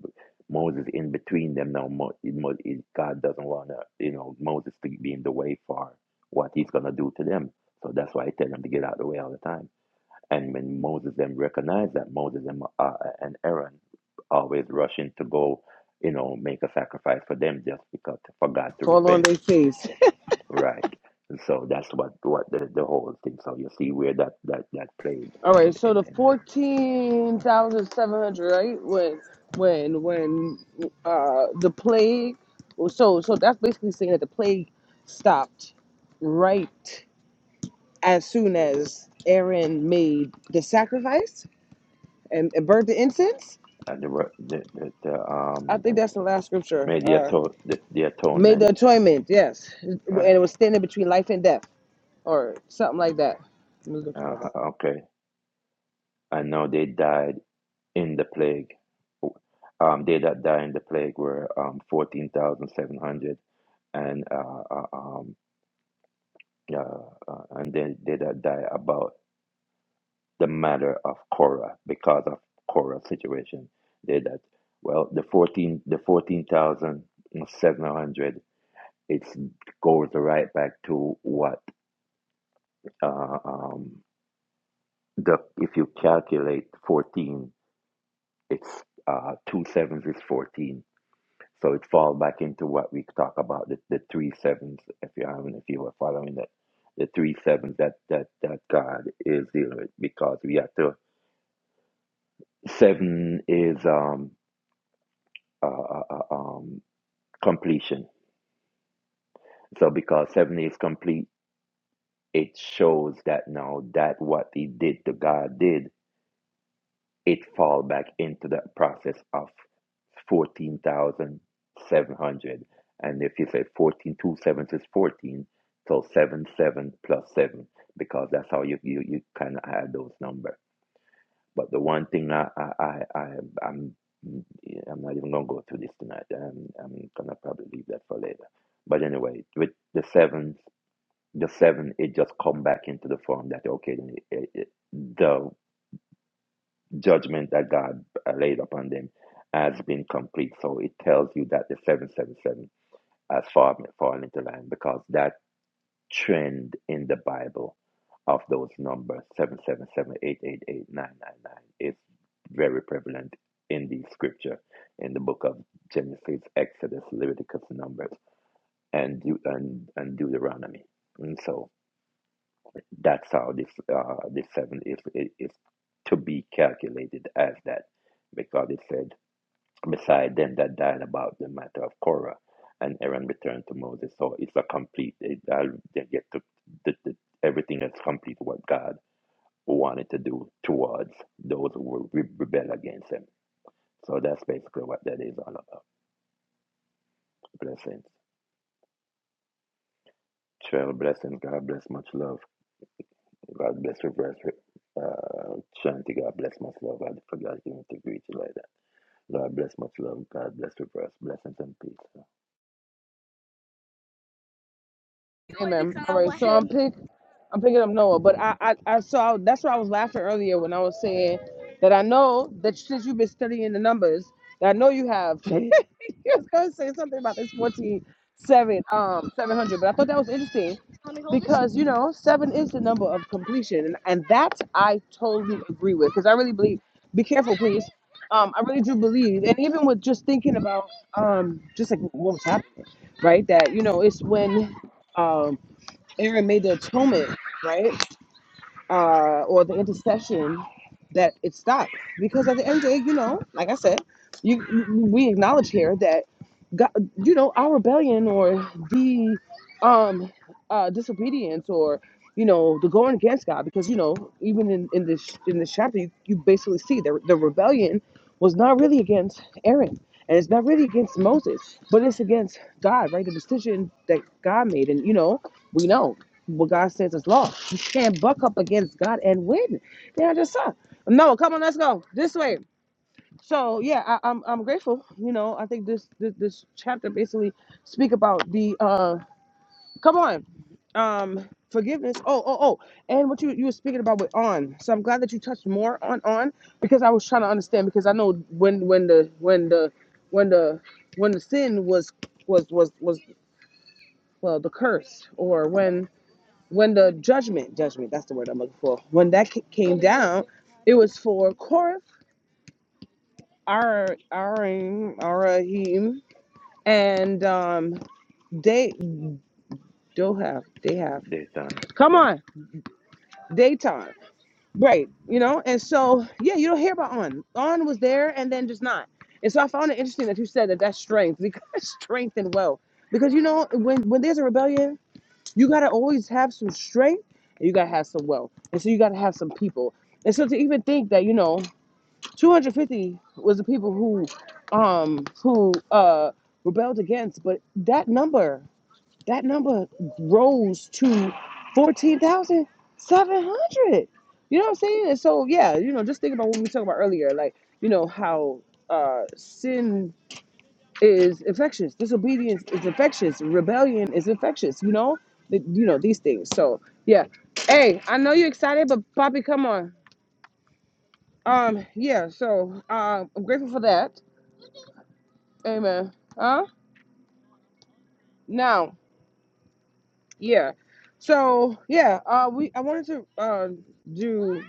S3: Moses in between them now. Mo- Mo- God doesn't want to you know Moses to be in the way for what he's gonna do to them. So that's why he tell them to get out of the way all the time. And when Moses then recognized that, Moses and, uh, uh, and Aaron always rushing to go, you know, make a sacrifice for them just because for God to
S1: fall on
S3: repent,
S1: their face.
S3: right? And so that's what what the, the whole thing. So you see where that that that played
S1: All right,
S3: in
S1: so
S3: in
S1: the
S3: in the
S1: 14,700, right? When, when, when, uh, the plague, so, so that's basically saying that the plague stopped right as soon as Aaron made the sacrifice and, and burnt the incense.
S3: uh, the, re- the the the
S1: I
S3: um
S1: think
S3: the,
S1: that's the last scripture.
S3: made the,
S1: Uh,
S3: ato- the the
S1: made the
S3: atonement,
S1: atonement, yes, and
S3: right?
S1: it was standing between life and death, or something like that. Let me look at my
S3: Uh,
S1: Bible.
S3: okay, and now they died in the plague. Um, they that died in the plague were um fourteen thousand seven hundred and uh, uh, um, uh, uh, and they they that die about the matter of Korah because of Korah's situation. They that well the fourteen the fourteen thousand seven hundred it goes right back to what uh, um, the if you calculate fourteen it's uh, two sevens is 14. So it fall back into what we talk about the, the three sevens. If you haven't, if you were following that, the three sevens that that that God is dealing with, because we have to. Seven is um uh, uh, uh, um completion. So because seven is complete, it shows that now that what He did to God did it fall back into the process of 14,700. And if you say 14, two sevens is 14, so 7, 7 plus 7, because that's how you, you, you kind of add those numbers. But the one thing I, I, I, I am I'm not even going to go through this tonight. I'm, I'm going to probably leave that for later. But anyway, with the sevens, the seven, it just come back into the form that, okay, then it, it- the judgment that God uh, laid upon them has been complete. So it tells you that the 777 has fallen, fallen into line because that trend in the Bible of those numbers 777 888 999 is very prevalent in the scripture in the book of Genesis, Exodus, Leviticus, Numbers, and Deut- and, and Deuteronomy. And so that's how this uh, this seven is is to be calculated as that because it said beside them that died about the matter of Korah. And Aaron returned to Moses. So it's a complete, it, I'll they get to the, the, everything that's complete what God wanted to do towards those who will re- rebel against him. So that's basically what that is all about. Blessings. Twelve blessings. God bless. Much love. God bless. Reverse. Uh, Shanti. God bless. Much love. I forgot you to greet you like that. God bless. Much love. God bless. Reverse. Blessings and peace.
S1: All right, what so I'm happened? pick, I'm picking up Noah, but I, I, I saw that's why I was laughing earlier when I was saying that I know that since you've been studying the numbers, that I know you have. you was gonna say something about this 47, um, 700, but I thought that was interesting because you know seven is the number of completion, and, and that I totally agree with because I really believe. Be careful, please. Um, I really do believe, and even with just thinking about um, just like what was happening, right? That you know, it's when um Aaron made the atonement, right? Uh, or the intercession that it stopped. Because at the end of the day, you know, like I said, you, you- we acknowledge here that God, you know, our rebellion or the um uh, disobedience or you know the going against God because you know even in, in this in this chapter you, you basically see the the rebellion was not really against Aaron and it's not really against Moses but it's against God right the decision that God made and you know we know what God says is law you can't buck up against God and win yeah I just saw no come on let's go this way so yeah I, I'm I'm grateful you know I think this this, this chapter basically speak about the uh Come on. Um, forgiveness. Oh, oh, oh. And what you you were speaking about with on. So I'm glad that you touched more on on because I was trying to understand because I know when when the when the when the when the sin was was was was well the curse or when when the judgment judgment that's the word I'm looking for when that ca- came down it was for Korath, Ar Arim, Arahim, and um they do have they have
S3: Daytime.
S1: come
S3: Yeah.
S1: on daytime Right. You know, and so yeah, you don't hear about On. On was there and then just not. And so I found it interesting that you said that that's strength because strength and wealth. Because you know, when when there's a rebellion, you gotta always have some strength and you gotta have some wealth. And so you gotta have some people. And so to even think that, you know, 250 was the people who um who uh rebelled against, but that number that number rose to 14,700. You know what I'm saying? And so, yeah, you know, just think about what we were talking about earlier, like, you know, how uh, sin is infectious, disobedience is infectious, rebellion is infectious, you know, Th- you know, these things. So, yeah. Hey, I know you're excited, but Poppy, come on. Um, yeah, so uh, I'm grateful for that. Amen. Huh? Now, yeah. So, yeah, uh, we I wanted to uh, do.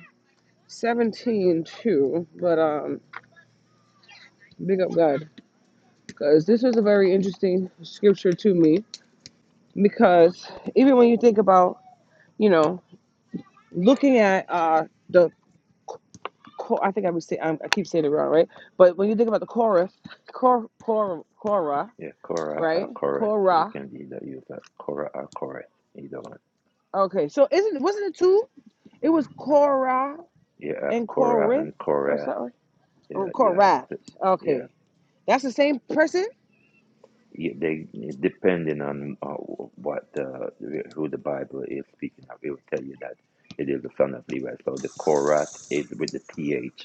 S1: Seventeen two, but um, big up God because this was a very interesting scripture to me because even when you think about you know looking at uh the I think I would say I'm, I keep saying it wrong right, but when you think about the Korah, Korah, Korah, Korah
S3: Yeah, Korah
S1: right,
S3: or Korath. You
S1: Korah.
S3: can either use that Korah or Korath, either one.
S1: Okay, so isn't wasn't it two? It was Korah
S3: You have
S1: and
S3: Korah
S1: Corinth
S3: and
S1: or
S3: Korath.
S1: something. Or
S3: Yeah, you have
S1: Korah.
S3: to. Yeah,
S1: Okay, that's the same person.
S3: you- they depending on uh, what the who the Bible is speaking of, it will tell you that it is the son of Levi. So the Korath is with the th.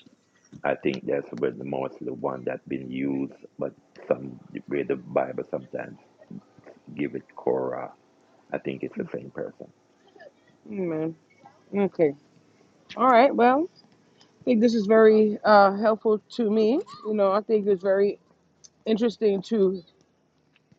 S3: I think that's where the mostly one that's been used, but some where the Bible sometimes give it Korah. I think it's the same person.
S1: Mm, Man, okay, all right, well. think this is very uh, helpful to me. You know, I think it's very interesting to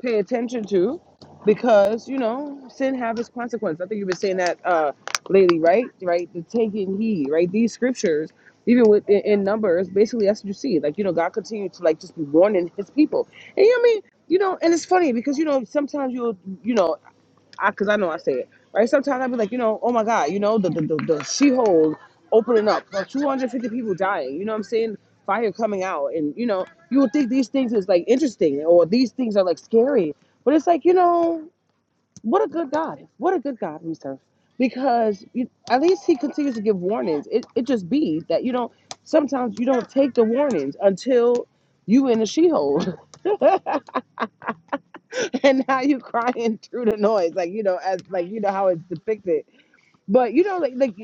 S1: pay attention to because, you know, sin have its consequence. I think you've been saying that uh, lately, right? Right? The taking heed, right? These scriptures, even with in, in Numbers, basically that's what you see. Like, you know, God continued to like just be warning his people. And you know what I mean? You know, and it's funny because, you know, sometimes you'll, you know, I because I know I say it right. Sometimes I'll be like, you know, oh my god, you know, the the the, the she hole opening up, like 250 people dying. You know what I'm saying? Fire coming out, and you know, you would think these things is like interesting or these things are like scary, but it's like you know, what a good God, what a good God we serve, because you, at least He continues to give warnings. It it just be that you know sometimes you don't take the warnings until you in the she hole and now you crying through the noise like you know as like you know how it's depicted But you know, like like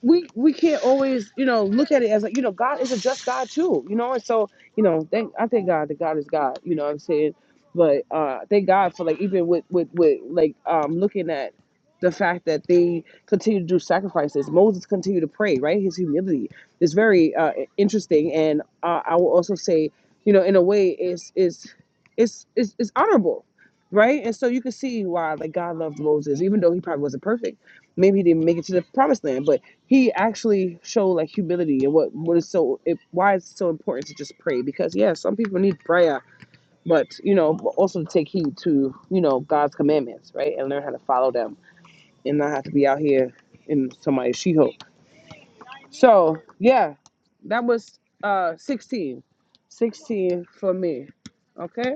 S1: we we can't always you know look at it as like you know God is a just God too, you know. And so you know, thank I thank God that God is God, you know what I'm saying. But uh, thank God for like even with with with like um looking at the fact that they continue to do sacrifices. Moses continued to pray, right? His humility is very uh, interesting, and uh, I will also say, you know, in a way, is is is is is honorable, right? And so you can see why like God loved Moses, even though he probably wasn't perfect maybe he didn't make it to the promised land, but he actually showed like humility and what what is so it, why it's so important to just pray because yeah, some people need prayer, but you know also to take heed to you know God's commandments, right, and learn how to follow them and not have to be out here in somebody's sheehoe. So yeah, that was uh 16, 16 for me. Okay,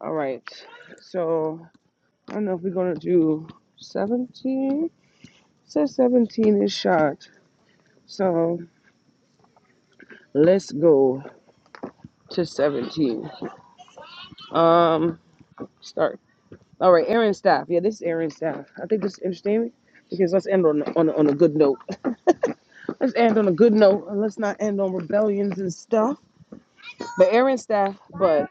S1: all right. So I don't know if we're gonna do 17. It Says 17 is shot. So Let's go to 17. Um, start. All right, Aaron staff. Yeah, this is Aaron staff. I think this is interesting because let's end on on on a good note. Let's end on a good note. and Let's not end on rebellions and stuff. But Aaron staff. But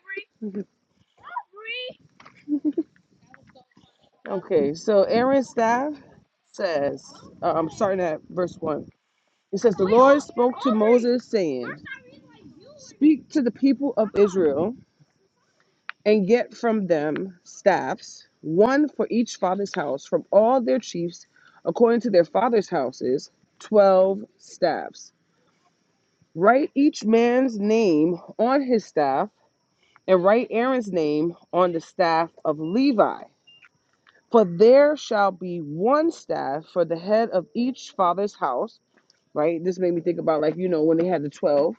S1: okay, so Aaron staff says, uh, I'm starting at verse one. It says, "The Lord spoke to Moses, saying, Speak to the people of Israel." and get from them staffs, one for each father's house, from all their chiefs, according to their father's houses, twelve staffs. Write each man's name on his staff, and write Aaron's name on the staff of Levi. For there shall be one staff for the head of each father's house. Right? This made me think about like you know when they had the twelve,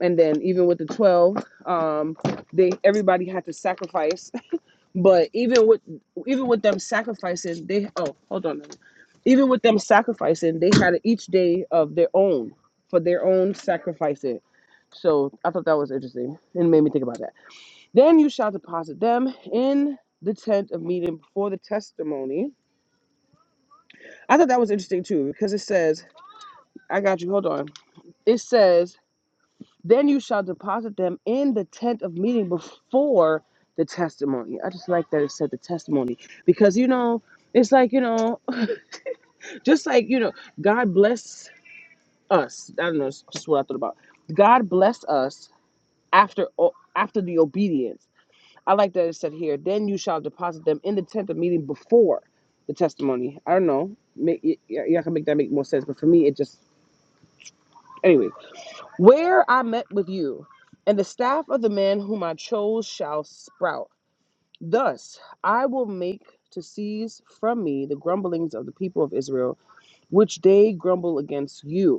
S1: and then even with the twelve, um, they everybody had to sacrifice But even with even with them sacrificing, they oh hold on, a minute. even with them sacrificing, they had each day of their own for their own sacrificing. So I thought that was interesting and made me think about that. Then you shall deposit them in the tent of meeting before the testimony. I thought that was interesting too because it says, I got you. Hold on. It says, then you shall deposit them in the tent of meeting before the testimony. I just like that it said the testimony because you know it's like you know Just like, you know, God bless us. I don't know, it's just what I thought about. God bless us after after the obedience. I like that it said here, then you shall deposit them in the tent of meeting before the testimony. I don't know. y'all can make that make more sense, but for me, it just, anyway. Where I met with you, and the staff of the man whom I chose shall sprout. Thus I will make to cease from me the grumblings of the people of Israel, which they grumble against you.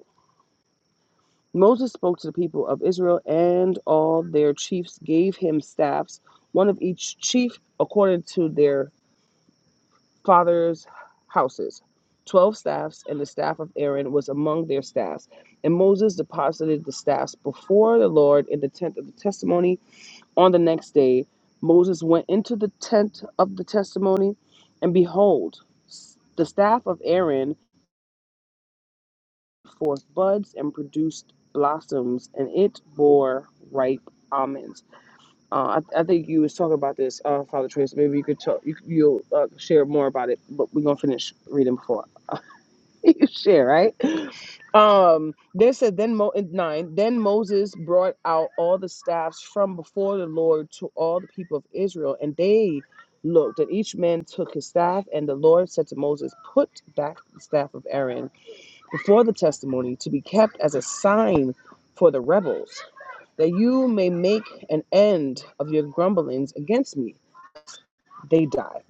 S1: Moses spoke to the people of Israel, and all their chiefs gave him staffs, one of each chief according to their fathers' houses. Twelve staffs, and the staff of Aaron was among their staffs. And Moses deposited the staffs before the Lord in the tent of the testimony. On the next day, Moses went into the tent of the testimony, and behold, the staff of Aaron forth buds and produced blossoms, and it bore ripe almonds. Uh, I, I think you was talking about this, uh, Father Trace. Maybe you could talk, you, you'll uh, share more about it, but we're gonna finish reading before you share, right? Um, they said then Mo in nine. Then Moses brought out all the staffs from before the Lord to all the people of Israel, and they looked, and each man took his staff. And the Lord said to Moses, "Put back the staff of Aaron." before the testimony to be kept as a sign for the rebels, that you may make an end of your grumblings against me. They die.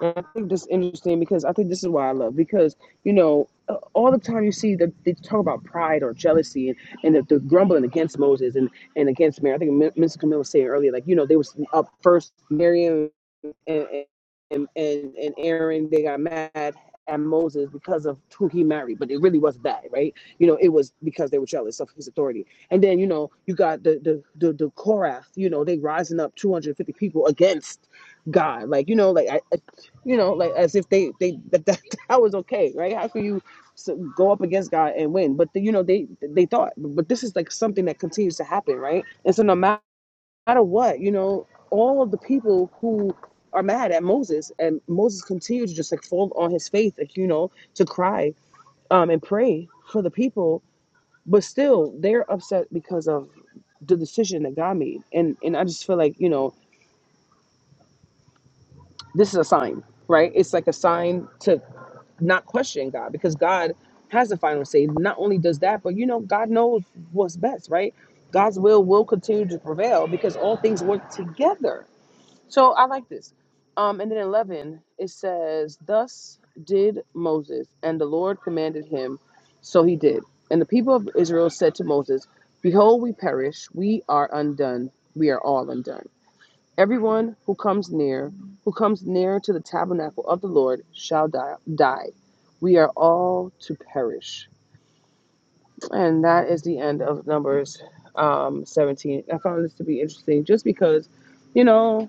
S1: And I think this is interesting because I think this is why I love because you know uh, all the time you see that they talk about pride or jealousy and and the, the grumbling against Moses and and against Mary. I think Mister Camille was saying earlier like you know they was up first Mary and and and and Aaron they got mad at Moses because of who he married, but it really wasn't that, right? You know, it was because they were jealous of his authority. And then you know you got the the the, the Korath, you know, they rising up 250 people against God, like you know, like I, I- you know, like as if they they that, that that was okay, right? How can you so go up against God and win? But the, you know they they thought, but this is like something that continues to happen, right? And so no matter matter what, you know, all of the people who are mad at Moses and Moses continued to just like fall on his face, like, you know, to cry um, and pray for the people, but still they're upset because of the decision that God made. And and I just feel like, you know, this is a sign, right? It's like a sign to not question God because God has the final say. Not only does that, but you know, God knows what's best, right? God's will will continue to prevail because all things work together So I like this. Um, and then 11, it says, Thus did Moses, and the Lord commanded him, so he did. And the people of Israel said to Moses, Behold, we perish, we are undone, we are all undone. Everyone who comes near, who comes near to the tabernacle of the Lord shall die. die. We are all to perish. And that is the end of Numbers um, 17. I found this to be interesting just because, you know,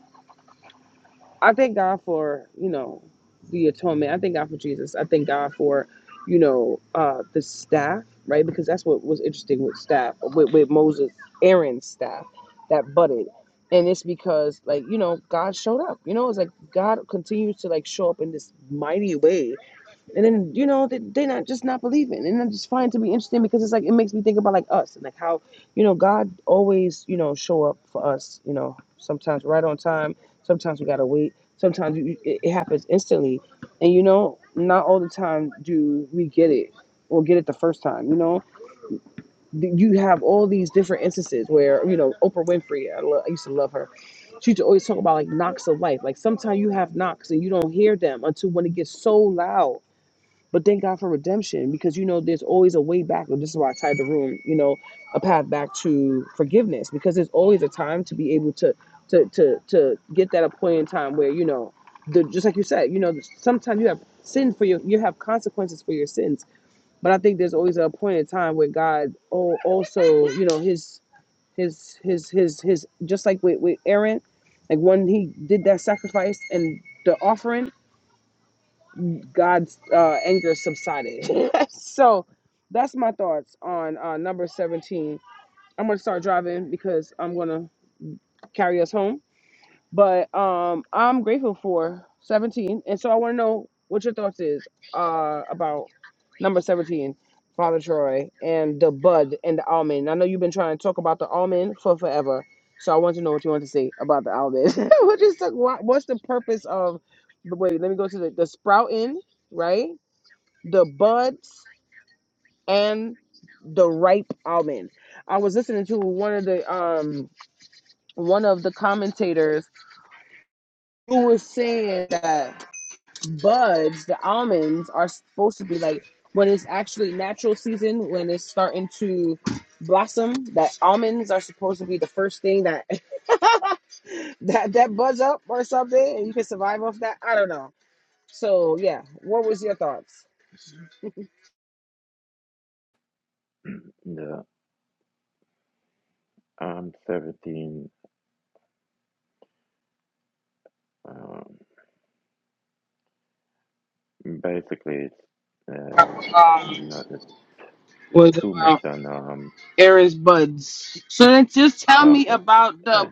S1: I thank God for, you know, the atonement. I thank God for Jesus. I thank God for, you know, uh, the staff, right? Because that's what was interesting with staff, with, with Moses, Aaron's staff that budded. And it's because, like, you know, God showed up. You know, it's like God continues to, like, show up in this mighty way and then you know they they not just not believing, and I just find it to be interesting because it's like it makes me think about like us and like how you know God always you know show up for us. You know sometimes right on time, sometimes we gotta wait, sometimes you, it, it happens instantly, and you know not all the time do we get it or get it the first time. You know you have all these different instances where you know Oprah Winfrey, I, lo- I used to love her. She used to always talk about like knocks of life. Like sometimes you have knocks and you don't hear them until when it gets so loud but thank God for redemption because you know there's always a way back. And this is why I tied the room, you know, a path back to forgiveness because there's always a time to be able to to to to get that a point in time where you know the just like you said, you know, sometimes you have sin for your you have consequences for your sins. But I think there's always a point in time where God al- also, you know, his his his his his just like with, with Aaron, like when he did that sacrifice and the offering God's uh, anger subsided. so that's my thoughts on uh, number 17. I'm going to start driving because I'm going to carry us home. But um, I'm grateful for 17. And so I want to know what your thoughts is uh, about number 17, Father Troy, and the bud and the almond. I know you've been trying to talk about the almond for forever. So I want to know what you want to say about the almond. what is the, what, what's the purpose of, wait, let me go to the, the sprouting, right? the buds and the ripe almond. I was listening to one of the um one of the commentators who was saying that buds, the almonds, are supposed to be like when it's actually natural season, when it's starting to blossom, that almonds are supposed to be the first thing that that that buds up or something, and you can survive off that. I don't know. So yeah, what was your thoughts?
S3: the um seventeen. Um, basically, it's uh, not
S1: Was
S3: too
S1: about.
S3: much on um.
S1: Aries buds. So then just tell me
S3: Okay,
S1: about
S3: yeah,
S1: the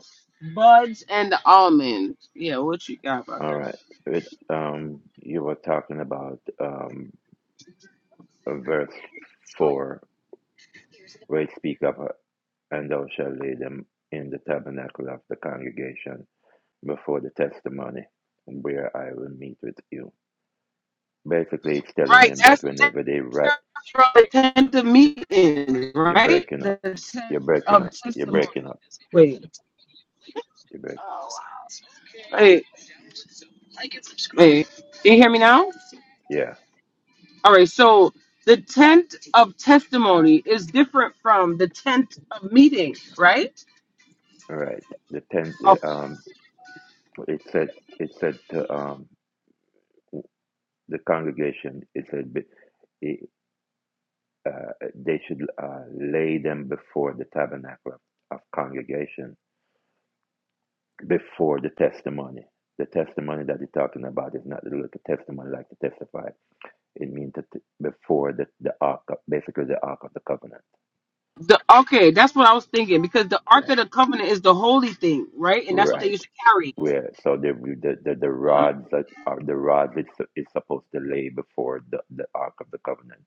S1: buds and the almonds. Yeah, what you got about
S3: all
S1: that?
S3: right. It um, you were talking about um, verse four, where it speak of, uh, and thou shalt lay them in the tabernacle of the congregation before the testimony, where I will meet with you. Basically, it's telling
S1: Right,
S3: them that
S1: that's
S3: whenever they write,
S1: that's where they tend to meet in,
S3: you're
S1: right?
S3: breaking
S1: The
S3: up, you're
S1: tent
S3: breaking
S1: of
S3: up, you're
S1: testimony.
S3: breaking up,
S1: Wait,
S3: you're break.
S1: wait, wait. Can you hear me now?
S3: Yeah,
S1: All right, so the tent of testimony is different from the tent of meeting, right?
S3: right. The tenth.
S1: Of
S3: Um, It said, it said to um, the congregation, it said be- it, uh, they should uh, lay them before the tabernacle of of congregation, before the testimony. The testimony that they are talking about is not the little testimony like to testify. It means to t- before the, the ark, of, basically the ark of the covenant.
S1: the okay, that's what I was thinking because the Ark
S3: Yeah,
S1: of the Covenant is the holy thing, right? And that's what they
S3: right.
S1: used to carry.
S3: where so the the the, the rods that are the rods it's is supposed to lay before the, the ark of the covenant,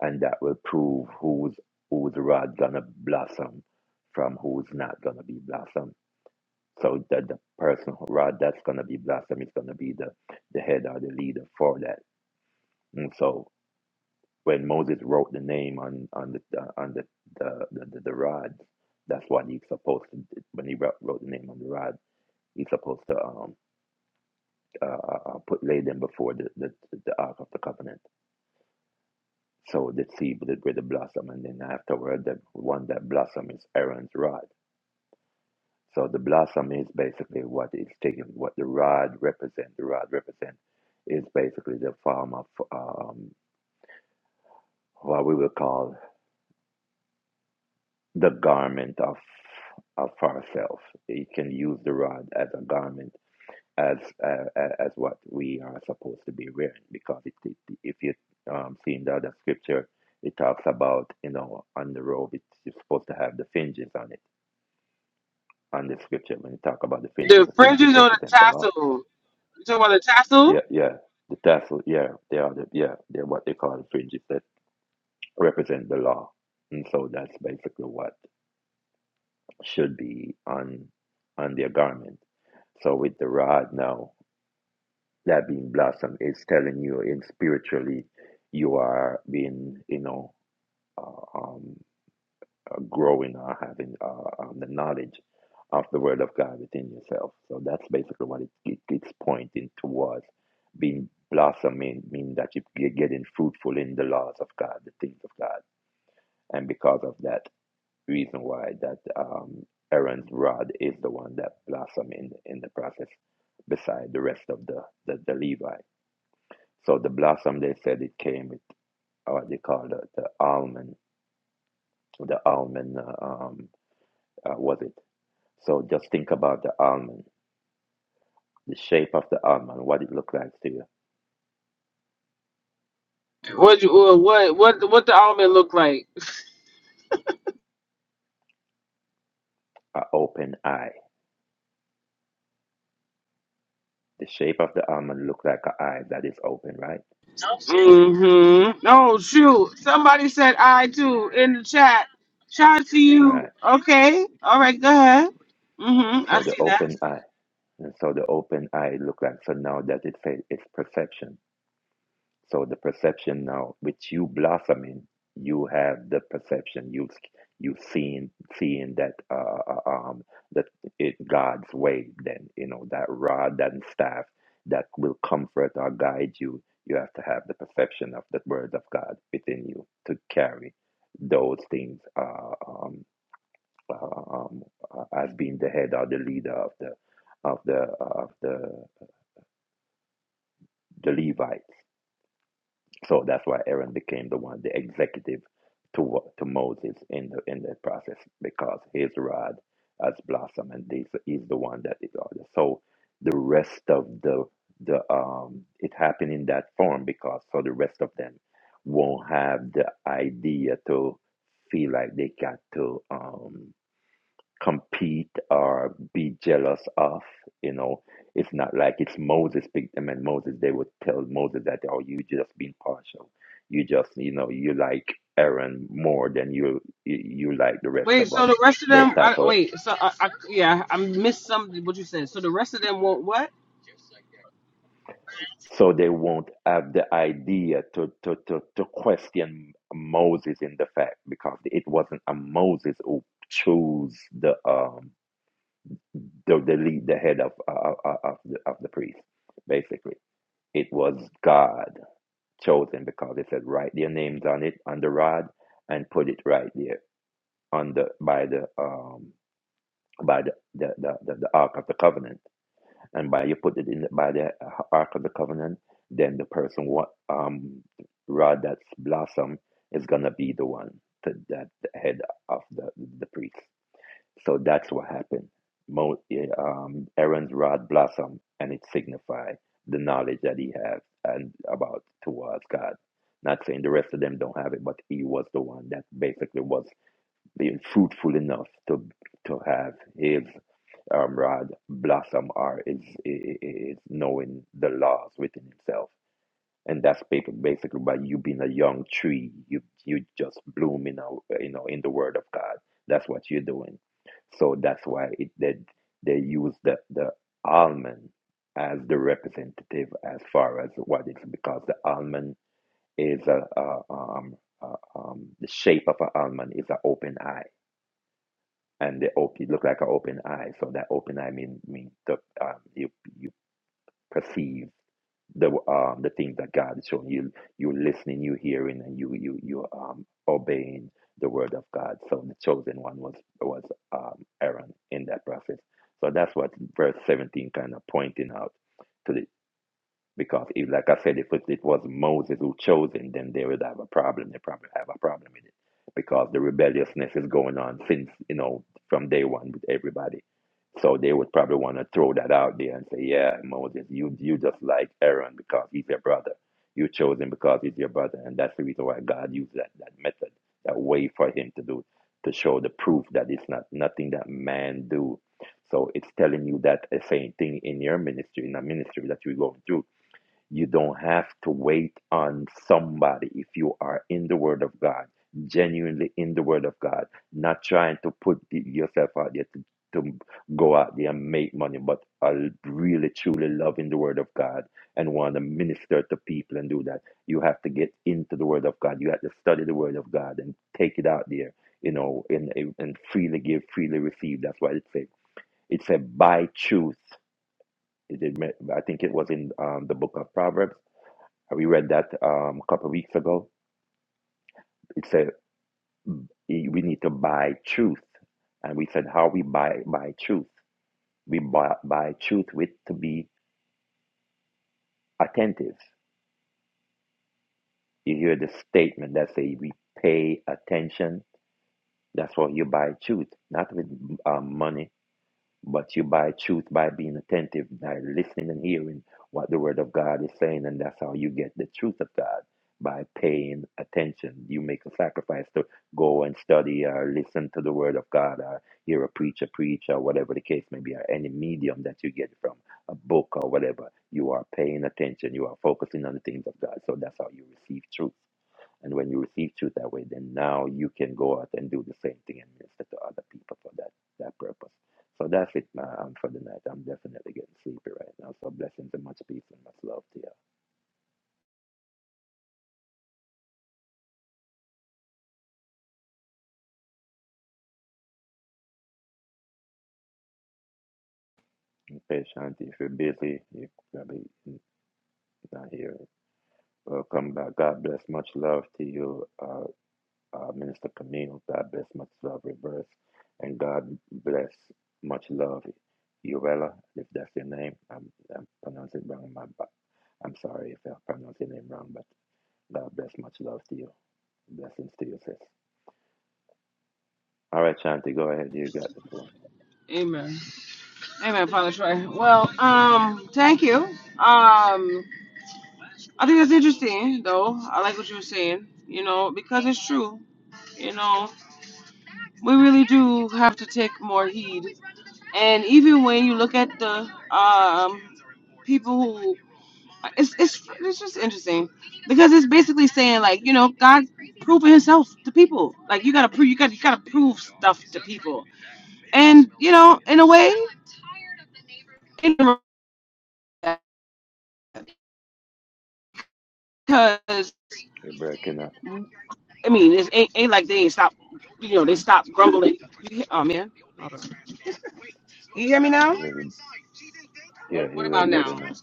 S3: and that will prove who's whose rod gonna blossom from who's not gonna be blossom. So that the person who rod that's gonna be blossom is gonna be the the head or the leader for that. And so when Moses wrote the name on on the uh, on the the, the, the, the rod, that's what he's supposed to. When he wrote, wrote the name on the rod, he's supposed to. um, uh, uh, uh, put laid them before the, the, the Ark of the Covenant. So the seed with the, with the blossom, and then afterward, the one that blossom is Aaron's rod. So the blossom is basically what is taken, what the rod represents. The rod represents is basically the form of um, what we will call the garment of of ourselves. You can use the rod as a garment as uh, as what we are supposed to be wearing because it, it, if you um, see in the other scripture it talks about you know on the robe it's you're supposed to have the fringes on it on the scripture when you talk about the fringes
S1: The
S3: the
S1: fringes
S3: fringes
S1: or the
S3: represent the law
S1: tassel? You talking about the
S3: yeah
S1: tassel?
S3: yeah the tassel yeah they are the yeah they're what they call the fringes that represent the law and so that's basically what should be on on their garment so with the rod now that being blossom is telling you in spiritually you are being you know uh, um, uh, growing or having uh, um, the knowledge of the word of god within yourself so that's basically what it, it, it's pointing towards being blossoming meaning that you are getting fruitful in the laws of god the things of god and because of that reason why that um, aaron's rod is the one that blossom in, in the process beside the rest of the the, the levites so the blossom, they said it came with uh, what they call the, the almond, the almond, uh, um, uh, was it? So just think about the almond, the shape of the almond, what it looked like to you,
S1: What you uh, what what what the almond look like?
S3: an open eye. The shape of the almond looked like an eye that is open, right?
S1: Mm-hmm. No, shoot. Somebody said I too in the chat. Shout out to
S3: Right.
S1: you. Okay. All right. Go ahead. Mm-hmm. I
S3: So the
S1: see that.
S3: open eye, and so the open eye looked like, so now that it says it's perception So the perception now, which you blossoming, you have the perception. You've you've seen seeing that uh, uh, um that it God's way. Then you know that rod and staff that will comfort or guide you. You have to have the perception of the word of God within you to carry those things uh, um, uh, um, uh, as being the head or the leader of the of the of the the Levite So that's why Aaron became the one, the executive to to Moses in the in the process, because his rod has blossomed, and this is the one that is ordered. So the rest of the the um, it happened in that form because so the rest of them won't have the idea to feel like they got to um compete or be jealous of. You know, it's not like it's Moses picked them and Moses, they would tell Moses that, oh, you just being partial. You just, you know, you like Aaron more than you, you you like the rest
S1: Wait.
S3: of us.
S1: So the rest of
S3: Those
S1: them.
S3: type
S1: I,
S3: of,
S1: wait. So I, I yeah. I missed something. what you said. So the rest of them want what?
S3: so they won't have the idea to, to, to, to question Moses in the fact because it wasn't a Moses who chose the, um, the, the lead, the head of, uh, of, of the, of the priest, basically It was God chosen because they said write their names on it on the rod and put it right there on the by the um by the the, the, the, the ark of the covenant and by you put it in the, by the uh, ark of the covenant then the person what um rod that's blossom is gonna be the one to, that the head of the the priest so that's what happened. Mo, eh, um, Aaron's rod blossomed, and it signified the knowledge that he has and about towards God. Not saying the rest of them don't have it, but he was the one that basically was being fruitful enough to to have his um, rod blossom or is is knowing the laws within himself and that's ba- basically by you being a young tree you you just bloom in a, you know in the word of god that's what you're doing so that's why it they, they use the the almond as the representative as far as what it's because the almond is a, a um a, um the shape of an almond is an open eye and the op- it look like an open eye so that open eye mean mean the um, you you perceive the um the things that God is showing you. You're listening, you hearing, and you you you um obeying the word of God. So the chosen one was was um Aaron in that process. So that's what verse 17 kind of pointing out to the. Because, if, like I said, if it, was Moses who chose it, then they would have a problem. They probably have a problem with it because the rebelliousness is going on since, you know, from day one with everybody. So they would probably want to throw that out there and say, yeah, Moses, you, you just like Aaron because he's your brother. You chose him because he's your brother. And that's the reason why God used that, that method, that way for him to do, to show the proof that it's not nothing that man do. So it's telling you that the same thing in your ministry, in a ministry that you're going through you don't have to wait on somebody if you are in the Word of God, genuinely in the Word of God, not trying to put the, yourself out there to, to go out there and make money, but are really truly loving the Word of God and want to minister to people and do that. You have to get into the Word of God. You have to study the Word of God and take it out there, you know, and, and freely give, freely receive. That's what it says. It said, by truth. It, it, I think it was in um, the book of Proverbs we read that um, a couple of weeks ago. It said mm, we need to buy truth, and we said how we buy buy truth. We buy, buy truth with to be attentive. You hear the statement that say we pay attention. That's what you buy truth, not with um, money But you buy truth by being attentive, by listening and hearing what the Word of God is saying, and that's how you get the truth of God by paying attention. You make a sacrifice to go and study or listen to the Word of God or hear a preacher preach or whatever the case may be, or any medium that you get from a book or whatever. You are paying attention, you are focusing on the things of God. So that's how you receive truth. And when you receive truth that way, then now you can go out and do the same thing and minister to other people for that that purpose. So that's it now um, for the night. I'm definitely getting sleepy right now. So blessings and much peace and much love to you. And patient, if you're busy, you are probably not here. Welcome back. God bless. Much love to you. Uh, uh, Minister Camille. God bless much love, reverse. And God bless much love, Urella, if that's your name. I'm, I'm pronouncing it wrong. My, I'm sorry if I pronounce your name wrong, but God bless much love to you. Blessings to you, sis. All right, Shanti, go ahead. You got the floor.
S1: Amen. Amen, Father Troy. Well, um, thank you. Um, I think that's interesting, though. I like what you were saying, you know, because it's true. You know, we really do have to take more heed. And even when you look at the um, people who, it's, it's, it's just interesting because it's basically saying like, you know, God proving himself to people. Like you gotta prove, you gotta, you gotta prove stuff to people. And, you know, in a way, in a because
S3: You're breaking up.
S1: I mean, it ain't, ain't like they ain't stop, you know, they stop grumbling. Oh man, you hear me
S3: A
S1: now?
S3: little, yeah, you're a little
S1: Well, now,
S3: better now.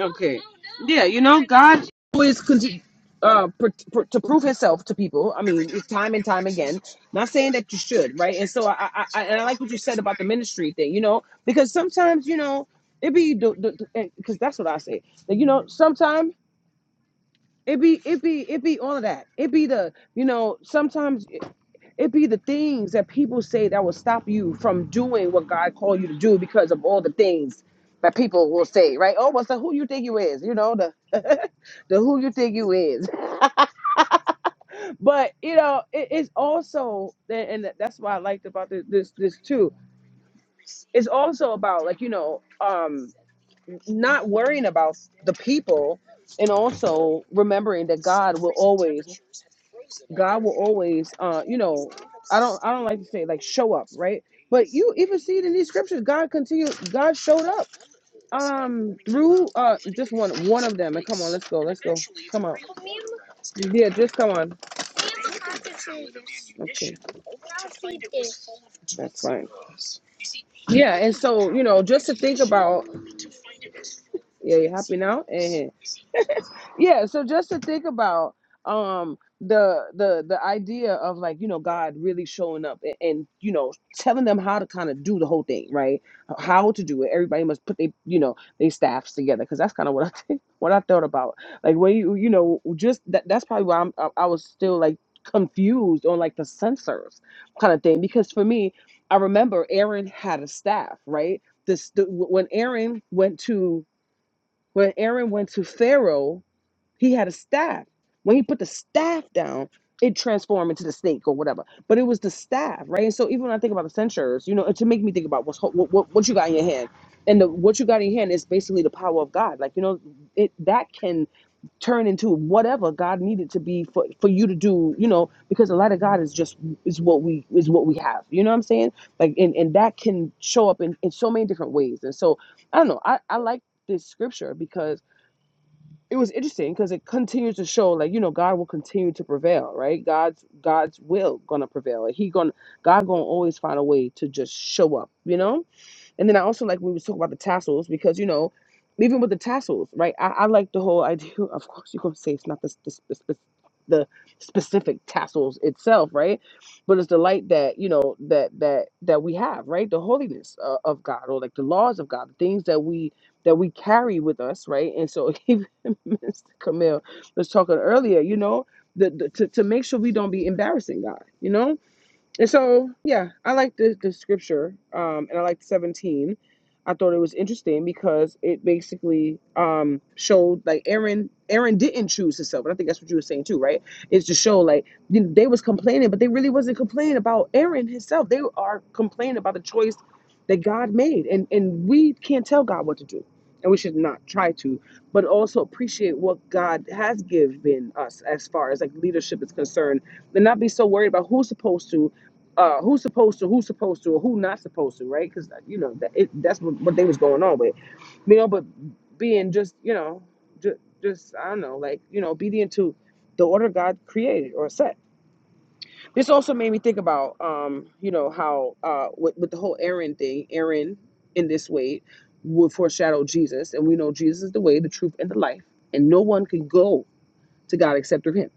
S1: okay, yeah, you know, God always continue uh, pr- pr- to prove Himself to people. I mean, it's time and time again. Not saying that you should, right? And so, I, I, I and I like what you said about the ministry thing, you know, because sometimes, you know, it be because that's what I say. That you know, sometimes it be it be it be all of that. It be the you know sometimes. It be the things that people say that will stop you from doing what God called you to do because of all the things that people will say, right? Oh, what's the who you think you is? You know the the who you think you is. But you know, it, it's also and that's what I liked about this, this this too. It's also about like you know, um, not worrying about the people and also remembering that God will always God will always, uh, you know, I don't, I don't like to say like show up, right? But you even see it in these scriptures. God continued. God showed up um through uh just one one of them. And come on, let's go, let's go. Come on, yeah, just come on. Okay, that's fine. Yeah, and so you know, just to think about, yeah, you happy now? Eh, yeah so just to think about um the the the idea of like you know god really showing up and, and you know telling them how to kind of do the whole thing right how to do it everybody must put they you know they staffs together because that's kind of what i think what i thought about like when you you know just that that's probably why i'm i, I was still like confused on like the sensors kind of thing because for me i remember aaron had a staff right this the, when aaron went to when aaron went to pharaoh he had a staff. When he put the staff down, it transformed into the snake or whatever. But it was the staff, right? And so even when I think about the censures, you know, to make me think about what's what what, what you got in your hand, and the, what you got in your hand is basically the power of God. Like you know, it that can turn into whatever God needed to be for for you to do. You know, because the light of God is just is what we is what we have. You know what I'm saying? Like and and that can show up in in so many different ways. And so I don't know. I I like this scripture because it was interesting because it continues to show like you know god will continue to prevail right god's god's will gonna prevail like he gonna god gonna always find a way to just show up you know and then I also like when we was talking about the tassels because you know, even with the tassels, right? I, I like the whole idea. Of course, you're gonna say it's not the the, spe- the specific tassels itself, right? But it's the light that you know that that that we have, right? The holiness uh, of God, or like the laws of God, the things that we that we carry with us, right? And so even Mr. Camille was talking earlier, you know, the, the to to make sure we don't be embarrassing God, you know and so, yeah, I like the, the scripture, um, and I liked 17. I thought it was interesting because it basically um, showed like Aaron. Aaron didn't choose himself, and I think that's what you were saying too, right? Is to show like you know, they was complaining, but they really wasn't complaining about Aaron himself. They are complaining about the choice that God made, and and we can't tell God what to do, and we should not try to, but also appreciate what God has given us as far as like leadership is concerned, and not be so worried about who's supposed to uh who's supposed to who's supposed to or who not supposed to right because you know that it, that's what, what they was going on with you know but being just you know just, just i don't know like you know obedient to the order god created or set this also made me think about um you know how uh with, with the whole aaron thing aaron in this way would foreshadow jesus and we know jesus is the way the truth and the life and no one can go to god except through him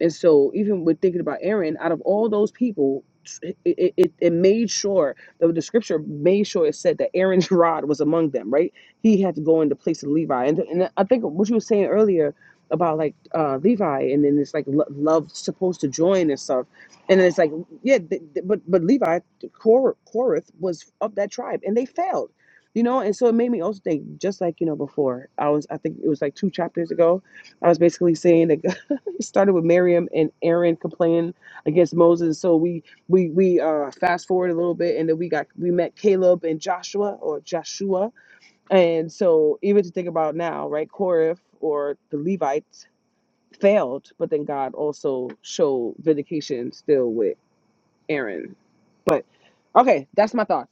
S1: and so, even with thinking about Aaron, out of all those people, it, it, it it made sure the, the scripture made sure it said that Aaron's rod was among them, right? He had to go in the place of Levi. And, and I think what you were saying earlier about like uh, Levi, and then it's like lo- love supposed to join and stuff. And it's like, yeah, th- th- but but Levi, Kor- Korath was of that tribe, and they failed, you know. And so it made me also think, just like you know, before I was, I think it was like two chapters ago, I was basically saying that. It started with Miriam and Aaron complaining against Moses. So we we we uh, fast forward a little bit, and then we got we met Caleb and Joshua or Joshua. And so even to think about now, right? Korah or the Levites failed, but then God also showed vindication still with Aaron. But okay, that's my thoughts.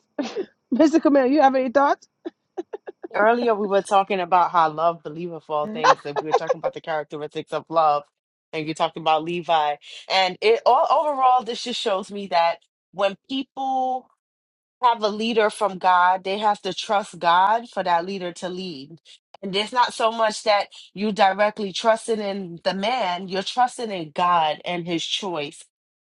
S1: Mr. Camille, you have any thoughts?
S2: Earlier, we were talking about how love believeth all things, and we were talking about the characteristics of love, and you talked about Levi. And it all overall, this just shows me that when people have a leader from God, they have to trust God for that leader to lead. And it's not so much that you directly trusting in the man, you're trusting in God and his choice.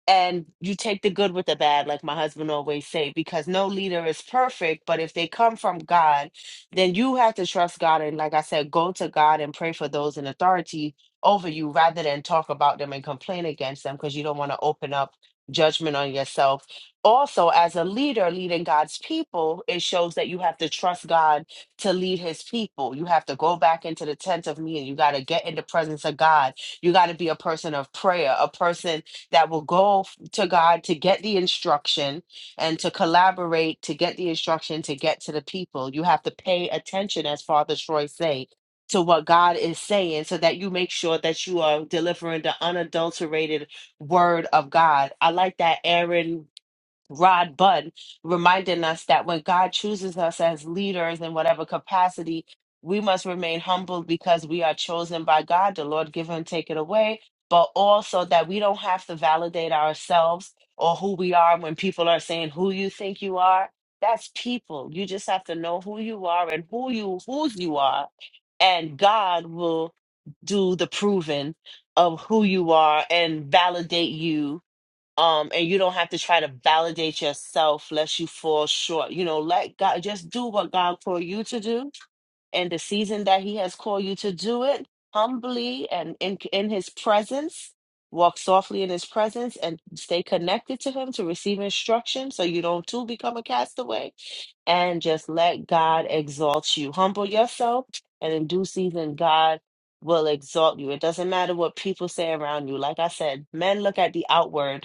S2: And you take the good with the bad, like my husband always say, because no leader is perfect, but if they come from God, then you have to trust God and like I said, go to God and pray for those in authority over you rather than talk about them and complain against them because you don't want to open up judgment on yourself also as a leader leading God's people, it shows that you have to trust God to lead his people. You have to go back into the tent of meeting. You got to get in the presence of God. You got to be a person of prayer, a person that will go f- to God to get the instruction and to collaborate to get the instruction to get to the people. You have to pay attention, as Father Troy say, to what God is saying so that you make sure that you are delivering the unadulterated word of God. I like that Aaron Rod Budd reminding us that when God chooses us as leaders in whatever capacity, we must remain humble because we are chosen by God. The Lord give and take it away, but also that we don't have to validate ourselves or who we are when people are saying who you think you are. That's people. You just have to know who you are and who you whose you are, and God will do the proving of who you are and validate you um and you don't have to try to validate yourself lest you fall short you know let god just do what god called you to do and the season that he has called you to do it humbly and in in his presence walk softly in his presence and stay connected to him to receive instruction so you don't too become a castaway and just let god exalt you humble yourself and in due season god will exalt you it doesn't matter what people say around you like i said men look at the outward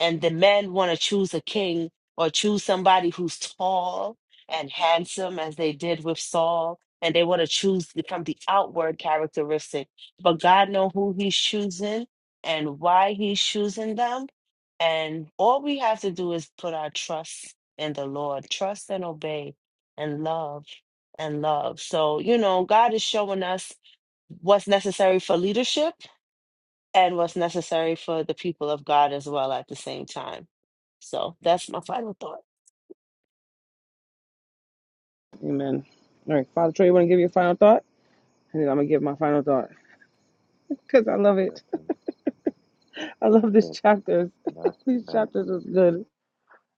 S2: and the men want to choose a king or choose somebody who's tall and handsome as they did with Saul and they want to choose from the outward characteristic but God know who he's choosing and why he's choosing them and all we have to do is put our trust in the Lord trust and obey and love and love so you know God is showing us what's necessary for leadership and what's necessary for the people of God as well at the same time. So that's my final thought.
S1: Amen. All right, Father Troy, you want to give your final thought? And then I'm going to give my final thought because I love it.
S3: Blessings.
S1: I love
S3: That's
S1: this
S3: it.
S1: chapters.
S3: That's
S1: These
S3: that.
S1: chapters was good.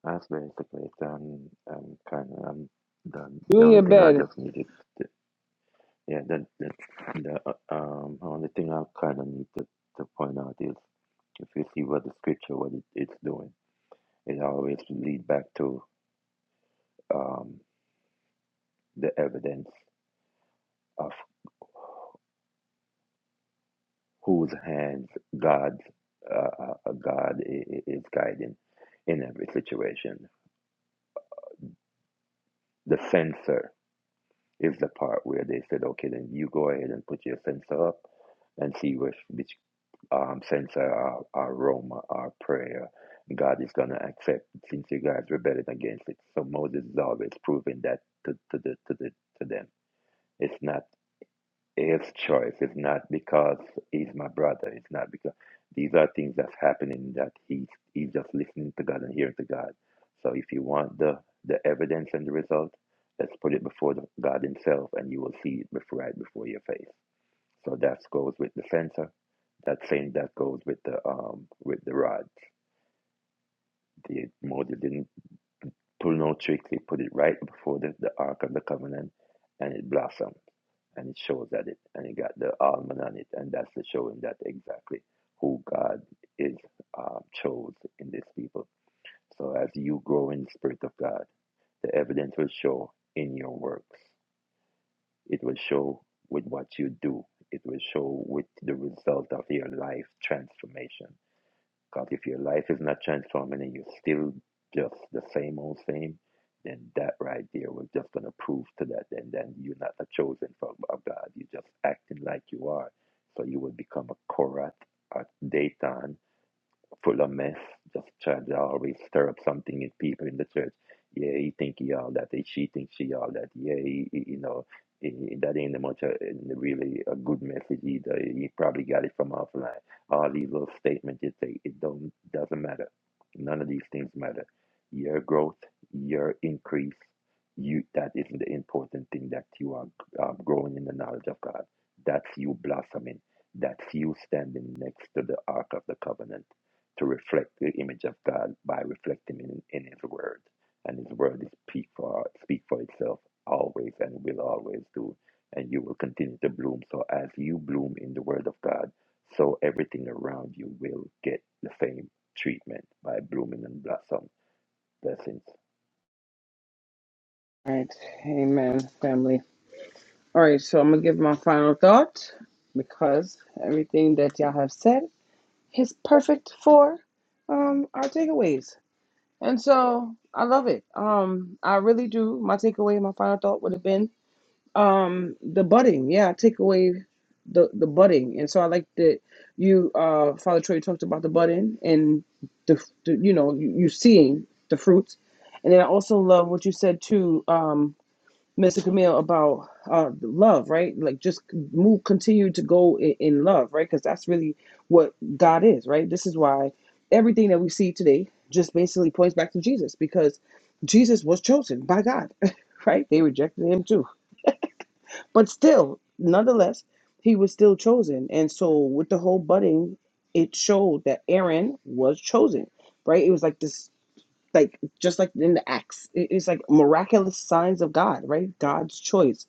S3: That's basically it. Um, I'm kind of. I'm done.
S1: You
S3: The
S1: in
S3: only
S1: your
S3: thing I
S1: bed.
S3: just needed. to Yeah, that that the uh, um only thing I kind of need to, to point out is if you see what the scripture what it, it's doing, it always lead back to um the evidence of whose hands God uh, uh, uh, God i- i- is guiding in every situation. The censor is the part where they said, okay, then you go ahead and put your censor up and see which um, censor our, our aroma, our prayer. God is going to accept since you guys rebelled against it. So Moses is always proving that to, to, the, to, the, to them. It's not his choice. It's not because he's my brother. It's not because these are things that's happening that he's, he's just listening to God and hearing to God. So if you want the, the evidence and the result, let's put it before the, God himself and you will see it before, right before your face. So that goes with the censor that same that goes with the um with the rod. The Moses didn't pull no tricks. He put it right before the, the Ark of the Covenant, and it blossomed, and it shows that it, and it got the almond on it, and that's the showing that exactly who God is um, chose in this people. So as you grow in the Spirit of God, the evidence will show in your works. It will show with what you do. It will show with the result of your life transformation Because if your life is not transforming and you're still just the same old same, then that right there was just going to prove to that. And then you're not a chosen from of God. You're just acting like you are. So you will become a Korat, a Dayton, full of mess. Just trying to always stir up something in people in the church. Yeah, he think he all that. He, she think she all that. Yeah, he, he- you know, he- that ain't much a, really a good message either. He probably got it from offline. All these little statements you say, it don't doesn't matter. None of these things matter. Your growth, your increase, you that isn't the important thing. That you are um, growing in the knowledge of God. That's you blossoming. That's you standing next to the Ark of the Covenant to reflect the image of God by reflecting in, in His Word. And His Word is speak for speak for itself always and will always do. And you will continue to bloom. So as you bloom in the Word of God, so everything around you will get the same treatment by blooming and blossom. Blessings.
S1: All right. Amen, family. All right. So I'm going to give my final thought because everything that y'all have said is perfect for um our takeaways. And so I love it. Um, I really do. My takeaway, my final thought would have been Um, the budding, yeah, take away the the budding, and so I like that you, uh, Father Troy talked about the budding and the, the you know you, you seeing the fruits, and then I also love what you said too, um, Mr. Camille about uh love, right? Like just move, continue to go in, in love, right? Because that's really what God is, right? This is why everything that we see today just basically points back to Jesus because Jesus was chosen by God, right? They rejected him too but still, nonetheless, he was still chosen. And so with the whole budding, it showed that Aaron was chosen, right? It was like this, like just like in the Acts, it- it's like miraculous signs of God, right? God's choice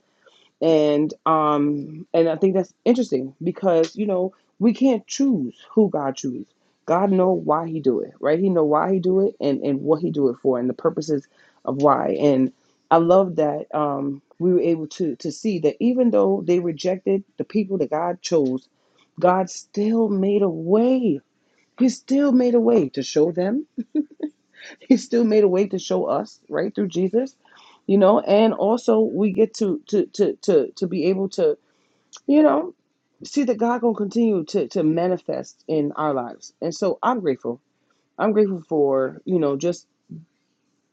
S1: and um and i think that's interesting because you know we can't choose who god chooses god know why he do it right he know why he do it and and what he do it for and the purposes of why and i love that um we were able to to see that even though they rejected the people that god chose god still made a way he still made a way to show them he still made a way to show us right through jesus you know and also we get to to to to, to be able to you know see that God gonna continue to to manifest in our lives, and so I'm grateful. I'm grateful for you know just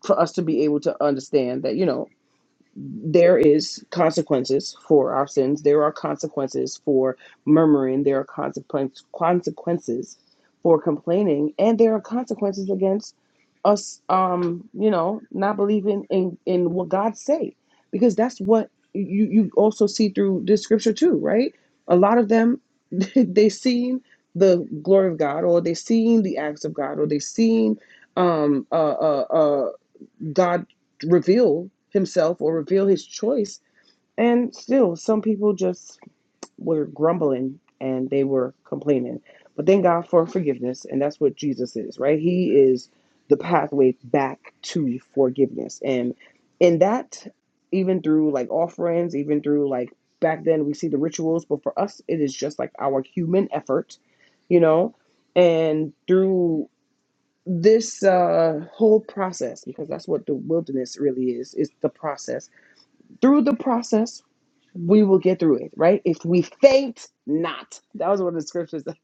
S1: for us to be able to understand that you know there is consequences for our sins. There are consequences for murmuring. There are consequence, consequences for complaining, and there are consequences against us. Um, you know, not believing in in what God say, because that's what you you also see through this scripture too, right? A lot of them they seen the glory of God, or they seen the acts of God, or they seen um God reveal himself or reveal his choice. And still, some people just were grumbling and they were complaining. But thank God for forgiveness. And that's what Jesus is, right? He is the pathway back to forgiveness. And in that, even through like offerings, even through like back then, we see the rituals, but for us, it is just like our human effort, you know? And through this uh, whole process, because that's what the wilderness really is, is the process. Through the process, we will get through it, right? If we faint not. That was one of the scriptures that,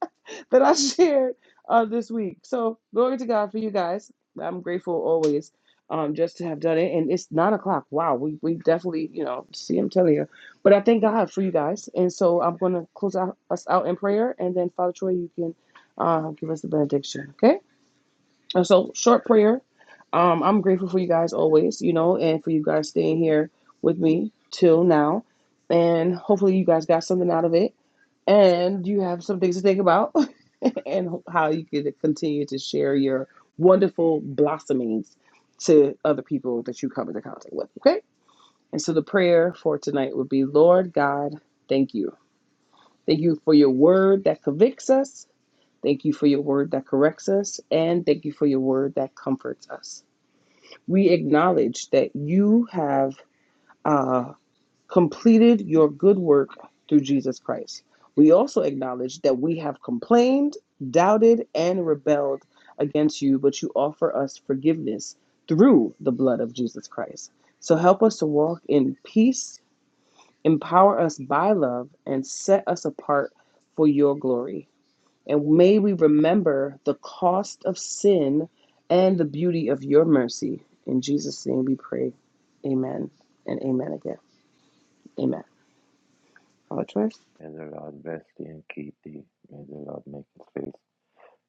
S1: I shared uh, this week. So, glory to God for you guys. I'm grateful always um, just to have done it. And it's nine o'clock. Wow, we, we definitely, you know, see, I'm telling you. But I thank God for you guys. And so I'm going to close out, us out in prayer. And then, Father Troy, you can uh, give us the benediction, okay? And so, short prayer. Um, I'm grateful for you guys always, you know, and for you guys staying here with me till now. And hopefully, you guys got something out of it and you have some things to think about and how you could continue to share your wonderful blossomings to other people that you come into contact with. Okay. And so, the prayer for tonight would be Lord God, thank you. Thank you for your word that convicts us. Thank you for your word that corrects us. And thank you for your word that comforts us. We acknowledge that you have uh, completed your good work through Jesus Christ. We also acknowledge that we have complained, doubted, and rebelled against you, but you offer us forgiveness through the blood of Jesus Christ. So help us to walk in peace, empower us by love, and set us apart for your glory. And may we remember the cost of sin and the beauty of your mercy. In Jesus' name we pray. Amen and amen again. Amen. Paula Troy?
S3: May the Lord bless thee and keep thee. May the Lord make his face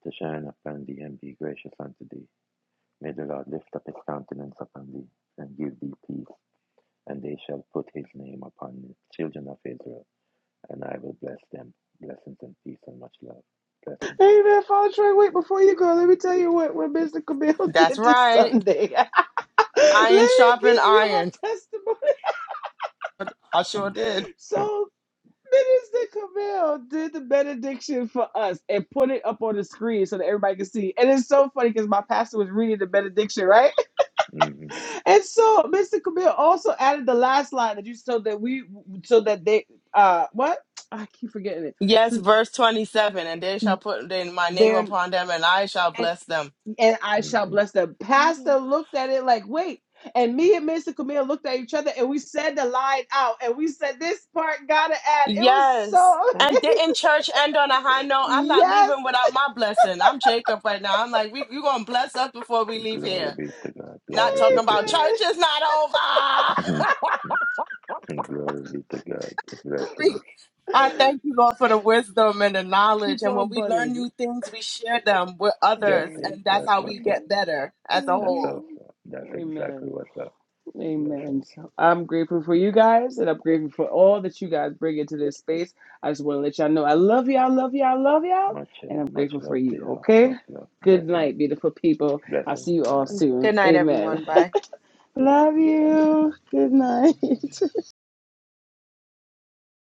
S3: to shine upon thee and be gracious unto thee. May the Lord lift up his countenance upon thee and give thee peace. and they shall put his name upon the children of Israel, and I will bless them. Blessings and peace and much love. Blessings.
S1: Amen, Paula Troy. Wait, before you go, let me tell you what, what Mr. Camille
S2: That's
S1: did this
S2: right.
S1: Sunday. let
S2: Iron
S1: me
S2: sharpened
S1: give you her
S2: iron.
S1: testimony.
S2: I sure
S3: Mm.
S2: did.
S3: Huh.
S1: So, Minister Camille did the benediction for us and put it up on the screen so that everybody could see. And it's so funny because my pastor was reading the benediction, right?
S3: Mhm.
S1: And so Mr. Camille also added the last line that you so that we so that they uh what I keep forgetting it.
S2: Yes,
S1: So
S2: verse 27 And they shall put in my name
S1: they're
S2: upon them, and I shall
S1: and,
S2: bless them.
S1: and I shall
S3: Mhm.
S1: bless them. Pastor
S2: Mhm.
S1: looked at it like wait, and me and Mr. Camille looked at each other and we said the line out and we said this part gotta add. It was
S2: Yes.
S1: so
S2: And
S1: amazing.
S2: didn't church end on a high note? I'm not
S1: Yes,
S2: leaving without my blessing. I'm Jacob right now. I'm like, we, you're going to bless us before we leave
S3: Glory
S2: here.
S3: be to God.
S2: Not
S3: Glory be
S2: talking
S3: to
S2: about
S3: God.
S2: church is not over.
S3: Mhm. And glory be to God. Blessings.
S2: free. I
S1: amen.
S2: thank you, Lord, for the wisdom and the knowledge.
S1: Keep
S2: And when
S1: on
S2: we learn
S1: butting.
S2: new things, we share them with
S3: That's
S2: others.
S3: it.
S1: Amen.
S2: And that's
S3: That's
S2: how we
S3: what's up.
S2: get better as a
S1: hmm
S3: That's
S1: hmm
S2: whole.
S3: what's up. That's exactly
S1: Amen.
S3: what's up.
S1: Amen.
S3: Blessings.
S1: So I'm grateful for you guys, and I'm grateful for all that you guys bring into this space. I just want to let y'all know I love y'all, love y'all, love y'all,
S3: Much,
S1: and
S3: uh,
S1: I'm
S3: much
S1: grateful for
S3: love to
S1: you.
S3: y'all.
S1: Okay.
S3: Much love.
S1: Good
S3: Blessings.
S1: night, beautiful people. I'll
S3: Blessings.
S1: see you
S3: Good
S1: all
S3: night.
S1: soon.
S2: Good night,
S1: Amen.
S2: everyone.
S3: Yeah.
S2: Bye.
S1: love you. Good night.